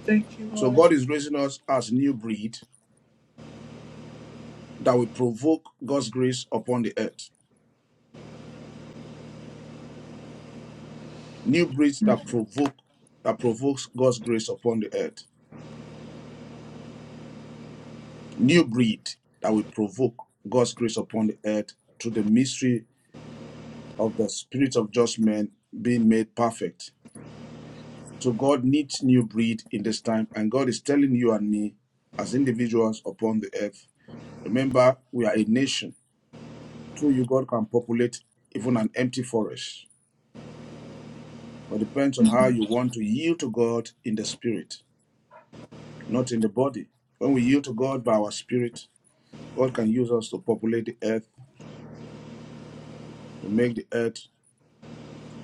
Thank you, So Lord. God is raising us as new breed that will provoke God's grace upon the earth. New breed that provoke that provokes God's grace upon the earth. New breed that will provoke God's grace upon the earth through the mystery of the spirit of just men being made perfect. So God needs new breed in this time, and God is telling you and me as individuals upon the earth. Remember, we are a nation. Through you, God can populate even an empty forest. But it depends on how you want to yield to God in the spirit, not in the body. When we yield to God by our spirit, God can use us to populate the earth, to make the earth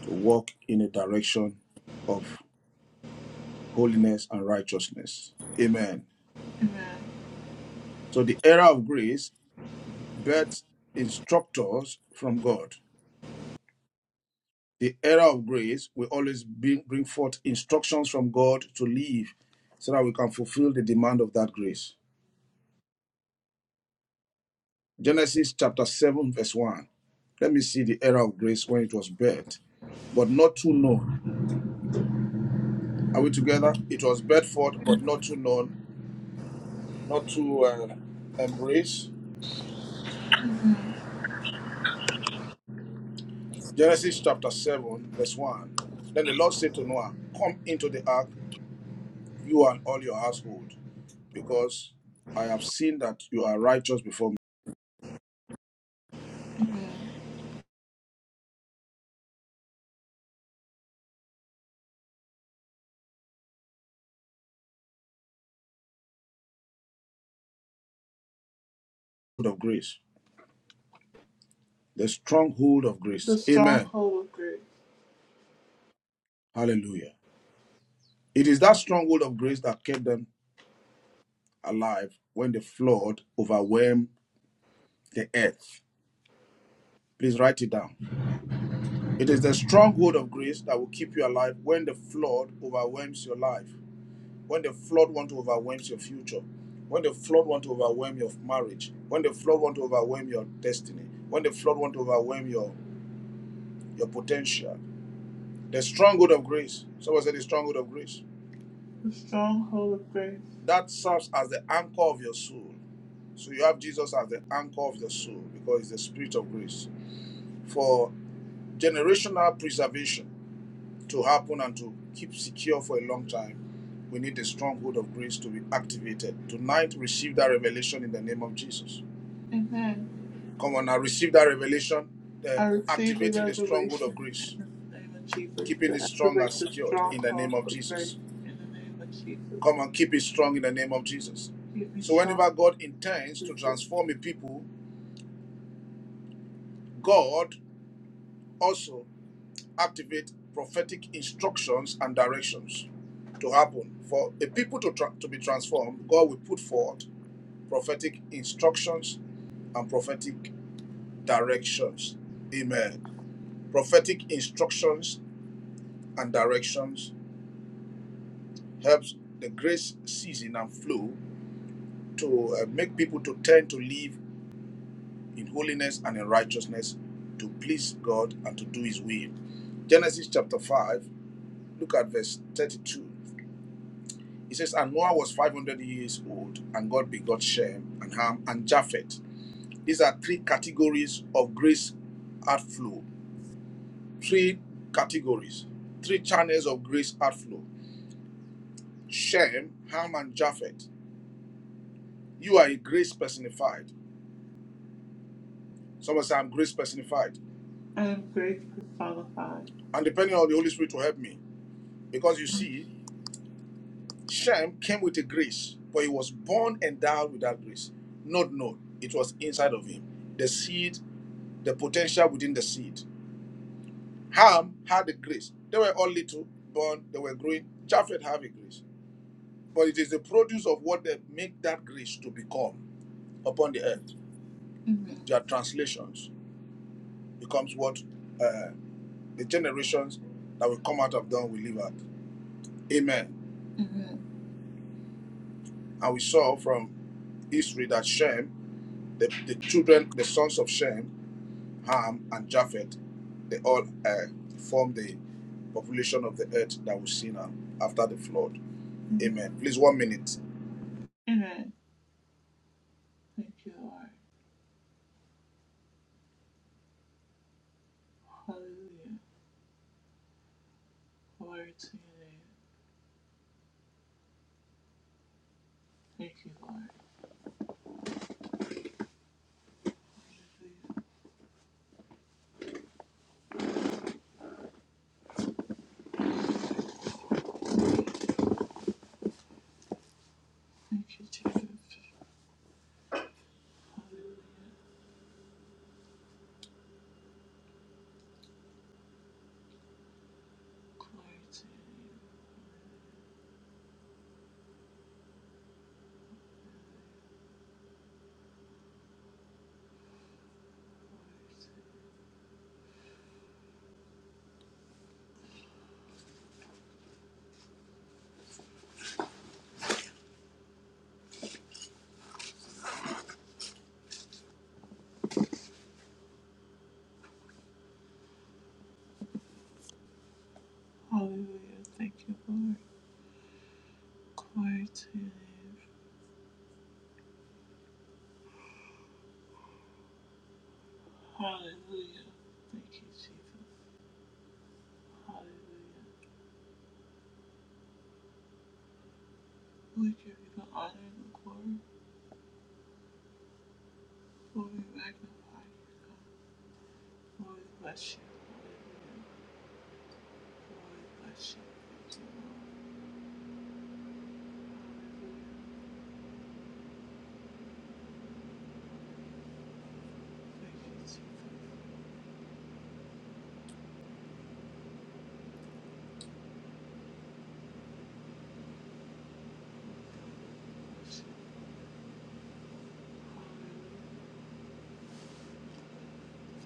to walk in a direction of holiness and righteousness. Amen. So the era of grace births instructors from God. The era of grace will always bring, bring forth instructions from God to live so that we can fulfill the demand of that grace. Genesis chapter 7, verse 1. Let me see the era of grace when it was birthed, but not too known. Are we together? It was birthed forth, but not too known, not too uh, embraced. Genesis chapter 7, verse 1. Then the Lord said to Noah, Come into the ark, you and all your household. because I have seen that you are righteous before me. Hold Of grace, the stronghold of The grace. Amen. stronghold of grace. Hallelujah. It is that stronghold of grace that kept them alive when the flood overwhelmed the earth. Please write it down. It is the stronghold of grace that will keep you alive when the flood overwhelms your life, when the flood want to overwhelm your future, when the flood want to overwhelm your marriage, when the flood want to overwhelm your destiny, when the flood want to overwhelm your your potential, The stronghold of grace. Someone said the stronghold of grace. The stronghold of grace. That serves as the anchor of your soul. So you have Jesus as the anchor of your soul because it's the spirit of grace for generational preservation to happen and to keep secure for a long time. We need the stronghold of grace to be activated. Tonight, receive that revelation in the name of Jesus. Amen. Come on now, receive that revelation. I The receive the activating the stronghold of revelation in grace, the name of Jesus keeping to it strong activate and the secured in the name stronghold of of grace Jesus. in the name of Jesus. Come and keep it strong in the name of Jesus. Give me So strong, whenever God intends to Jesus. transform a people, God also activates prophetic instructions and directions to happen. For a people to, tra- to be transformed, God will put forth prophetic instructions and prophetic directions. Amen. Prophetic instructions and directions helps the grace season and flow to uh, make people to tend to live in holiness and in righteousness to please God and to do his will. Genesis chapter 5, look at verse 32. It says, And Noah was 500 years old, and God begot Shem and Ham and Japheth. These are three categories of grace outflow. Three categories, three channels of grace outflow Shem, Ham, and Japheth. You are a grace personified. Someone say, I'm grace personified. I am grace personified. And depending on the Holy Spirit to help me, because you see, Shem came with a grace, but he was born endowed with that grace. Not known. It was inside of him. The seed, the potential within the seed. Ham had a grace. They were all little, born, they were growing. Japheth had a grace. But it is the produce of what they make that grace to become upon the earth. Their translations becomes what uh, the generations that will come out of them will live at. Amen. And we saw from history that Shem, the, the children, the sons of Shem, Ham, and Japheth, they all uh, form the population of the earth that we see now after the flood. Amen. Amen. Please, one minute. Amen. Thank you, Lord. Hallelujah. Glory to your name. Thank you, Lord. Thank you, Jesus. Hallelujah. Glory to your name. Hallelujah. Thank you, Lord. Glory to your name. Hallelujah. Thank you, Jesus. Hallelujah. We give you the honor and the glory. Lord, we magnify you, God. Lord, bless you. Lord, bless you. Thank you,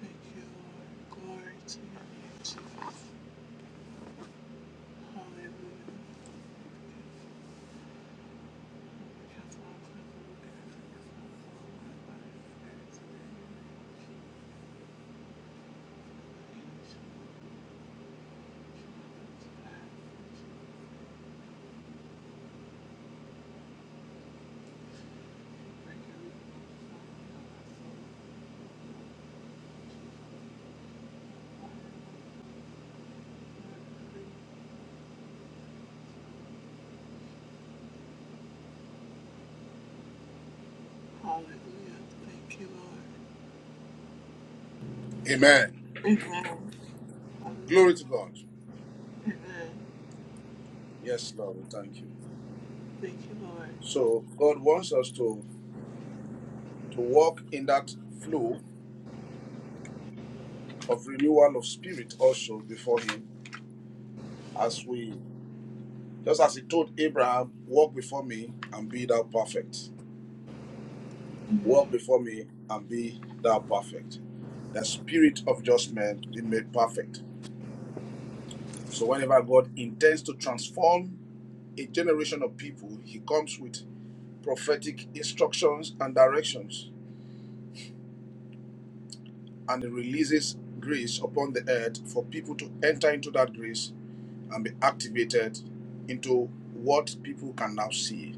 Lord. Thank you, Jesus. Hallelujah. Thank you, Lord. Glory to your name, Jesus. Hallelujah. Because all praise and glory to you, Lord. Hallelujah. Thank you, Lord. Amen. Amen. Glory Hallelujah. to God. Amen. Yes, Lord, we thank you. Thank you, Lord. So God wants us to to walk in that flow of renewal of spirit also before Him, as we just as He told Abraham, walk before me and be thou perfect. Walk before me and be thou perfect. The spirit of just men be made perfect So whenever God intends to transform a generation of people, he comes with prophetic instructions and directions and he releases grace upon the earth for people to enter into that grace and be activated into what people can now see.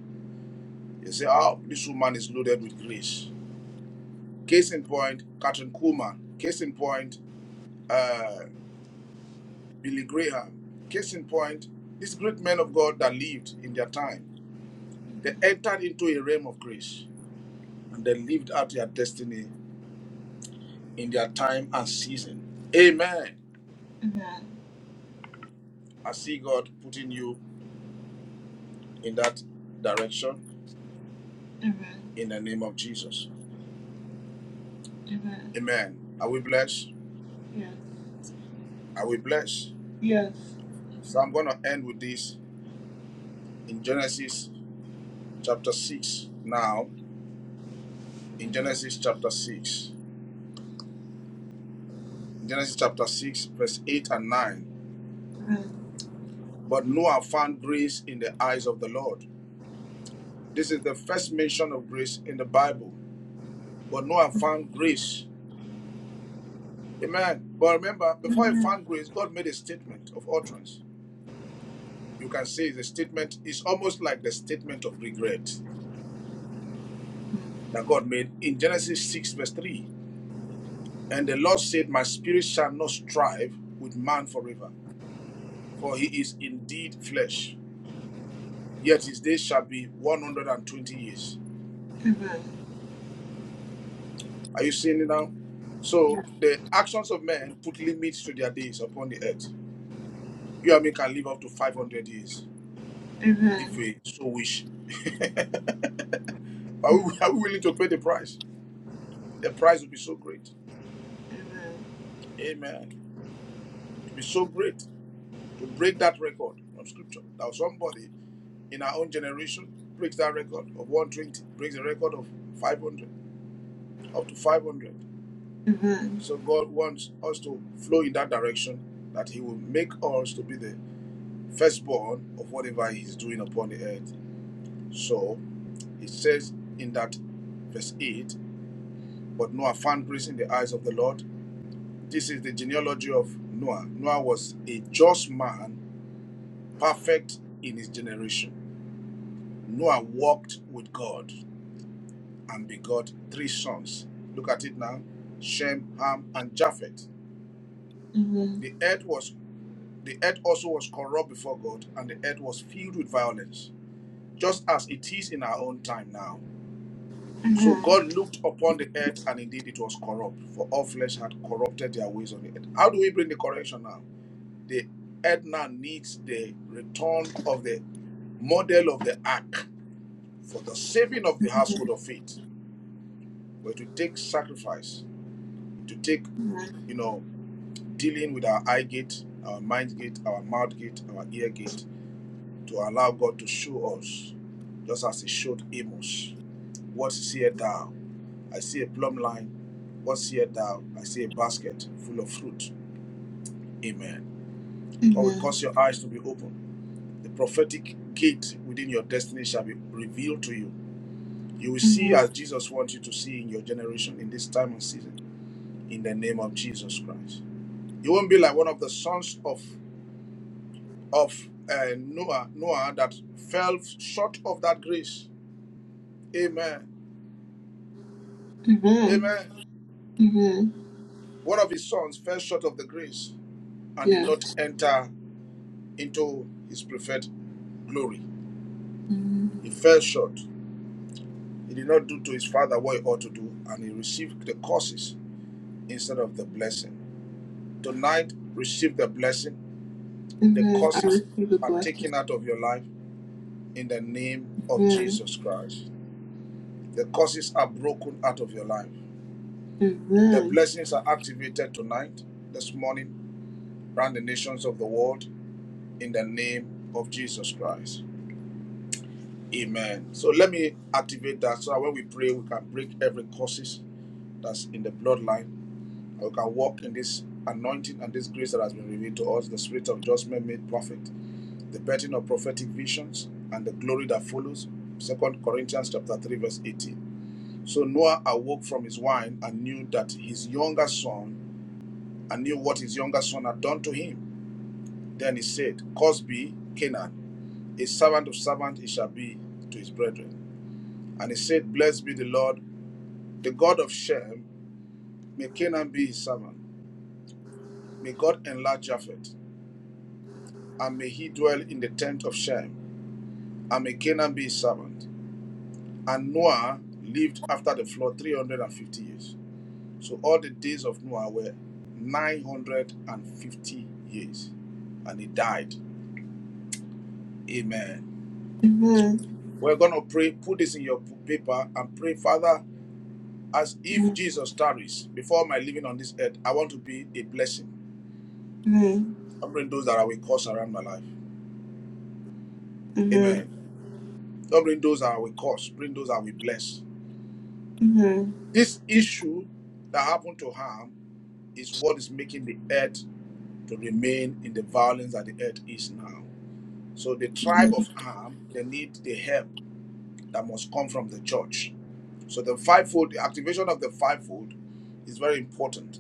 They say, oh, this woman is loaded with grace. Case in point, Catherine Kuhlman. Case in point, uh, Billy Graham. Case in point, these great men of God that lived in their time, they entered into a realm of grace and they lived out their destiny in their time and season. Amen. I see God putting you in that direction in the name of Jesus. Amen. Are we blessed? Yes. Are we blessed? Yes. So I'm going to end with this in Genesis chapter 6. Now, in Genesis chapter 6, Genesis chapter 6, verse 8 and 9. But Noah found grace in the eyes of the Lord. This is the first mention of grace in the Bible. But Noah found grace Amen. But remember, before he found grace, God made a statement of utterance. You can see the statement is almost like the statement of regret that God made in Genesis 6, verse 3. And the Lord said, My spirit shall not strive with man forever, for he is indeed flesh. Yet his days shall be 120 years. Are you seeing it now? So the actions of men put limits to their days upon the earth. You and me can live up to 500 years if we so wish. Are we, are we willing to pay the price? The price will be so great. Amen. It will be so great to break that record of scripture. Now, somebody in our own generation breaks that record of 120, breaks the record of 500, up to 500. So, God wants us to flow in that direction that He will make us to be the firstborn of whatever He is doing upon the earth. So, He says in that verse 8, but Noah found grace in the eyes of the Lord This is the genealogy of Noah. Noah was a just man, perfect in his generation. Noah walked with God and begot three sons. Look at it now: Shem, Ham, and Japheth. The earth was the earth also was corrupt before God, and the earth was filled with violence, just as it is in our own time now. So God looked upon the earth, and indeed it was corrupt, for all flesh had corrupted their ways on the earth. How do we bring the correction now? The earth now needs the return of the model of the ark for the saving of the household of faith, where to take sacrifice, to take, you know, dealing with our eye gate, our mind gate, our mouth gate, our ear gate, to allow God to show us, just as He showed Amos, what seest thou? I see a plumb line. What seest thou? I see a basket full of fruit. Amen. God will cause your eyes to be open The prophetic gate within your destiny shall be revealed to you. You will see as Jesus wants you to see in your generation in this time and season. In the name of Jesus Christ, you won't be like one of the sons of of uh, Noah Noah that fell short of that grace. Amen. Amen. Amen. Amen. One of his sons fell short of the grace and did Yes. not enter into his preferred glory. Amen. He fell short. He did not do to his father what he ought to do, and he received the curses instead of the blessing. Tonight, receive the blessing. The Amen. I curses receive the are blessing. taken out of your life in the name of Amen. Jesus Christ. The curses are broken out of your life. The blessings are activated tonight, this morning, around the nations of the world in the name of Jesus Christ. Amen. So let me activate that so that when we pray, we can break every curses that's in the bloodline. we can walk in this anointing and this grace that has been revealed to us, the spirit of judgment made perfect the birthing of prophetic visions and the glory that follows Second corinthians chapter 3 verse 18 so noah awoke from his wine and knew that his younger son and knew what his younger son had done to him then he said cause be canaan a servant of servant he shall be to his brethren and he said blessed be the lord the god of shem may canaan be his servant may god enlarge japheth and may he dwell in the tent of shem and may canaan be his servant And Noah lived after the flood 350 years. So all the days of Noah were 950 years. And he died. Amen. We're going to pray. Put this in your paper and pray, Father, as if Jesus tarries before my living on this earth, I want to be a blessing. Don't bring those that I will curse around my life. Amen. Don't bring those that I will curse. Bring those that I will bless. This issue that happened to harm is what is making the earth to remain in the violence that the earth is now. So the tribe of Ham, they need the help that must come from the church. So the fivefold, the activation of the fivefold is very important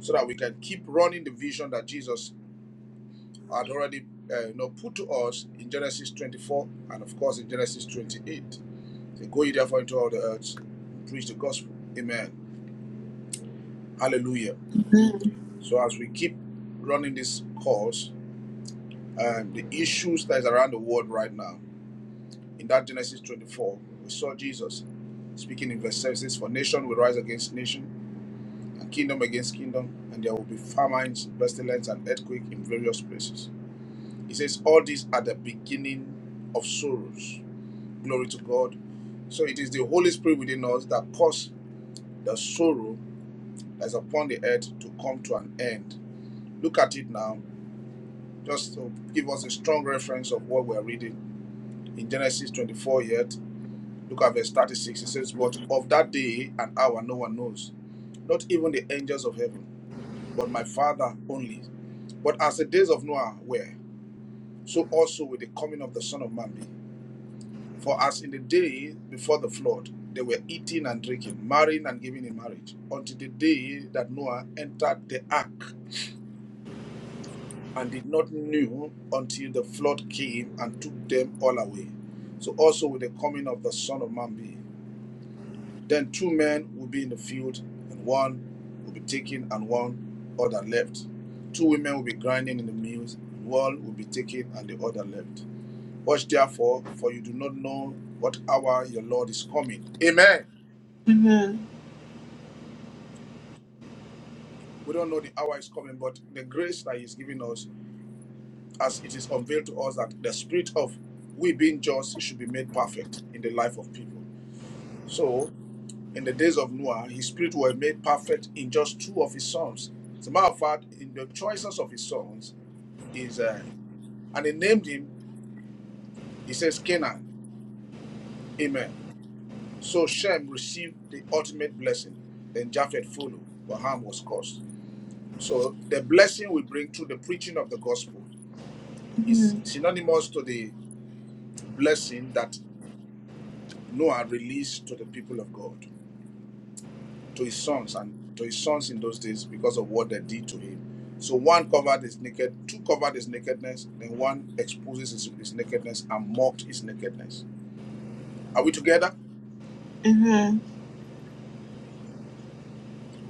so that we can keep running the vision that Jesus had already uh, you know, put to us in Genesis 24 and of course in Genesis 28. So go ye therefore into all the earth, preach the gospel. Amen. Hallelujah. So as we keep running this course, um, the issues that is around the world right now. In that Genesis 24, we saw Jesus speaking in verse 7 says, For nation will rise against nation, and kingdom against kingdom, and there will be famines, pestilence, and earthquake in various places. He says, All these are the beginning of sorrows. Glory to God. So it is the Holy Spirit within us that caused the sorrow that's upon the earth to come to an end. Look at it now, just to give us a strong reference of what we're reading in Genesis 24 yet. Look at verse 36. It says, But of that day and hour no one knows, not even the angels of heaven, but my Father only. But as the days of Noah were, so also will the coming of the Son of Man be. For as in the day before the flood, they were eating and drinking, marrying and giving in marriage, until the day that Noah entered the ark and did not know until the flood came and took them all away. So also will the coming of the Son of Man be. Then two men will be in the field, and one will be taken and one other left. Two women will be grinding in the mills, and one will be taken and the other left. Watch therefore, for you do not know what hour your Lord is coming. Amen. We don't know the hour is coming, but the grace that He's giving us, as it is unveiled to us, that the spirit of we being just should be made perfect in the life of people. So. In the days of Noah, his spirit was made perfect in just two of his sons. As a matter of fact, in the choices of his sons is, uh, and he named him. He says Canaan. Amen. So Shem received the ultimate blessing. Then Japheth followed, but harm was caused. So the blessing we bring through the preaching of the gospel is synonymous to the blessing that Noah released to the people of God. to his sons and to his sons in those days because of what they did to him. So one covered his naked, two covered his nakedness, then one exposes his, his nakedness and mocked his nakedness. Are we together?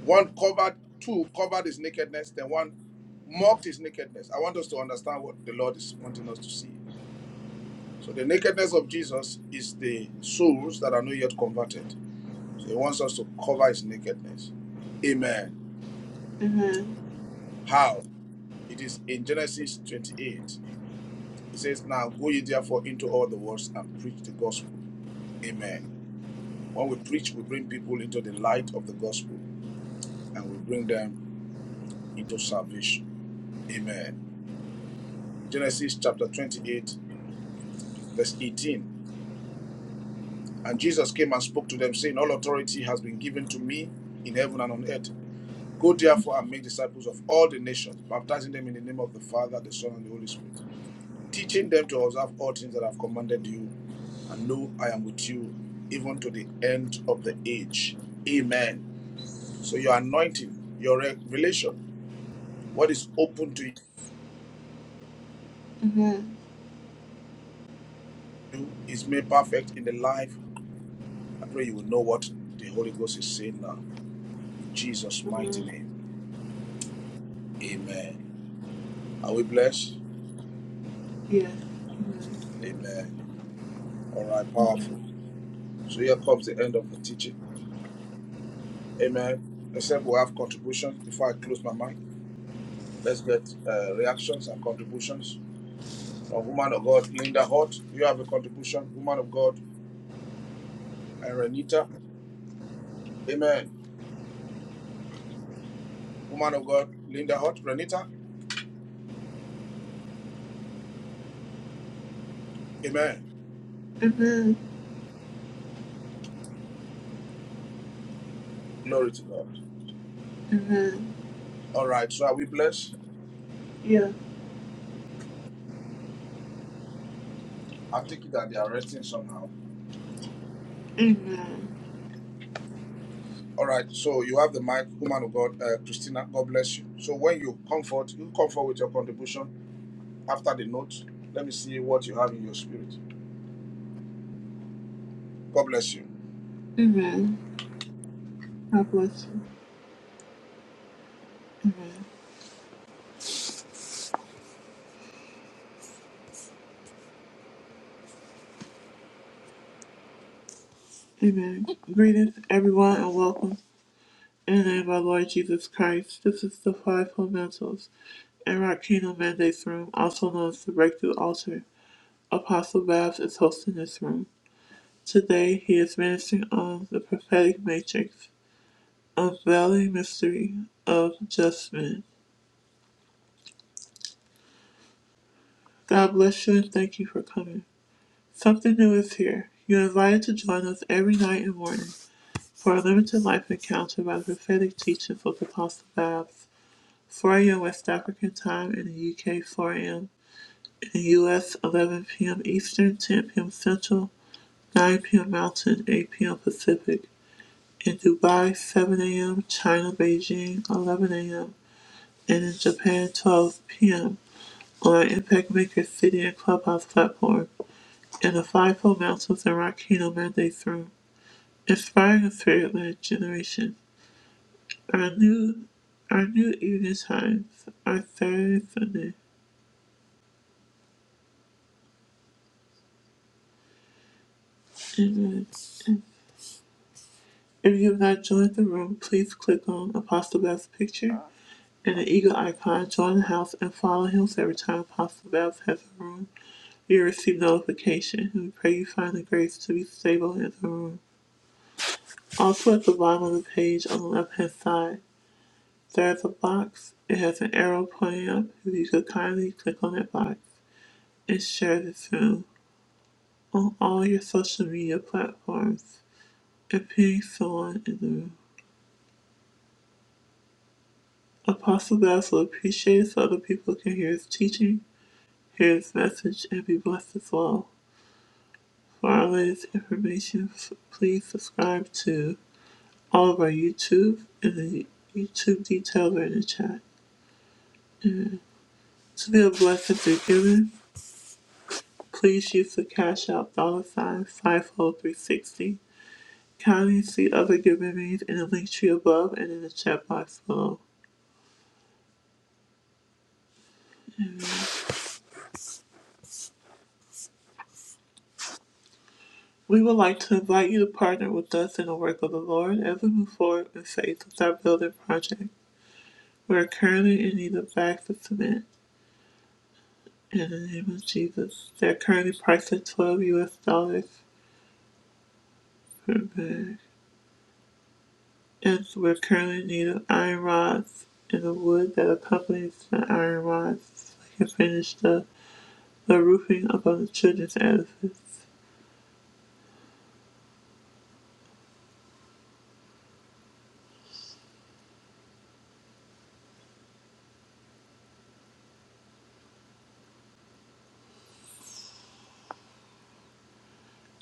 One covered, two covered his nakedness, then one mocked his nakedness. I want us to understand what the Lord is wanting us to see. So the nakedness of Jesus is the souls that are not yet converted. So he wants us to cover his nakedness. Amen. How? It is in Genesis 28 He says, Now go ye therefore into all the world and preach the gospel. Amen. When we preach, we bring people into the light of the gospel and we bring them into salvation. Amen. Genesis chapter 28, verse 18. And Jesus came and spoke to them, saying, All authority has been given to me in heaven and on earth. Go therefore and make disciples of all the nations, baptizing them in the name of the Father, the Son, and the Holy Spirit teaching them to observe all things that I've commanded you. And lo, I am with you even to the end of the age. Amen. So your anointing, your revelation, what is open to you is made perfect in the life. I pray you will know what the Holy Ghost is saying now. In Jesus' mighty name. Amen. Are we blessed? Amen. All right, powerful. So here comes the end of the teaching. Amen. Except we have contributions before I close my mic. Let's get uh, reactions and contributions. A woman of God, Linda Hot, you have a contribution. Woman of God, and Renita. Amen. Woman of God, Linda Hot, Renita. Amen. Glory to God. All right, so are we blessed? Yes. I take it that they are resting somehow. All right, so you have the mic, woman of God, uh, Christina. God bless you. So when you comfort, you comfort with your contribution after the note. Let me see what you have in your spirit. God bless you. Amen. God bless you. Amen. Greetings, everyone, and welcome in the name of our Lord Jesus Christ. This is the Five Fundamentals and Rock Kingdom Mandates Room, also known as the Breakthrough Altar. Apostle Babs is hosting this room. Today, he is ministering on the prophetic matrix. of Valley Mystery of Adjustment. God bless you and thank you for coming. Something new is here. You're invited to join us every night and morning for a limited life encounter by the prophetic teachings of Apostle Babs. 4 a.m. West African time in the UK, 4 a.m. in the US, 11 p.m. Eastern, 10 p.m. Central, 9 p.m. Mountain, 8 p.m. Pacific. In Dubai, 7 a.m. China, Beijing, 11 a.m. And in Japan, 12 p.m. on Impact Maker City and Clubhouse platform and the Fivefold Mountains and Rock Kingdom Mandates Room, inspiring a spirit-led generation. Our new, our new evening times are Saturday and Sunday. Amen. If you have not joined the room, please click on Apostle Babs' picture and the eagle icon, join the house, and follow him so every time Apostle Babs has a room. You receive notification. We pray you find the grace to be stable in the room. Also at the bottom of the page on the left hand side, There's a box. It has an arrow pointing up. If you could kindly click on that box and share this room on all your social media platforms and ping someone in the room. Apostle Bass will appreciate it so other people can hear his teaching, hear his message, and be blessed as well. For our latest information, please subscribe to all of our YouTube and the YouTube details are in the chat. To be a blessing through giving, Please use the Cash App dollar sign 50360. Kindly see other giving means in the link tree above and in the chat box below. We would like to invite you to partner with us in the work of the Lord as we move forward in faith with our building project. We are currently in need of bags of cement. In the name of Jesus. They're currently priced at 12 US dollars per bag. And so we're currently in need of iron rods and the wood that accompanies the iron rods. So we can finish the the roofing above the children's edifice.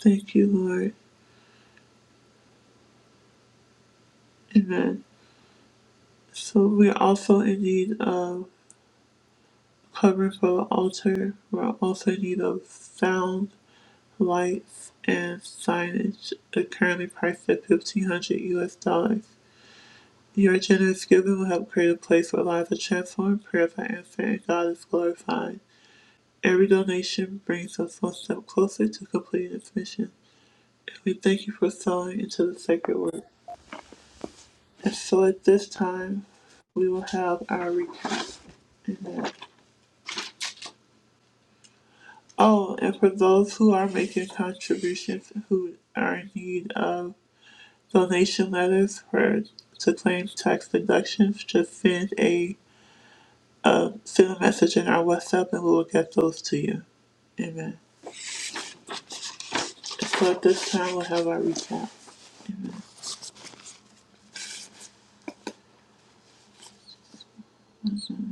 Thank you, Lord. Amen. So we're also in need of covering for the altar. We're also in need of sound, lights, and signage. They're currently priced at fifteen hundred US dollars. Your generous giving will help create a place where lives are transformed, prayers are answered, and God is glorified. Every donation brings us one step closer to completing this mission. And we thank you for sowing into the sacred work. And so at this time, we will have our recap. Amen. Oh, and for those who are making contributions who are in need of donation letters for to claim tax deductions, just send a uh, send a message in our WhatsApp and we will get those to you. Amen. So at this time, we'll have our recap. Mhm.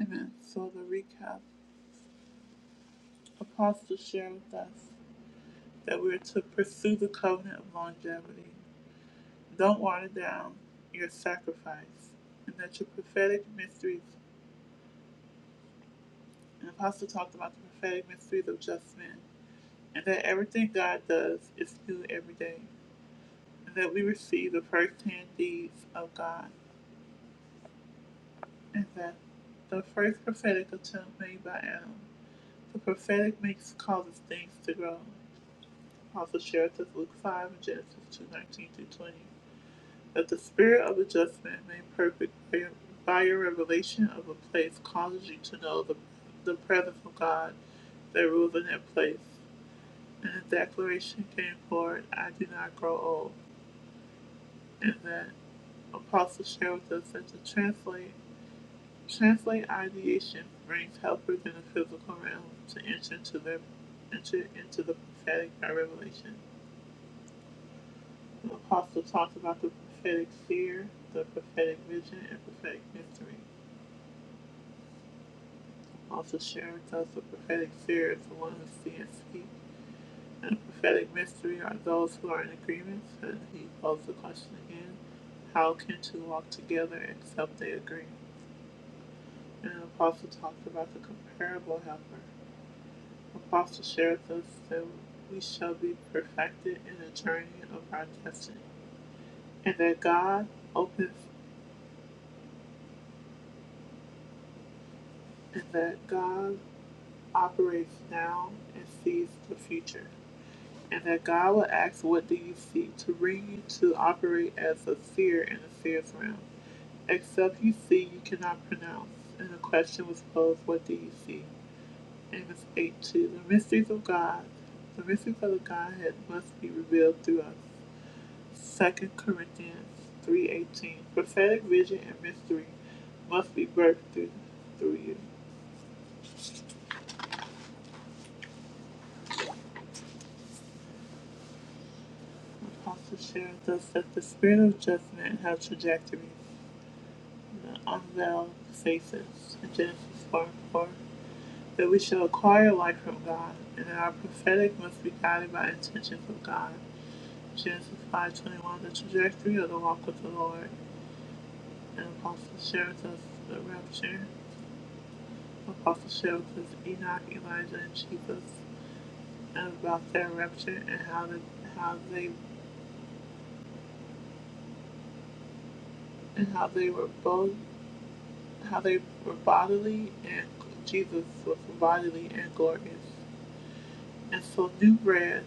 Amen. So the recap, apostles share with us that we're to pursue the covenant of longevity. Don't water down your sacrifice, and that your prophetic mysteries, and the Apostle talked about the prophetic mysteries of just men, and that everything God does is new every day, and that we receive the first-hand deeds of God, and that the first prophetic attempt made by Adam, the prophetic makes causes things to grow. Apostle shared us Luke 5 and Genesis 2:19 through 20. that the spirit of adjustment made perfect by your, by your revelation of a place causes you to know the, the presence of God that rules in that place. And the declaration came forward, I do not grow old. And that apostle shared with us that to translate, translate ideation brings helpers in the physical realm to enter into their enter into the prophetic by revelation. The apostle talked about the prophetic fear, the prophetic vision, and prophetic mystery. Also sharing with us the prophetic spirit of the one who stands speak. And the prophetic mystery are those who are in agreement. And he posed the question again, how can two walk together except they agree? And the apostle talked about the comparable helper. The apostle shared with us that we shall be perfected in the journey of our destiny. And that God opens and that God operates now and sees the future. and that God will ask, What do you seek? to bring you to operate as a seer in a seer's realm. Except you see, you cannot pronounce. And the question was posed, What do you see? Amos 8 2. The mysteries of God, the mysteries of the Godhead must be revealed through us. 2 Corinthians 3:18. Prophetic vision and mystery must be birthed through, through you. Apostle shares us that the spirit of judgment has trajectories. Unveil thou faces, in Genesis 4 and 4, that we shall acquire light from God, and that our prophetic must be guided by intentions of God. Genesis 5:21, the trajectory of the walk with the Lord, and Apostle shares us the rapture. Apostle shares us Enoch, Elijah, and Jesus, and about their rapture and how the, how they and how they were both how they were bodily and Jesus was bodily and glorious. And so new bread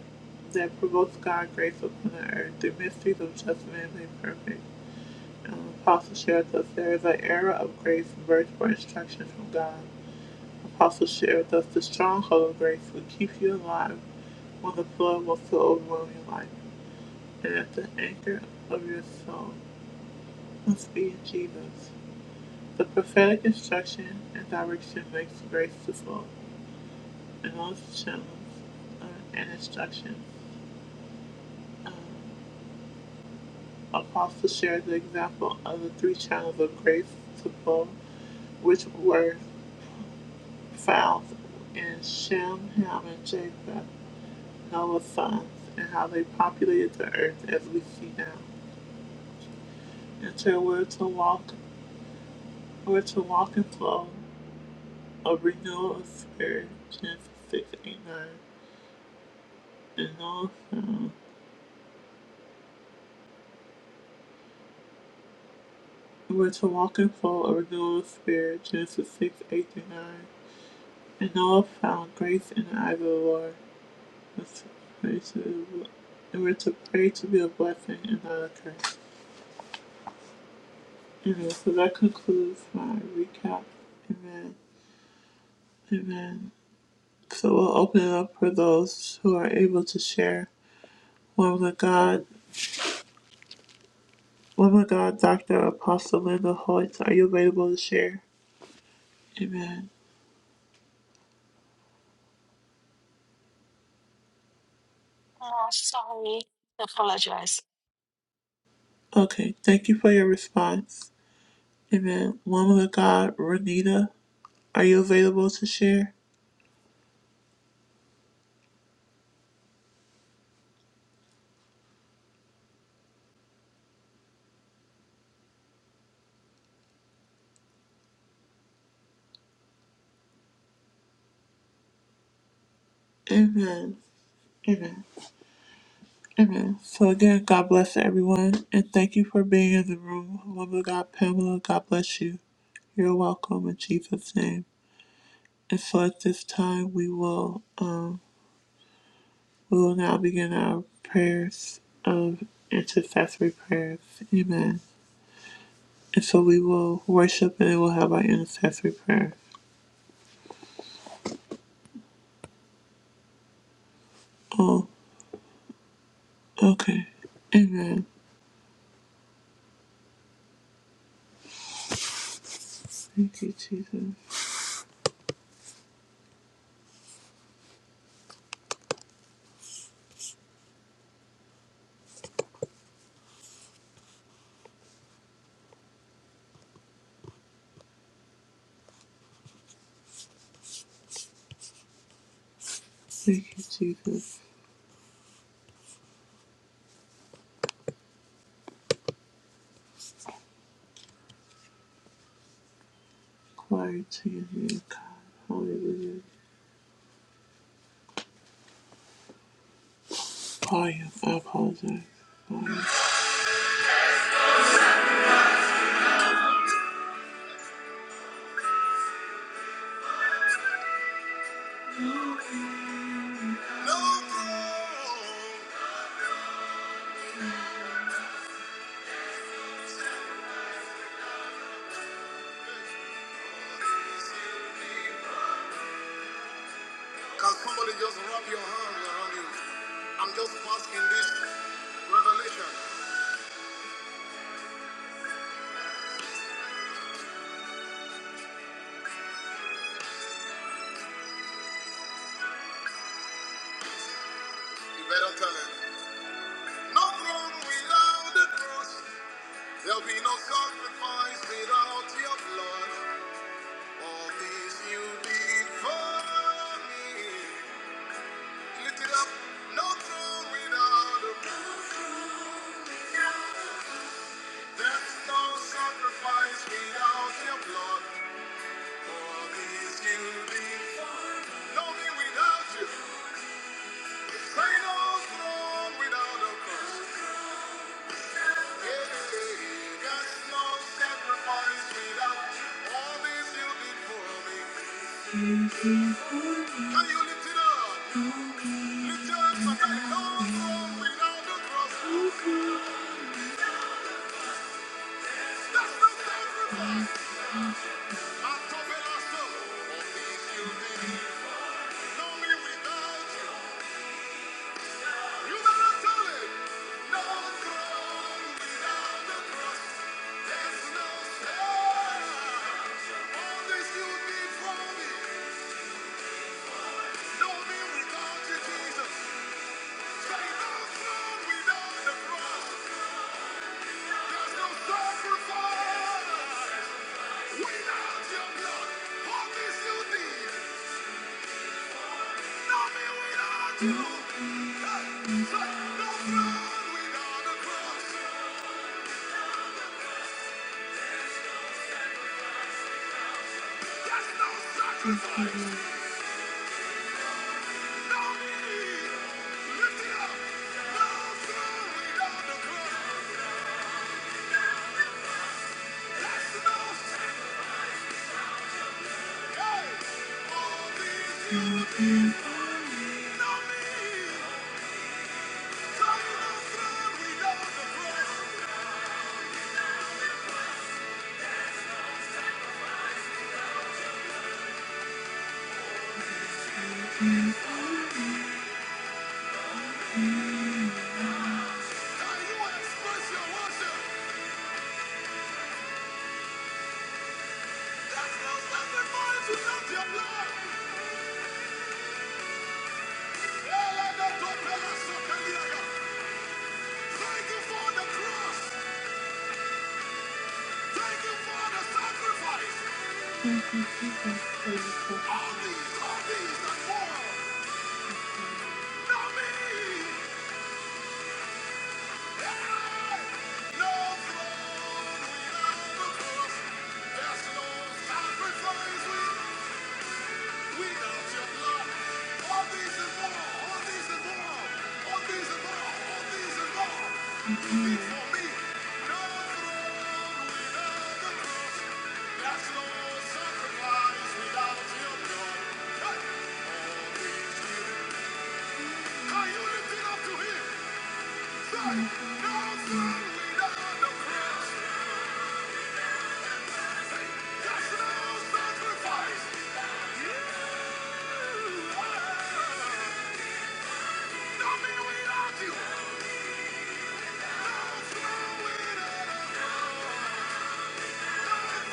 that provokes God's grace upon the earth, the mysteries of judgment man made perfect. Um, Apostle shared with us there is an era of grace birthed for instruction from God. Apostle shared with us the stronghold of grace will keep you alive when the flood will so overwhelm your life and at the anchor of your soul must be in Jesus. The prophetic instruction and direction makes grace to flow and those channels uh, and instructions. Um, Apostles shared the example of the three channels of grace to Bob, which were found in Shem, Ham, and Japheth, Noah's sons, and how they populated the earth as we see now. And so we're to walk, we're to walk in flow of renewal of spirit, Genesis 6 8 9, and Noah's sons. We're to walk in flow of renewal of spirit, Genesis 6, 8, and 9, and Noah found grace in the eyes of the Lord. and we're to pray to be a blessing and not a curse. Amen. So that concludes my recap. Amen. Amen. So we'll open it up for those who are able to share. Woman of God, Woman of God, Doctor Apostle Linda Hoyt, are you available to share? Amen. Oh, sorry. I Apologize. Okay. Thank you for your response. Amen. Woman of God, Renita, are you available to share? Amen. Amen. Amen. So again, God bless everyone, and thank you for being in the room. Woman of God, Pamela, God bless you. You're welcome in Jesus' name. And so at this time, we will um, we will now begin our prayers of intercessory prayers. Amen. And so we will worship, and then we'll have our intercessory prayer. Oh, okay. Amen. Thank you, Jesus. Thank you, Jesus. Glory to your name, God. Hallelujah. Paya, I apologize. Paya. No Can somebody just wrap your arms around you? I'm just asking this revelation. You better tell it. No throne without the cross. There'll be no sacrifice without your blood. All this you did for me. Lift it up. No throne without the cross. There's no sacrifice without your blood. Can you lift it up? Lift it up, so can you go home Without the cross? That's the sacrifice. I'm talking about stuff. All these you, did, No me without you you better tell it. No throne without the cross. There's no No no need that you without without cross. sacrifice your your blood. blood. express worship? Thank you for the cross. Thank you for the sacrifice. All these, all these, and more. Now me, Hey, no throne without the cross. There's no sacrifice without your blood. All these and more, all these and more, all these and more, all these and more. Be for me, no throne without the cross. That's no sacrifice without your blood. Hey! All these years. up to him? no sin without the cross. That's no sacrifice without you. Hey! without you. no without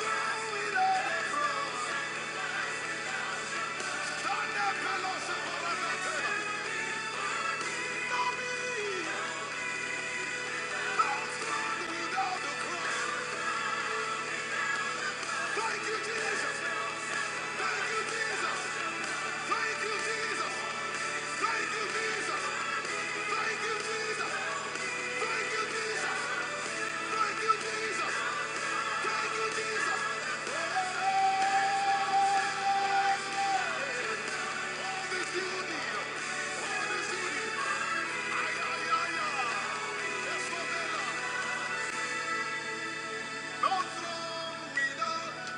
No without a cross. Turn that pillow, say, "Well, I'm not No me. No sin without the cross. Thank you, Jesus. Thank you, Jesus. Thank you, Jesus. Thank you, Jesus. Thank you, Jesus. Thank you, Jesus. Thank you, Jesus. Thank you, Jesus. All this you need. All this you need. Ay, ay, ay, ay. Yes, Mandela. No throne without.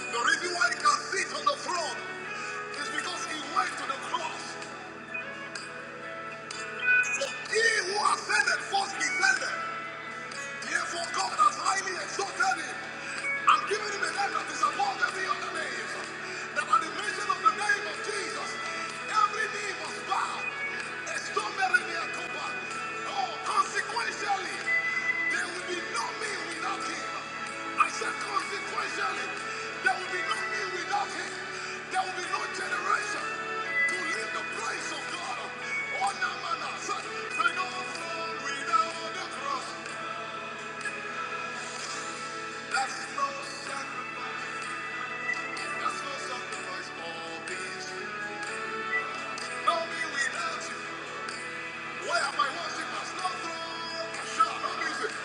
The reason why he can sit on the throne is because he went to the cross. He who ascended first descended. Therefore, God has highly exalted him and given him a name that is above every other name. That at the mention of the name of Jesus, every knee must bow. Estomerelia copa. Oh, consequentially, there will be no me without him. I said, consequentially, there will be no me without him. There will be no generation to leave the place of God. Oh, no, man, I said, we don't fall without the cross. That's no sacrifice. no sacrifice. All these. No me without you. Why am I worship No throne. Sure, no music.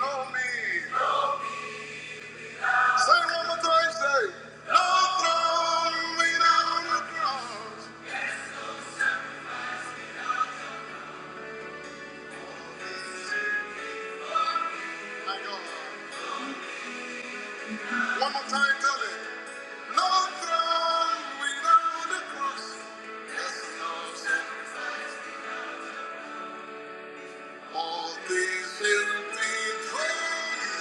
No me. Say one more time. Say. No throne without a cross. My God. One more time. Tell it. No throne without a cross. Yes, no sacrifice. All these will be praised.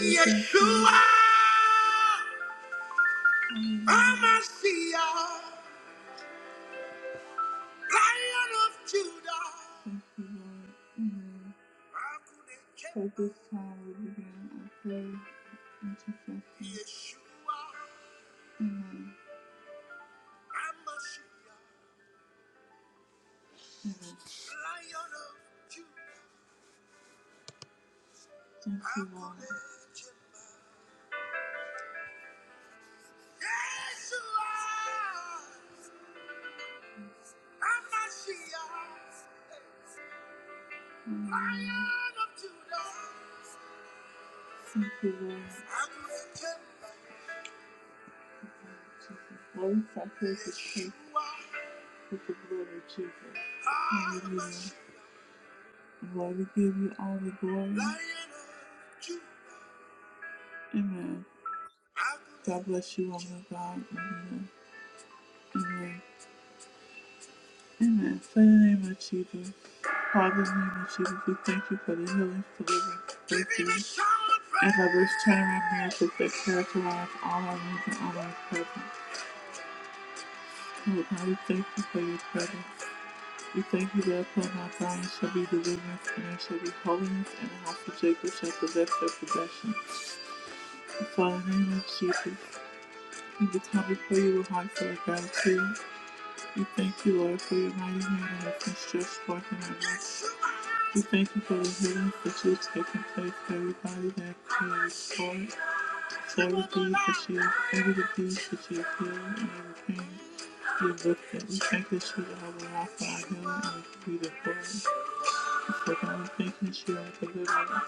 Yeshua, Amasiah, Lion of Judah. Yeshua, Amasiah, Lion of Judah. I will let you. Yeshua, Amasiah, Lion of Judah. I will let you. Lord, I praise this place with the blood of Jesus. Hallelujah. Lord, we give you all the glory. Amen. God bless you, woman of God. Amen. Amen. Amen. So in the name of Jesus, Father, in the name of Jesus, we thank you for the healing, deliverance, breakthrough, and for this turnaround miracles that characterize all our needs and all our presence. Lord God, we thank you for your presence. We thank you that upon our body shall be deliverance, and there shall be holiness, and the house of Jacob shall possess their possession. And Father, in the name of Jesus, we just come before you with hearts that are gratitude We thank you, Lord, for your mighty hand and your just forth in our midst. We thank you for the healing that you have taken place for everybody that you have restored, for every disease that you have, every disease that you have healed, and every pain you have lifted. We thank you that you are the Alpha, our healing, and we give you the glory. So God, we thank you that you are the deliverer.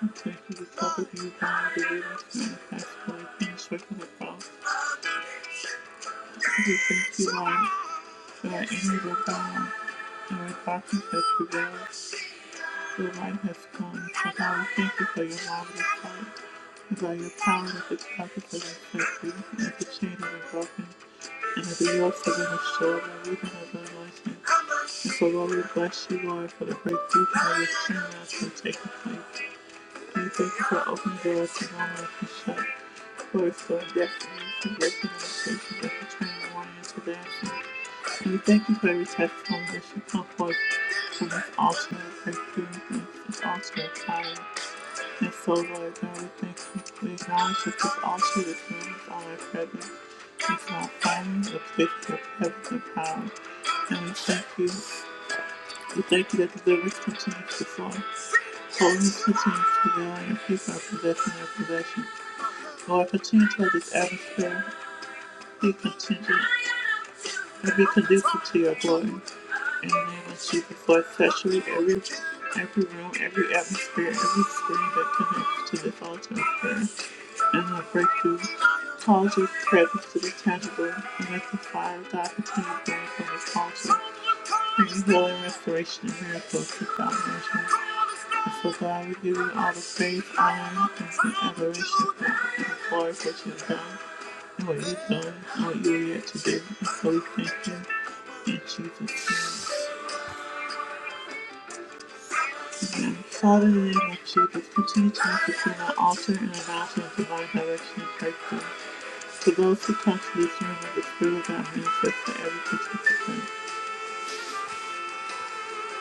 We thank you for cover you by the deliverance and the past for the pain, circle the cross. We thank you, Lord, that our enemies are gone. And our darkness has prevailed. Your light has come. So God, we thank you for your marvelous light. And by your power that that is perfect and free, and the chains have been broken, and that the yokes have been restored by reason of the anointing. And so, Lord, we bless you, Lord, for the great deed that we have seen us from taking place. And we thank you for opening doors to no one can shut. For it's the destiny, the breaking of the station that the morning and today we thank you for every testimony that should come forth from this altar of breakthrough and this altar of And so, Lord God, we thank you. We acknowledge that this altar, this is all our presence. It's not silent, it's place of your presence and power. And we thank you. We thank you that the deliverance continues to flow. Holiness continues to dwell, and people are possessing their possession. Lord, continue to have this atmosphere be contingent and be conducive to your glory. In the name of Jesus, Lord, saturate every every room, every atmosphere, every screen that connects to this altar of prayer. And Lord, break through. Cause your presence to be tangible and let the fire of God continue to burn from this altar. Bring holy restoration and miracles to salvation. So God, we give you all the praise, honor, and some adoration for the for what you have done, and what you've done, and what you're yet to do. And so we thank you. In Jesus' name, amen. Father, in the name of Jesus, continue to make between our altar and our mountain of divine direction and breakthrough. To those who come to this room with the Spirit of God manifest to every participant.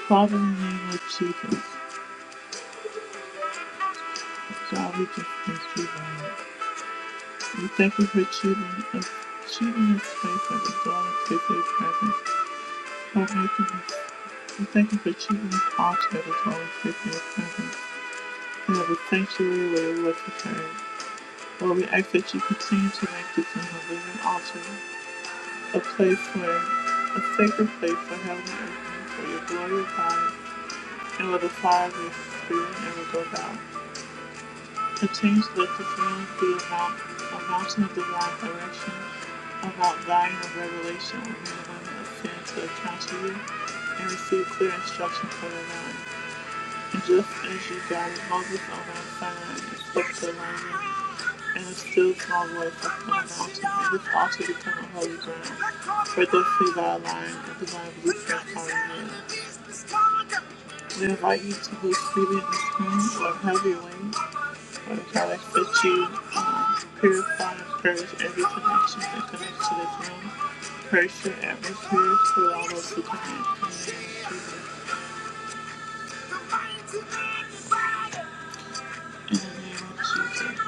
Father, in the name of Jesus, God, we just thank you. Lord. We thank you for achieving us, achieving us faith that is always with your presence. For making us, we thank you for achieving this altar that is always with your presence. And of the sanctuary where you was prepared. Lord, we ask that you continue to make this an living altar, a place where, a sacred place for heaven and earth, and for your glory of and where the fire of your spirit never goes out. The change the defines the amount a mountain of divine direction, about volume of revelation within the limit of sin to account to you, and receive clear instruction for the line. And just as you guided Moses on Mount Sinai and spoke to Elijah, and a still small voice upon the mountain, and this also became a holy ground, where thus see thy line and divine blueprint are revealed. We invite you to move freely in this room or have your way Lord, I ask that you um, purify and purge every connection that connects to this room. Purge your atmosphere for all of the connections. In the name of Jesus.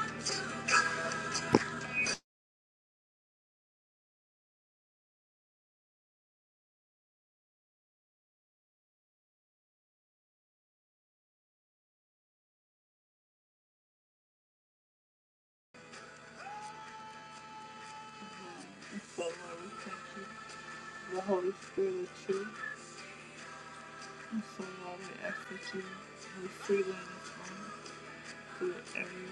And so, Lord, we thank you for the Holy Spirit of truth. And so, Lord, we ask that you move freely in this room through every,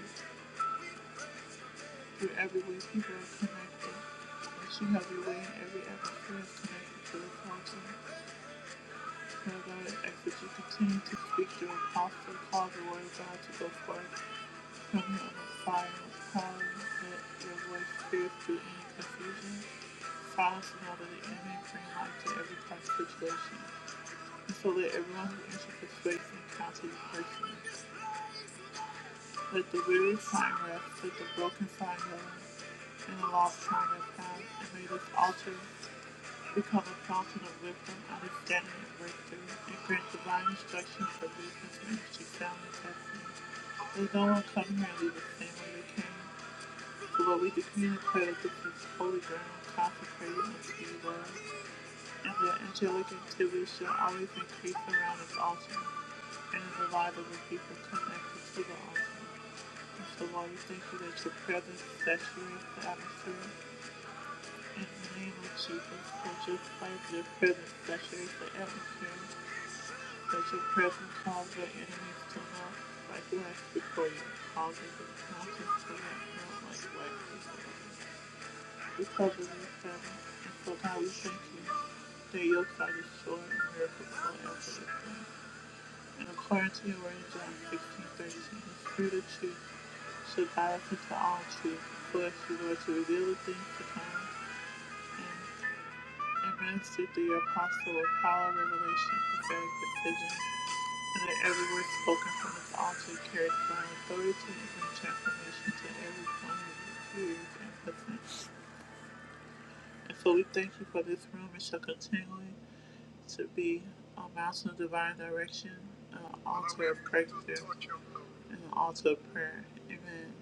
through every way people are connected. That you have your way in every atmosphere connected to this altar. Now God, ask that you continue to speak through Apostle, cause the word God to go forth from him with fire and with power, that your voice spears through any confusion, silence the mouth of the enemy, and bring light to every kind of situation. And so let everyone who enters this space encounter you personally. Let the weary find rest, let the broken find healing, and the lost find their path, and may this altar Become a fountain of wisdom, understanding, and breakthrough, and grant divine instruction for business, ministry, family, destiny. Let no one come here and leave the same way they came. So what we decree and declare that this is holy ground, consecrated unto you, Lord, and the angelic activity shall always increase around this altar and in the lives of the people connected to the altar. And so, Lord, we thank you that your presence saturates the atmosphere in the name of Jesus, let your fire, your presence saturate the atmosphere. that your presence cause the enemies to melt like wax before you, causing the mountains to melt like wax before you. We cover these families, and so God, we thank you that your side is sure and miracles are after this thing. And according to your word in John 16, 13, the Spirit of truth should guide us into all truth, so as you Lord, to reveal the things to come Administered to the apostle with power, revelation, prophetic precision, and that every word spoken from this altar carried divine authority and brings transformation to every one who hears and listens. And so we thank you for this room. It shall continually to be a mountain of divine direction, an altar of breakthrough, and an altar of prayer. Amen.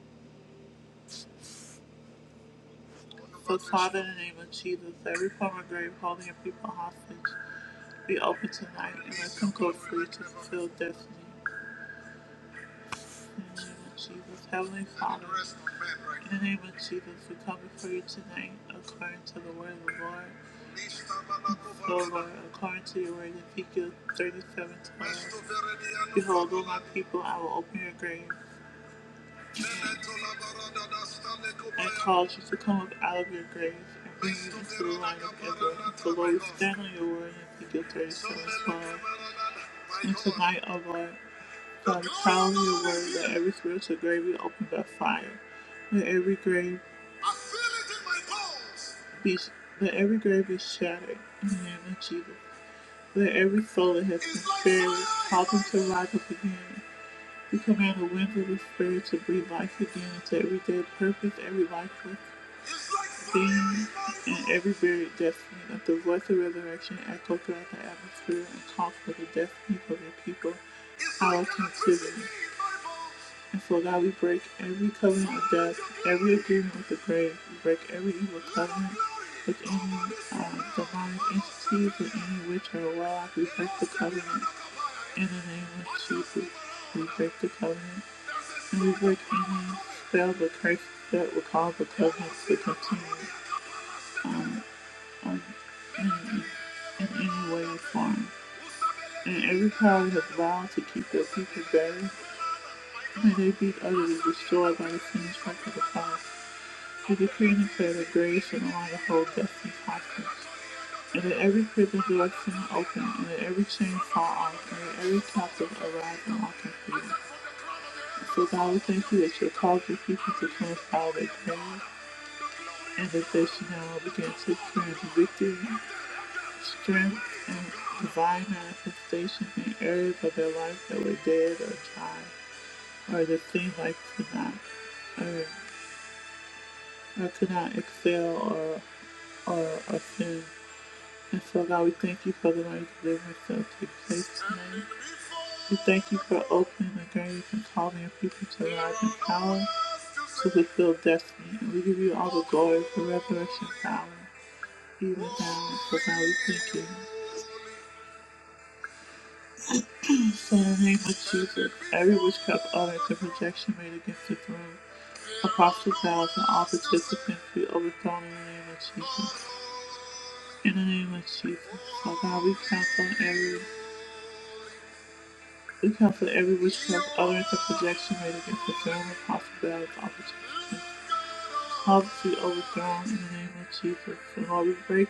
So, Father, in the name of Jesus, every form of grave holding your people hostage, be open tonight and let them go free to fulfill destiny. In the name of Jesus, Heavenly Father, in the name of Jesus, we come before you tonight according to the word of the Lord. So, Lord, according to your word, Ezekiel 37 twelve, Behold, O my people, I will open your graves and cause you to come up out of your grave and bring you into the light of heaven. So, Lord, we stand on your word in Ezekiel 37 12. And tonight, O Lord, God, crown your word that every spiritual grave be opened by fire. Let every grave be let every grave be shattered in the name of Jesus. Let every soul that has been buried cause them to rise up again. We command the wind of the spirit to breathe life again into every dead purpose, every lifeless being, and every buried destiny. Let the voice of resurrection echo throughout the atmosphere and call for the destinies of your people out of captivity. And so, God, we break every covenant of death, every agreement with the grave. We break every evil covenant with any um, demonic entities, with any witch or warlock. We break the covenant in the name of Jesus. We break the covenant music and spell the curse that will cause the presence to continue um, um, in, in any way or form. And every power has vowed to keep their people buried, and they be utterly destroyed by the same strike of the cross. We decree and declare that graves shall no longer hold destiny hostage, and that every prison door soon open, and that every chain fall off, and that every captive arise and walk in freedom. So God, we thank you that you'll cause your people to transform their graves and that they should now begin to experience victory, strength and divine manifestation in areas of their life that were dead or dry, or that seemed like could not, or, or could not excel or, or ascend. And so, God, we thank you for the mighty deliverance that will take place tonight. We thank you for opening the graves and calling your people to rise in power to fulfill destiny. And we give you all the glory for resurrection power, even now. So, God, we thank you. In the name of Jesus, every witchcraft uttered and projection made against the throne apostle vows, and all participants be overthrown in the name of Jesus. In the name of Jesus, Father God, we counsel every we counsel every witchcraft utterance and projection made against this room, apostle vows, and all participants. All be overthrown in the name of Jesus. And Lord, we break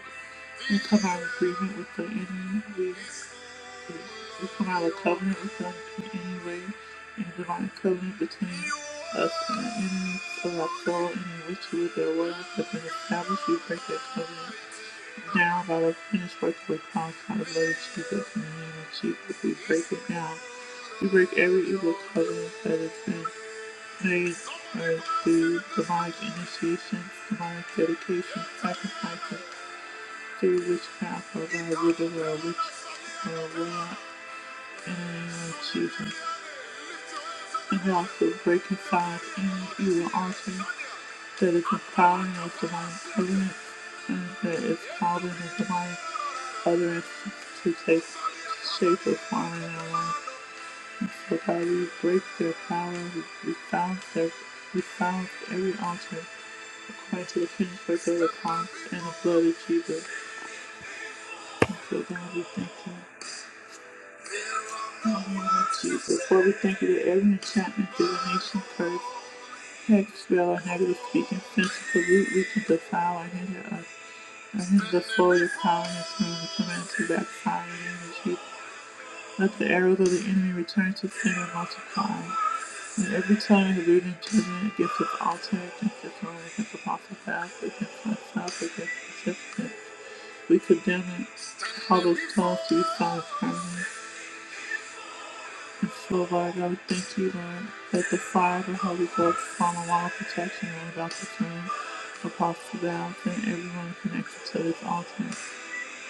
and come out of agreement with the enemy. we. We come out of covenant with them in any way and divine covenant between us and the enemies of our soul in which we, their words have been established. We break that covenant down by the finished work of the cross by the blood of Jesus in the name of Jesus. We break it down. We break every evil covenant that has been made or through demonic initiations, demonic dedication, sacrifices, through witchcraft or by wither or a witch or a warlock. And Jesus, and who also reconciled any evil altar that is inspiring of divine covenant and that is called in the divine utterance to take shape of form in our life. And so God, we break their power, we, we silence their, we silence every altar according to the finished work of the cross and the blood of Jesus. And so God, we thank you. In the name of Jesus, Lord, we thank you that every enchantment divination, curse. Hate spell or negative speaking sense the root we can defile or hinder us, or hinder the flow of your colonists when we come into that fire energy. Let the arrows of the enemy return to sin and multiply. And every tongue is rooted in judgment against its altar, against its throne, against the apostle path, against myself, against the participants. We condemn it, all those tongues to be silent permanently. So, Lord, God, we thank you, Lord, that the fire of the Holy Ghost fall on all protection around Dr. King, Apostle Valve, and everyone connected to this altar.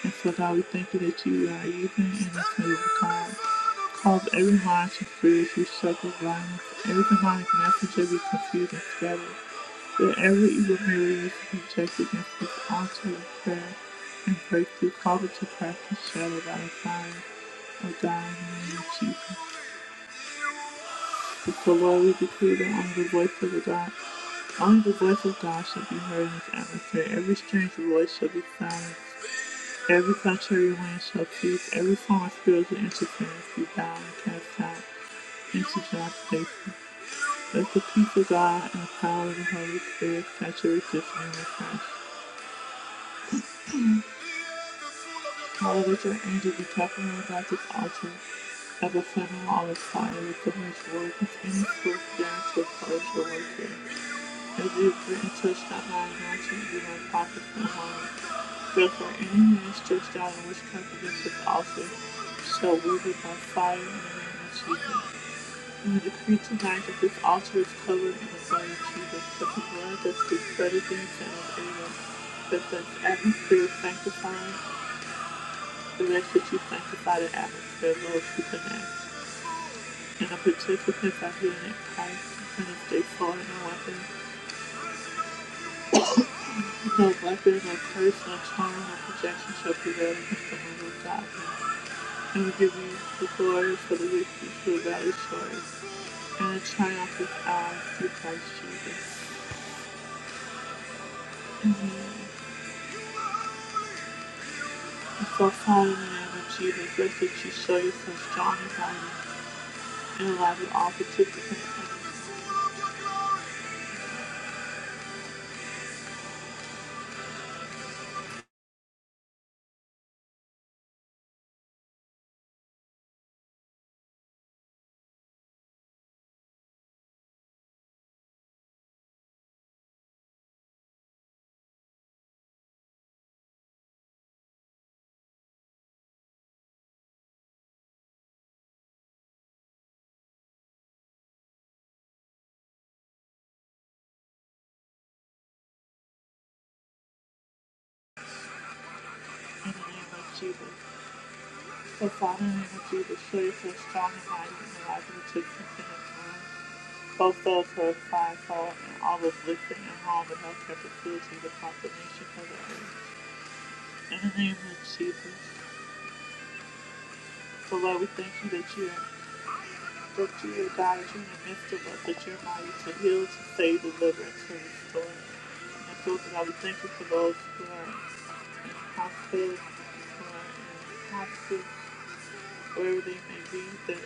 And so, God, we thank you that you are using in this move of God. Cause every mind to fear, to struggle, violence, every demonic message to be confused and scattered. That every evil barrier be rejected against this altar of prayer and breakthrough, call it to crack and shadow by the fire. Oh God, in the name of Jesus. So Lord, we decree that only the voice of the God, only the voice of God shall be heard in this atmosphere. Every strange voice shall be silenced. Every contrary wind shall cease. Every form of spiritual interference be bound and cast out into God's safety. Let the peace of God and the power of the Holy Spirit saturate this room afresh. Father, let your angels be tapping about this altar as a federal on the fire with the Holy Spirit. with any spirit stands to oppose your work here. If you agree to stop by announcing you have pocket from home, therefore any man stretched out in witchcraft against his altar shall wield it by fire and of Jesus. And we decree tonight that this altar is covered in the blood of Jesus, that the blood that speaks better things than of Abel, that the atmosphere is sanctified, the rest that you sanctify the atmosphere, Lord, to connect. And the participants are here in Christ, and if they fall in a weapon, No weapon or curse or charm or projection shall prevail against the word of God. And we give you the glory for the victory through the valley stories. And the triumph is ours through Christ Jesus. And so follow in the name of Jesus, lest that you show yourself strong and mighty and alive in all participants in the name of Jesus. So follow in the name of Jesus, show yourself strong and mighty and alive in participants in his room. Both those who are fivefold and all those listening at home and healthcare facilities across the nation for the earth. In the name of Jesus. So Lord, we thank you that you're that you're God, that you're in the midst of us, that you're mighty to heal, to save, deliver, and to restore. And so God, we thank you for those who are in hospitals, who are in hospice, wherever they may be, that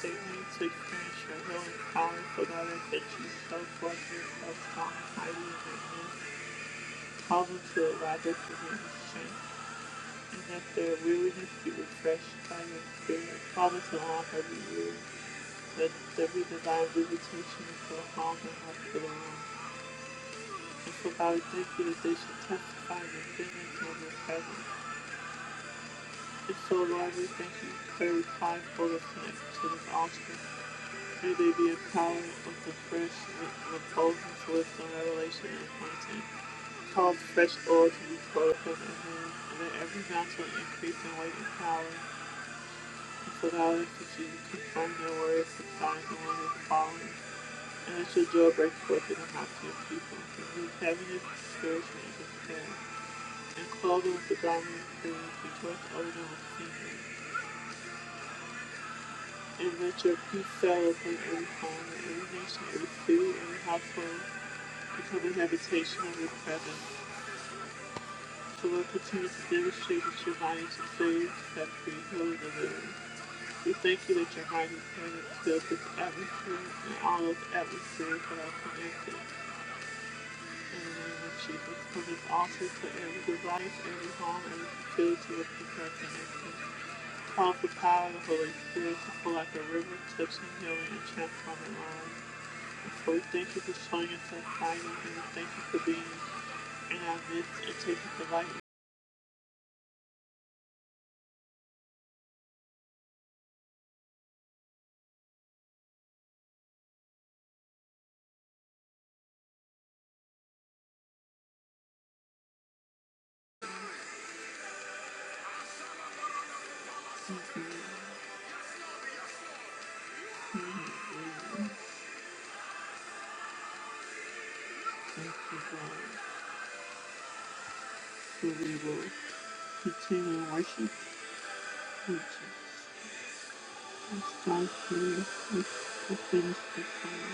they need to experience your healing power. So God, that you so forth yourself strong and mighty in their midst. Cause them to arrive at your strength. And after a weariness be refreshed by your spirit, promise to offer every year that every divine visitation for harm and help to the world. And so God, we that they should testify the goodness of your presence. And so Lord, we thank you for every five of connected to this altar. May they be empowered with the fresh repulsive wisdom, revelation, and content. Cause fresh oil to be poured upon their hands, and that every mountain increase in weight and power. Without exception, confirm their words, subside the one is fallen, and let your joy break forth in the hearts of your people. Remove heaviness and discouragement and despair, and clothe them with the garment of praise, rejoice over them with singing. And let your peace settle upon every home, and every nation, every city, every household, become the habitation of your presence. So Lord, continue to demonstrate that your might is to save, set free, heal, and deliver. We thank you that your heart is present filled this atmosphere and all those atmospheres that are connected. In the name of Jesus, from this altar to every device, every home, every facility with this are connected. Call for power of the Holy Spirit to flow like a river, touching, healing, and transforming lives. But we thank you for showing yourself mighty, and we thank you for being in our midst and taking the light. Thank you, God, for we will continue worship. Thank you. Thank you. Thank you.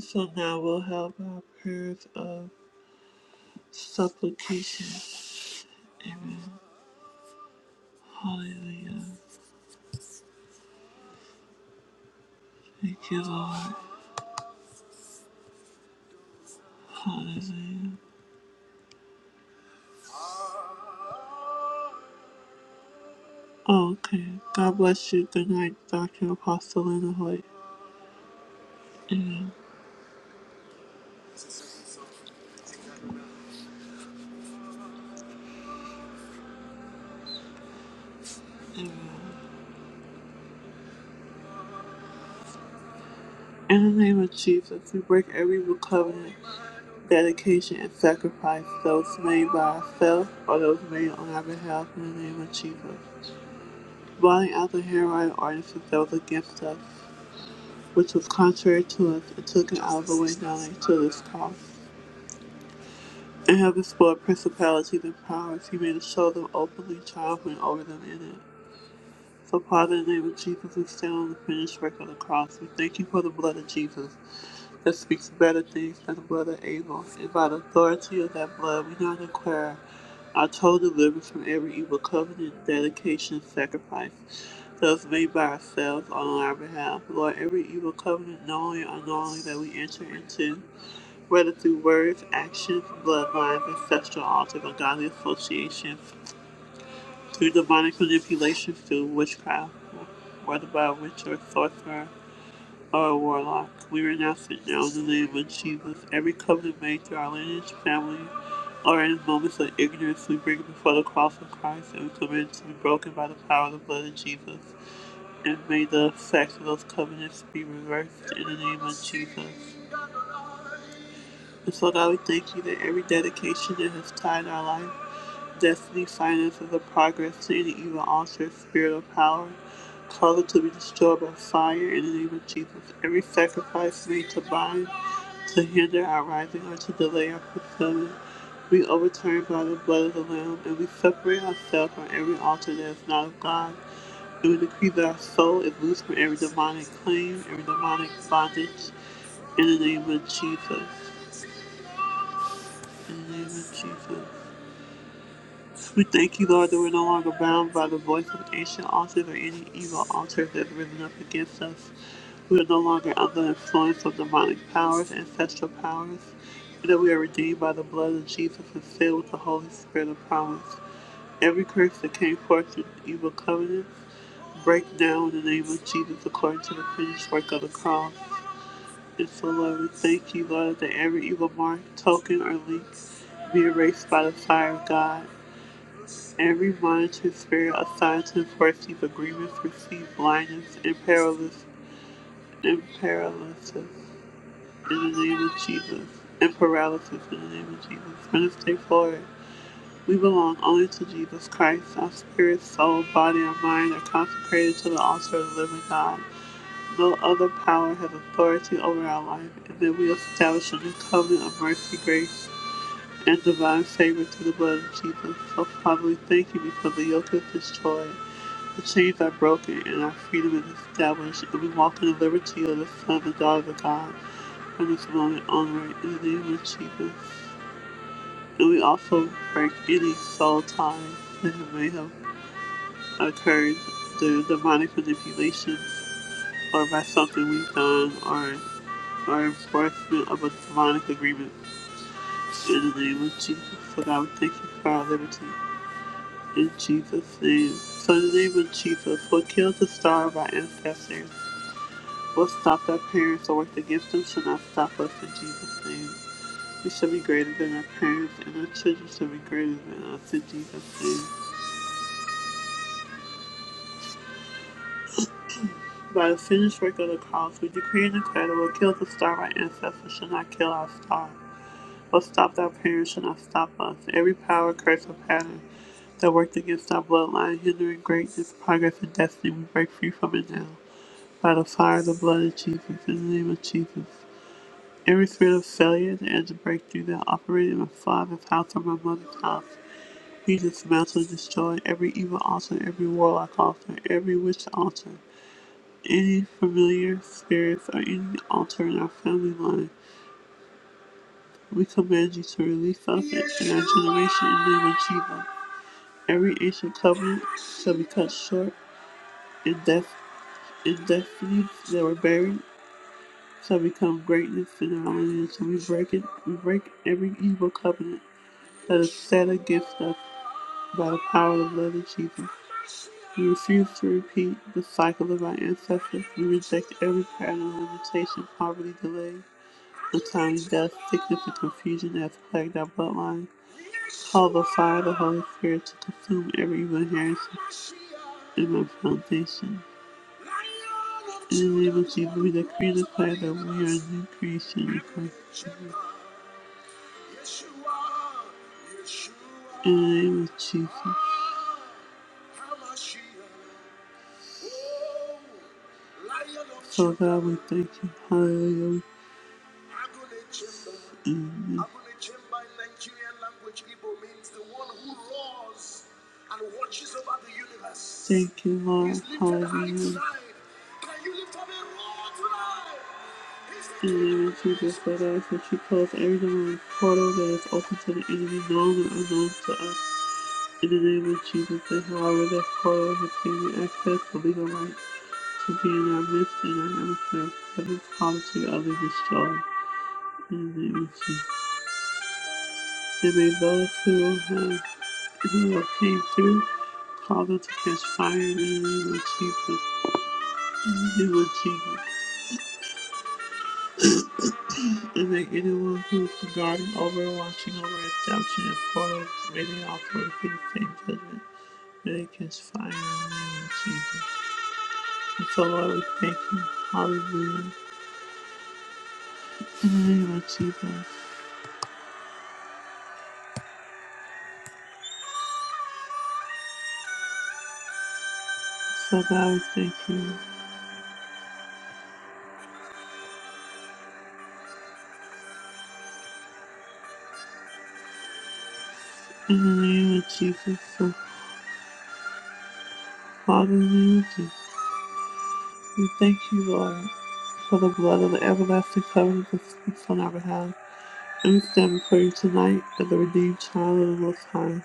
So now we'll have our prayers of supplication. Amen. Hallelujah. Thank you, Lord. Hallelujah. Oh, okay. God bless you. Good night, Dr. Apostle Lena Hoyt. In the name of Jesus, we break every evil covenant, dedication, and sacrifice those made by ourselves or those made on our behalf in the name of Jesus. Blotting out the handwriting artists that was against us which was contrary to us, and took an outer down to this cause. And having spoiled principalities and powers, he made to show them openly, triumphing over them in it. So, Father, in the name of Jesus, we stand on the finished work of the cross. We thank you for the blood of Jesus that speaks better things than the blood of Abel. And by the authority of that blood, we now declare our total deliverance from every evil covenant, dedication, and sacrifice that was made by ourselves on our behalf. Lord, every evil covenant, knowingly or unknowingly, that we enter into, whether through words, actions, bloodlines, ancestral altars, ungodly associations, through demonic manipulation, through witchcraft, whether by witch or sorcerer, our warlock. We renounce it now in the name of Jesus. Every covenant made through our lineage, family, or in moments of ignorance, we bring it before the cross of Christ and we commit it to be broken by the power of the blood of Jesus. And may the effects of those covenants be reversed in the name of Jesus. And so, God, we thank you that every dedication that has tied our life. Destiny finances the progress to any evil altar, spirit of power, cause it to be destroyed by fire in the name of Jesus. Every sacrifice made to bind, to hinder our rising, or to delay our fulfillment, we overturn by the blood of the Lamb, and we separate ourselves from every altar that is not of God. And we decree that our soul is loose from every demonic claim, every demonic bondage, in the name of Jesus. In the name of Jesus. We thank you, Lord, that we're no longer bound by the voice of ancient altars or any evil altars that have risen up against us. We are no longer under the influence of demonic powers, ancestral powers, and that we are redeemed by the blood of Jesus and filled with the Holy Spirit of promise. Every curse that came forth through evil covenants, break down in the name of Jesus according to the finished work of the cross. And so, Lord, we thank you, Lord, that every evil mark, token, or link be erased by the fire of God. Every monetary spirit assigned to enforce these agreements receive blindness and paralysis and paralysis in the name of Jesus. And paralysis in the name of Jesus. Minister forward. We belong only to Jesus Christ. Our spirit, soul, body, and mind are consecrated to the altar of the living God. No other power has authority over our life, and that we establish a new covenant of mercy, grace, and divine favor through the blood of Jesus. So, Father, we thank you because the yoke is destroyed The chains are broken and our freedom is established, and we walk in the liberty of the Son and daughter of God from this moment onward in the name of Jesus. And we also break any soul ties that may have occurred through demonic manipulation or by something we've done or our enforcement of a demonic agreement in the name of Jesus. So God, we thank you for our liberty in Jesus' name. So in the name of Jesus, what killed the star of our ancestors What stopped our parents or worked against them shall not stop us in Jesus' name. We shall be greater than our parents, and our children shall be greater than us in Jesus' name. By the finished work of the cross, we decree and declare that what killed the star of our ancestors shall not kill our star. What stopped our parents shall not stop us. Every power, curse, or pattern that worked against our bloodline, hindering greatness, progress, and destiny, we break free from it now. By the fire of the blood of Jesus, in the name of Jesus. Every spirit of failure that ends a breakthrough that operated in my father's house or my mother's house, He dismantled and destroyed. Every evil altar, every warlock altar, every witch altar, any familiar spirits or any altar in our family line, we command you to release us and our generation in the name of Jesus. Every ancient covenant shall be cut short, and death and destinies that were buried shall become greatness in our lineage. We break it. We break every evil covenant that is set a gift us by the power of the blood of Jesus. We refuse to repeat the cycle of our ancestors. We reject every pattern of limitation, poverty, delay, untimely death, sickness, and confusion that has plagued our bloodline. Call the fire of the Holy Spirit to consume every evil inheritance in my foundation. In the name of Jesus, we decree and declare that we are a new creation in Christ. In the name of Jesus. So God, we thank you. Hallelujah. Abulechemba in Nigerian language, Igbo means the one who roars and watches over the universe. Thank you, Lord. Hallelujah. In the name of Jesus, Lord, I ask that you close every door and portal that is open to the enemy, known and unknown to us. In the name of Jesus, they however that portal has given access to legal right to be in our midst and our atmosphere. Heaven's policy of the destroyed. In the name of Jesus. They may those who have who will came through, called unto his fire in the name of Jesus, in the name of Jesus. And then anyone who is guarding over, and watching over, establishing and portals, may they also receive the same judgment. May they catch fire in the name of Jesus. And so, Lord, we thank you. Hallelujah. In the name of Jesus. So, God, we thank you. In the name of Jesus. So, Father, in the name of Jesus. We thank you, Lord, for the blood of the everlasting covenant that speaks on our behalf. We stand before you tonight as a redeemed child of the Most High,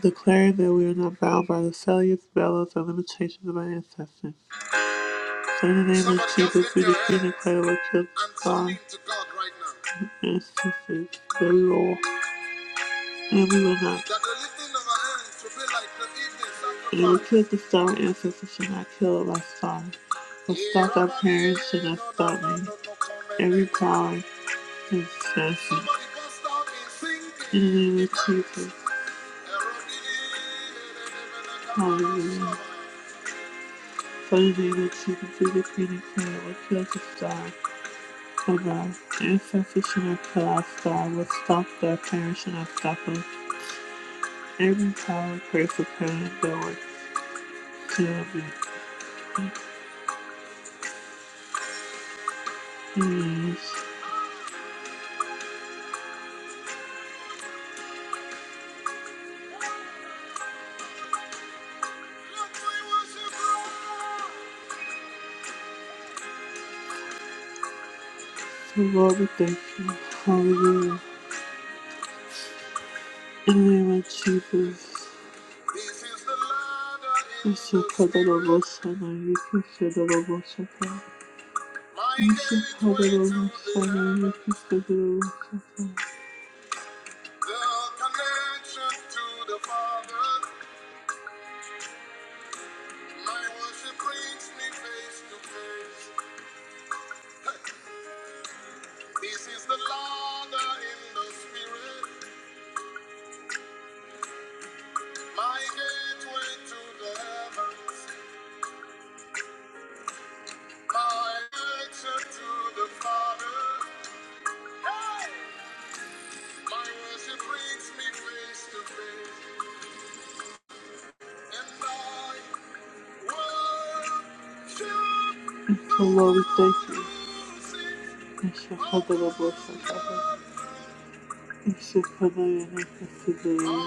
declaring that we are not bound by the failures, bellows, or limitations of our ancestors. So in the name Somebody of Jesus, we decree and declare what children of God and ancestors that we will, and we will not, and we kill the star our ancestors should not kill it by star. What stopped our parents should not stop me. Every power, Somebody bust out and sing. In the name of Jesus. Hallelujah. Father, the name of Jesus, God. Oh God, ancestors should not kill us, their parents and stop them Every power, prayer for parents that were killed in the So Lord, we thank you. Hallelujah. In the name of Jesus. Ishikadalabosana, Ikishadalabosata, Ishikadalabosana, Ikishadalabosata. Lord, we thank you. Ishakadalabosakaba. Ishakadayanakasadaya.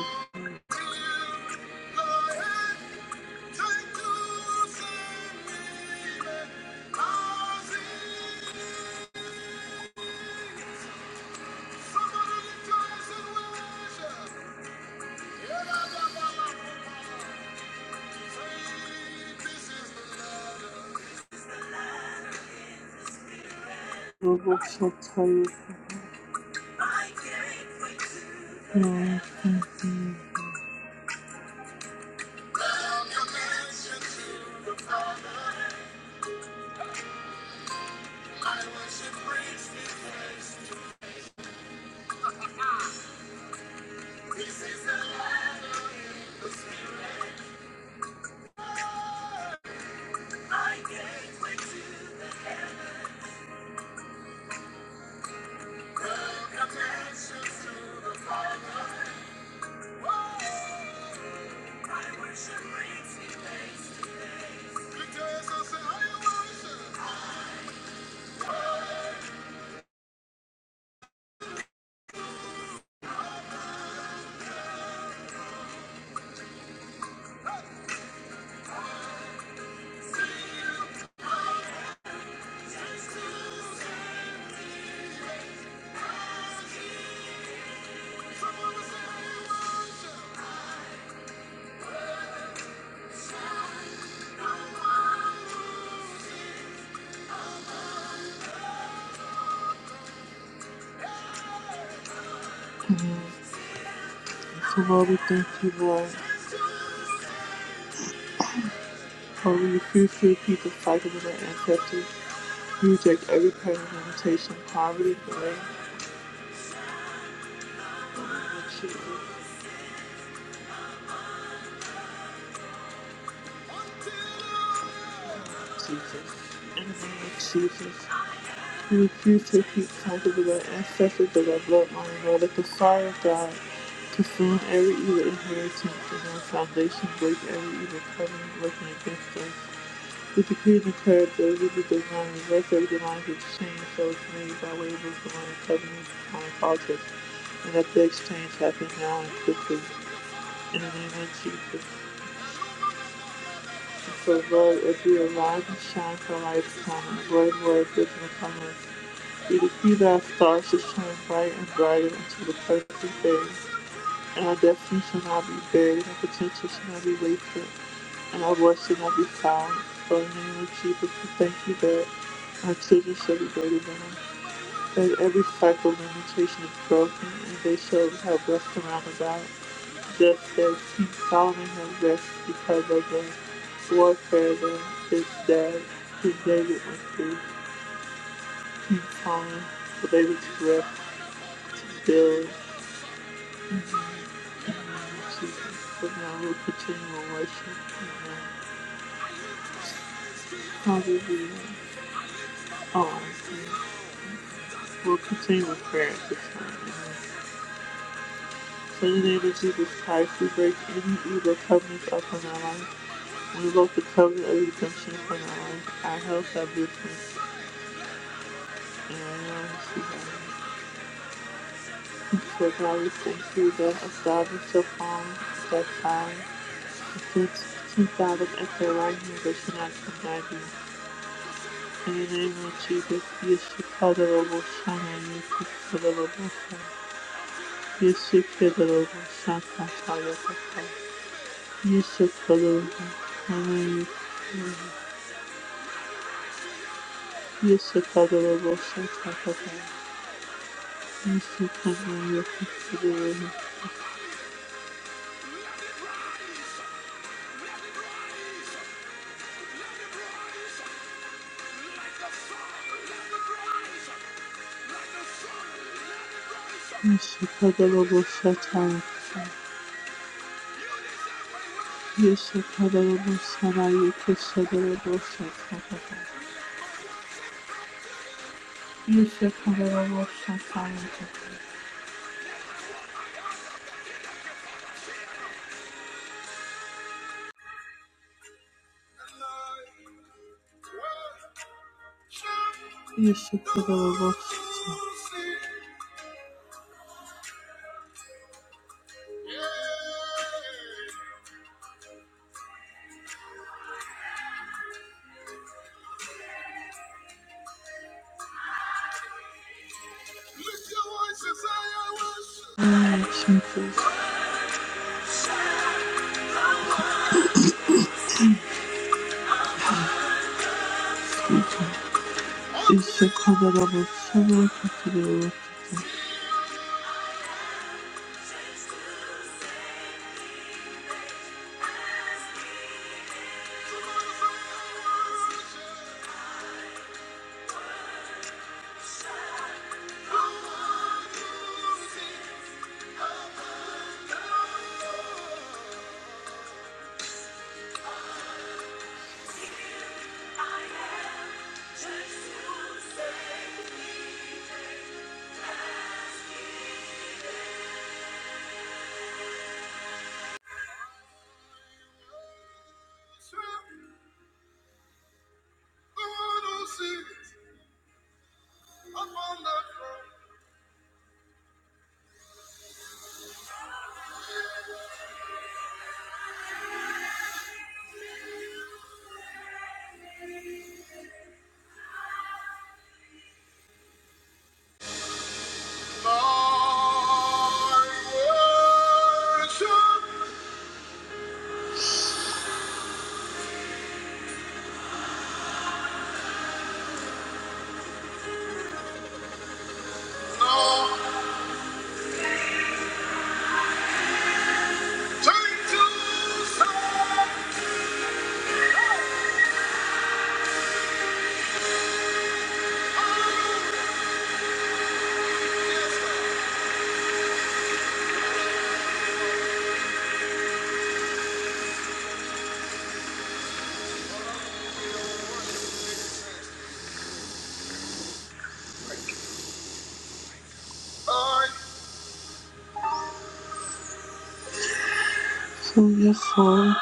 So Lord, we thank you, Lord. Lord, we refuse to repeat the cycle of our ancestors. We reject every kind of limitation, poverty, delay, in the name of Jesus. Jesus. In the name of Jesus. He refused to keep cycles of our ancestors of our bloodline, nor let the fire of God consume every evil inheritance and our foundation break every evil covenant working against us. We decree and declare that every divine reverse every divine exchange that was made by way of this divine covenant and divine politics, and that the exchange happens now and quickly. In the name of Jesus. So, Lord, as we arise and shine for light's coming, great work is in coming. We decree that our stars should shine bright and brighter until the perfect day, and our destiny shall not be buried, our potential shall not be wasted, and our voice should not be silent. So, in the name of Jesus, we thank you that our children shall be greater than us. That every cycle limitation is broken, and they shall have rest around about, just as King Solomon has rest because of the warfare that his dad, King David, went through. King Solomon was able to rest, build, and Jesus. But now we'll continue in worship. Amen. Hallelujah. Oh, We'll continue with prayer at this time. Amen. So in the name of Jesus Christ, we break any evil covenants up in our life. Invoke the covenant of redemption for my life. Our house shall business and I will see So God, we thank you that established upon that time. Keep, keep out of at the right hand that should not come by you. In the name of Jesus, you should call the Lord Shana, and you should call the Lord Shana. You should call the Lord Shana, call the You should call the Lord Shana, you should call the Lord Shana, call the You should call the Lord Shana, Ishakadalabosata, Ishakadalabosana, Yukishadalabosata, Ishakadalabosata, Ishakadalabosata, Jesus, Ishakadalabosana, Katadalabosata, So yes, Lord,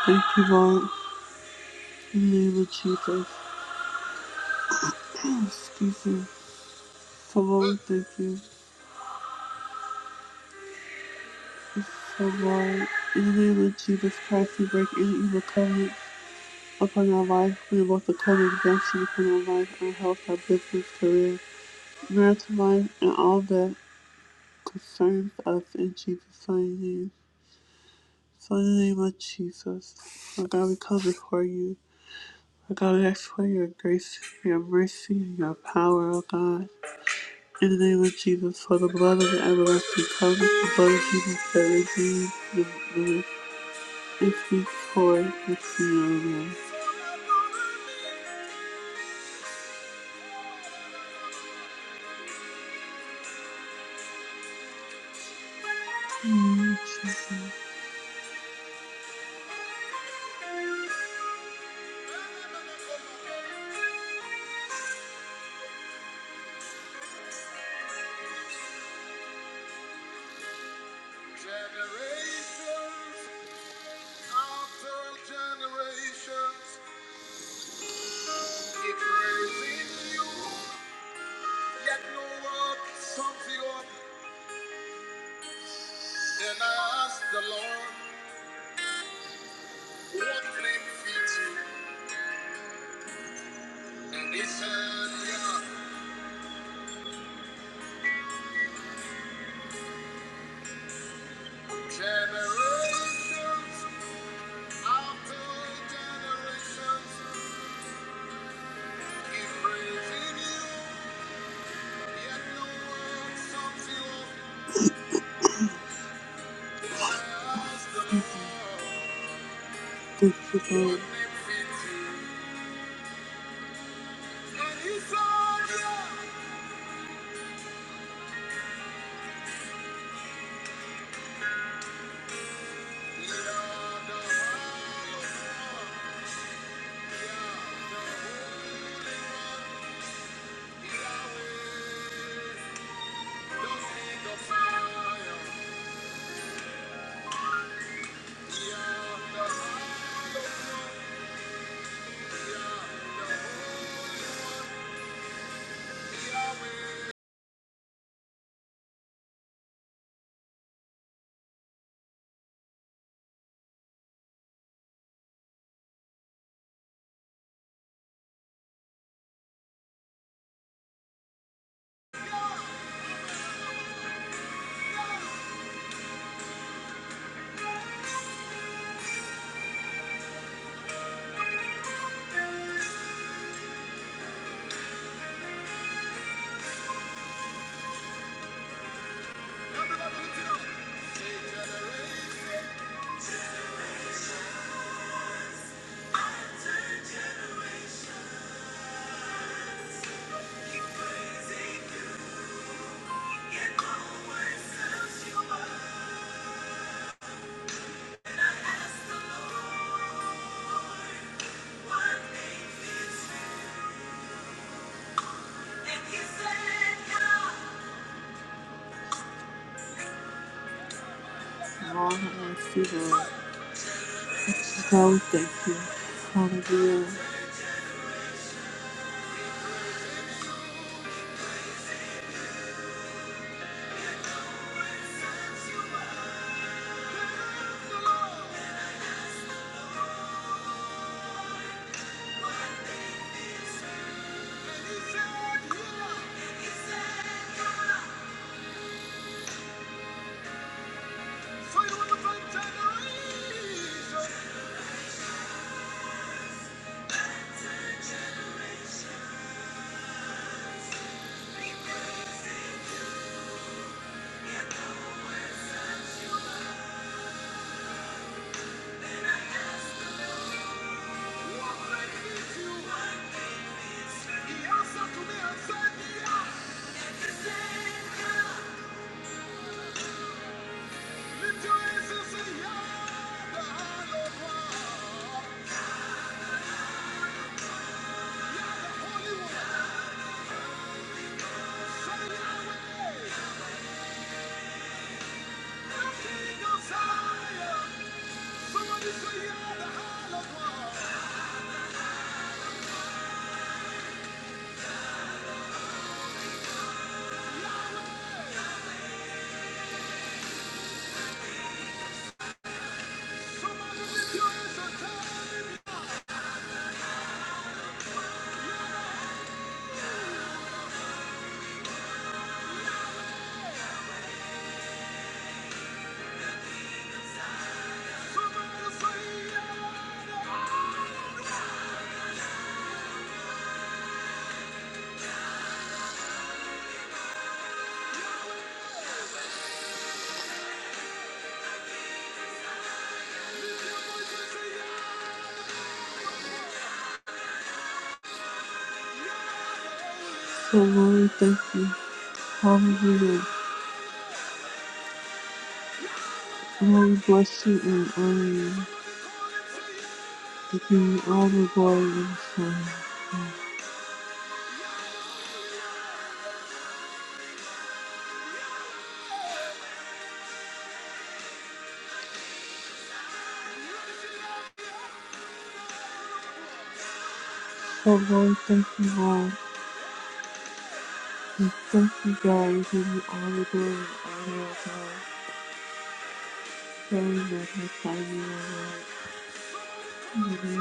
Thank you, Lord. In the name of Jesus. Excuse me. So Lord, thank you. so Lord, in the name of Jesus Christ, we break any evil covenant upon our life. We invoke the code of redemption upon our life, our health, our business, career, marital life, and all that. The Signs of in Jesus' mighty name. So in the name of Jesus, Lord God, we come before you. Lord God, we ask for your grace, your mercy, and your power, oh God. In the name of Jesus, for the blood of the everlasting covenant, the blood of Jesus that redeemed the the- it speaks for the sin of man. Generations after generations, keep praising you. Yet no word sums the order. Then I asked the Lord, What name fits you? And he said, Yeah, generations after generations keep praising you. Yet no word sums the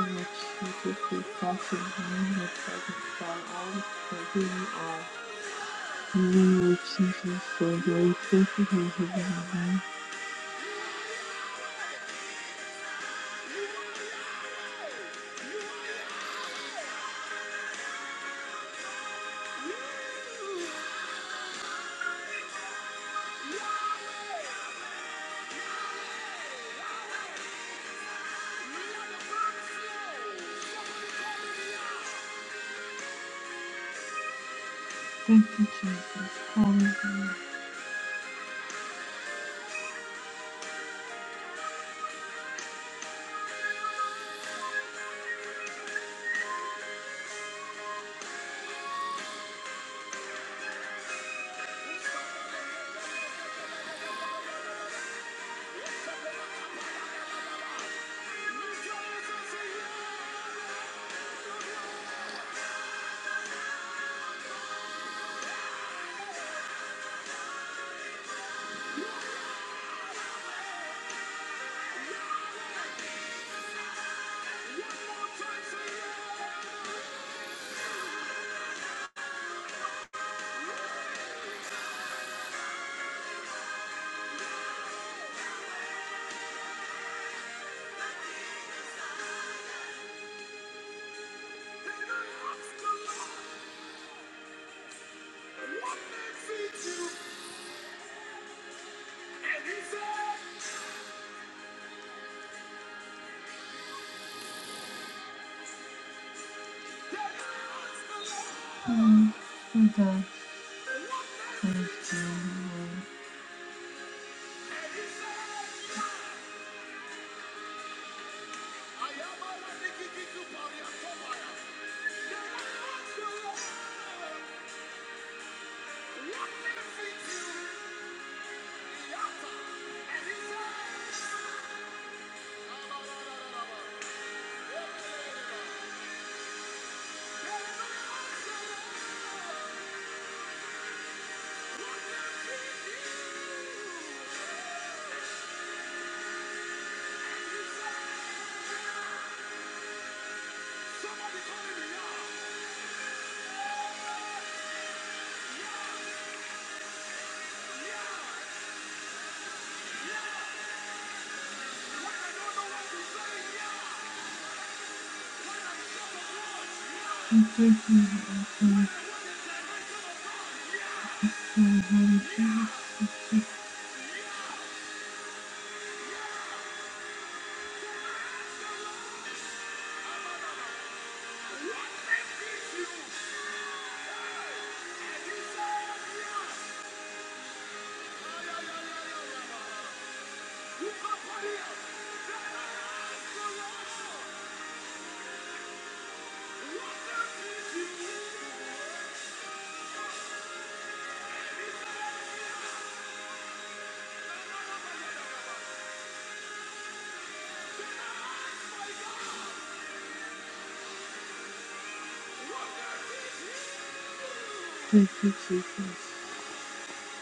order. Thank you, Jesus, Father, in your presence, God, all for who you are.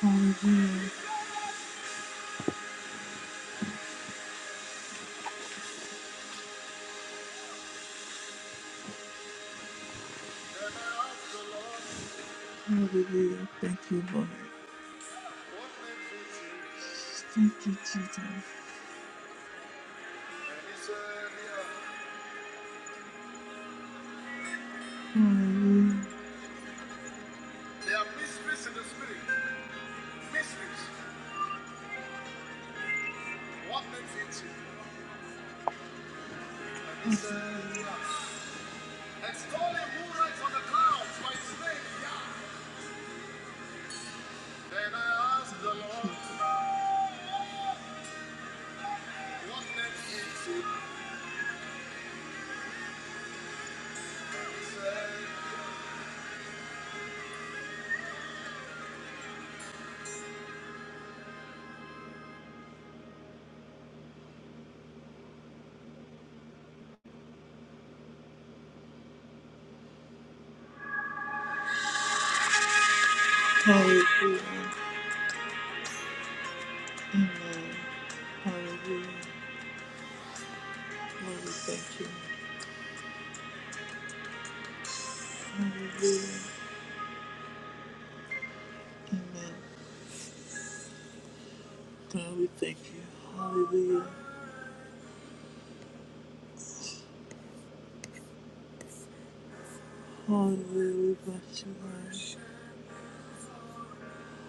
Hallelujah, hallelujah. Thank you, Lord. Thank you, Jesus. Hallelujah. There are mysteries in the spirit. Mysteries. What makes it? And he yeah. Extolling who rides on the clouds by his name, yeah. Then I asked the Lord, what makes it? Hallelujah. Hallelujah. Lord, we thank you. Hallelujah. Amen. God, we thank you. Hallelujah. Hallelujah. We bless you, Lord.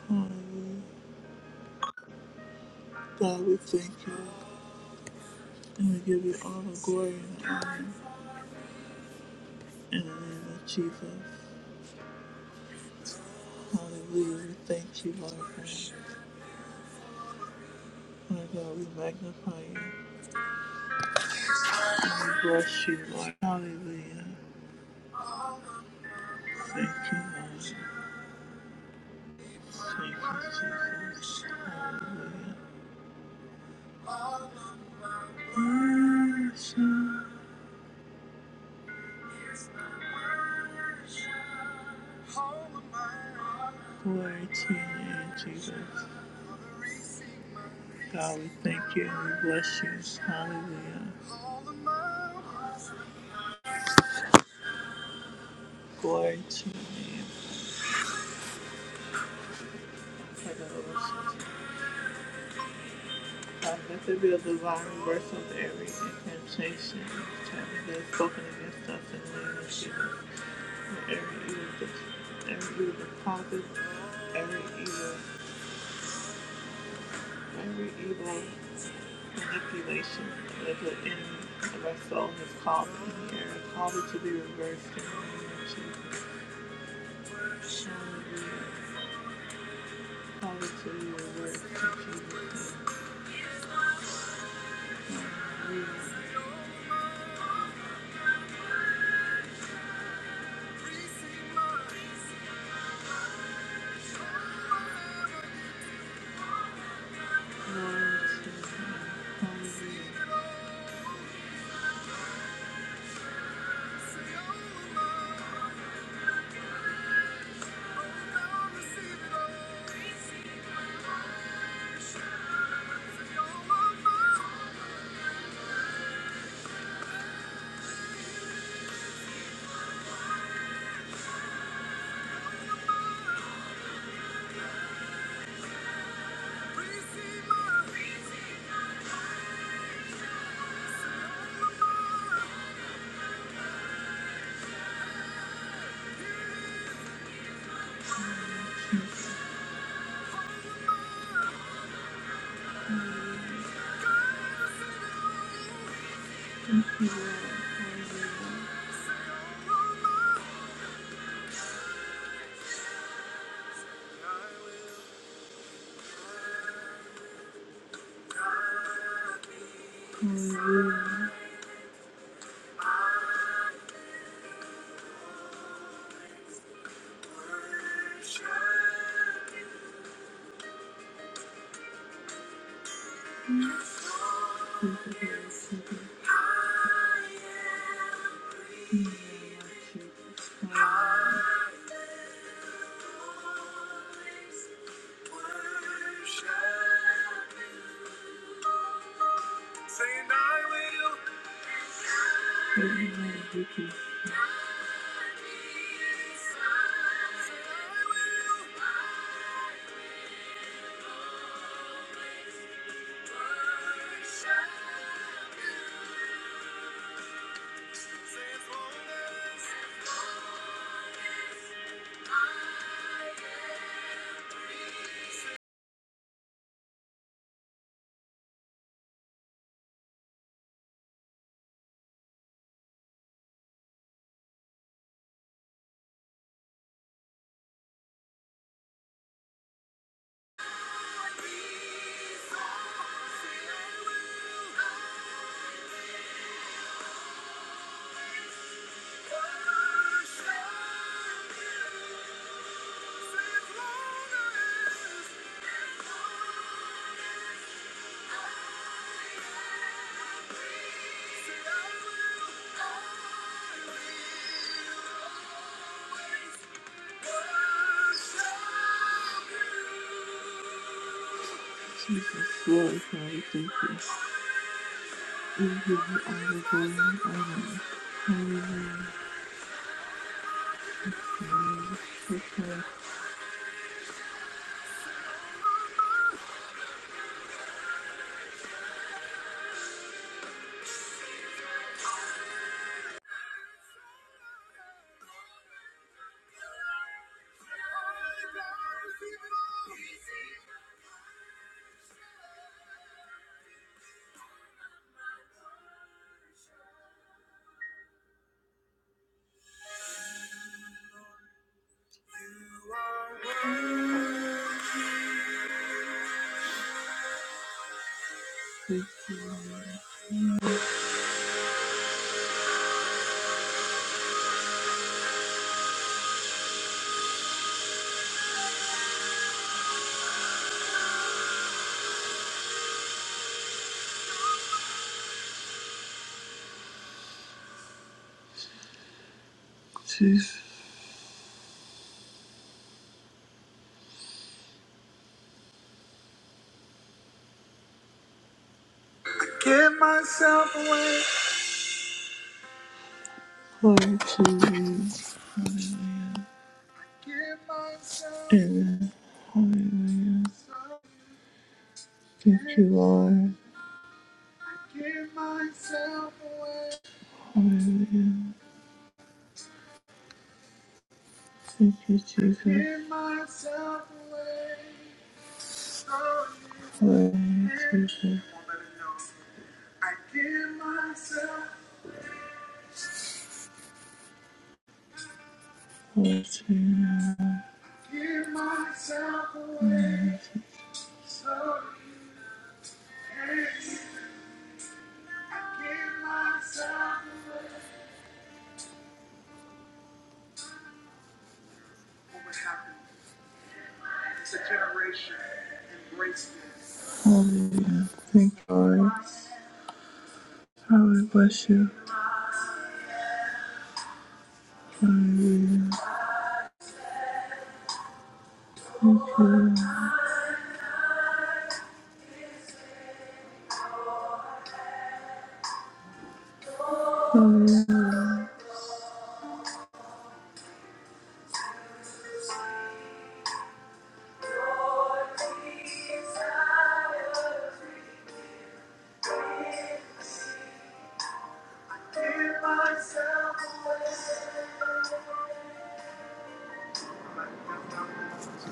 Hallelujah. God, we thank you. And we give you all the glory and honor in the name of Jesus. Hallelujah. thank you, Lord God. Lord God, we magnify you. We bless you, Lord. Hallelujah. Thank you, Lord. Thank you, Jesus. Hallelujah. Awesome. Glory to your name, Jesus. God, we thank you and we bless you. Hallelujah. Glory to you. God, let there could be a divine reversal of every incantation that is spoken against us in the name of Jesus. And every evil, every evil deposit, every evil, every evil manipulation that the enemy of our soul has called in the air, called it to be reversed in the name of Jesus. Hallelujah. Called it to be reversed in Jesus' name. Hallelujah. Glory to His Hallelujah. Jesus, Lord, Father, thank you. Jesus, Lord, thank you. Hallelujah. Thank you, Lord. Hallelujah. Thank you, Jesus. Hallelujah, Jesus. Hallelujah. Hallelujah. Thank you, Lord. Hallelujah.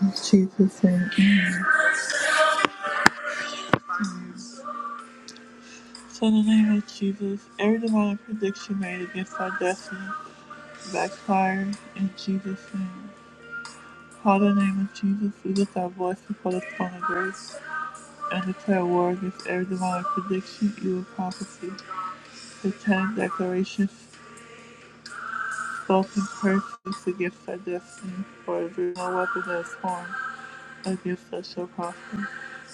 In Jesus' name. Amen. So in the name of Jesus, every demonic prediction made against our destiny backfire in Jesus' name. Call the name of Jesus, we lift our voice before the throne of grace. And declare war against every demonic prediction, evil prophecy, satanic Declarations, spoken curses against our destiny, for every no weapon that is formed against us shall prosper.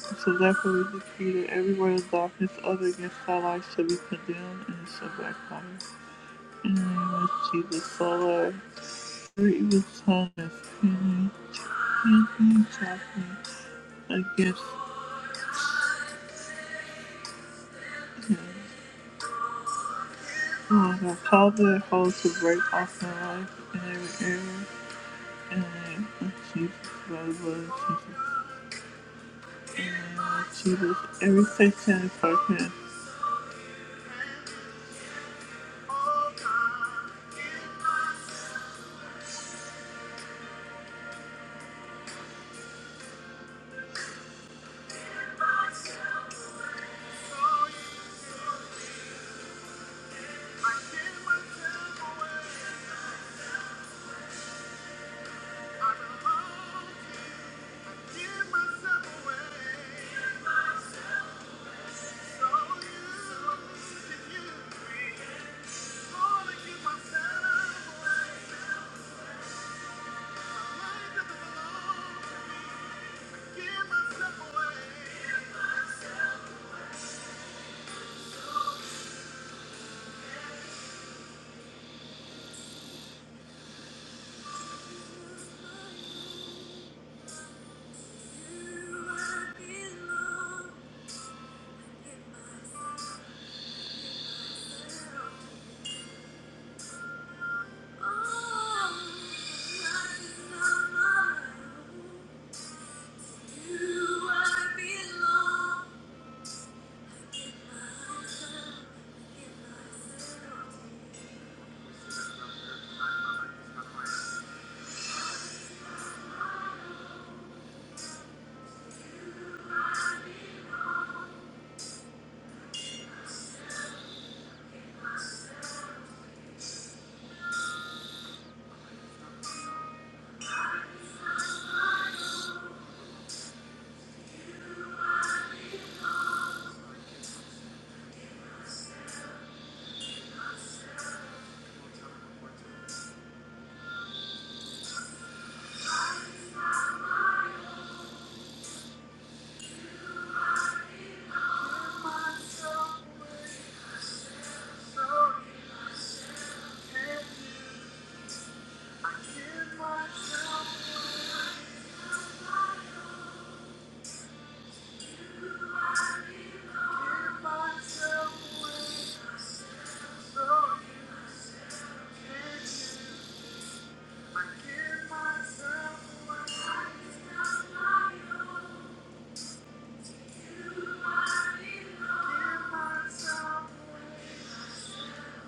And So therefore we decree that every word of darkness other against our life shall be condemned and it shall backfire. In the name of Jesus, solar, Lord, every evil tongue is pinning, pinning, chopping against who I have called their hold to break off my life in every area Jesus, every section and department.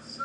So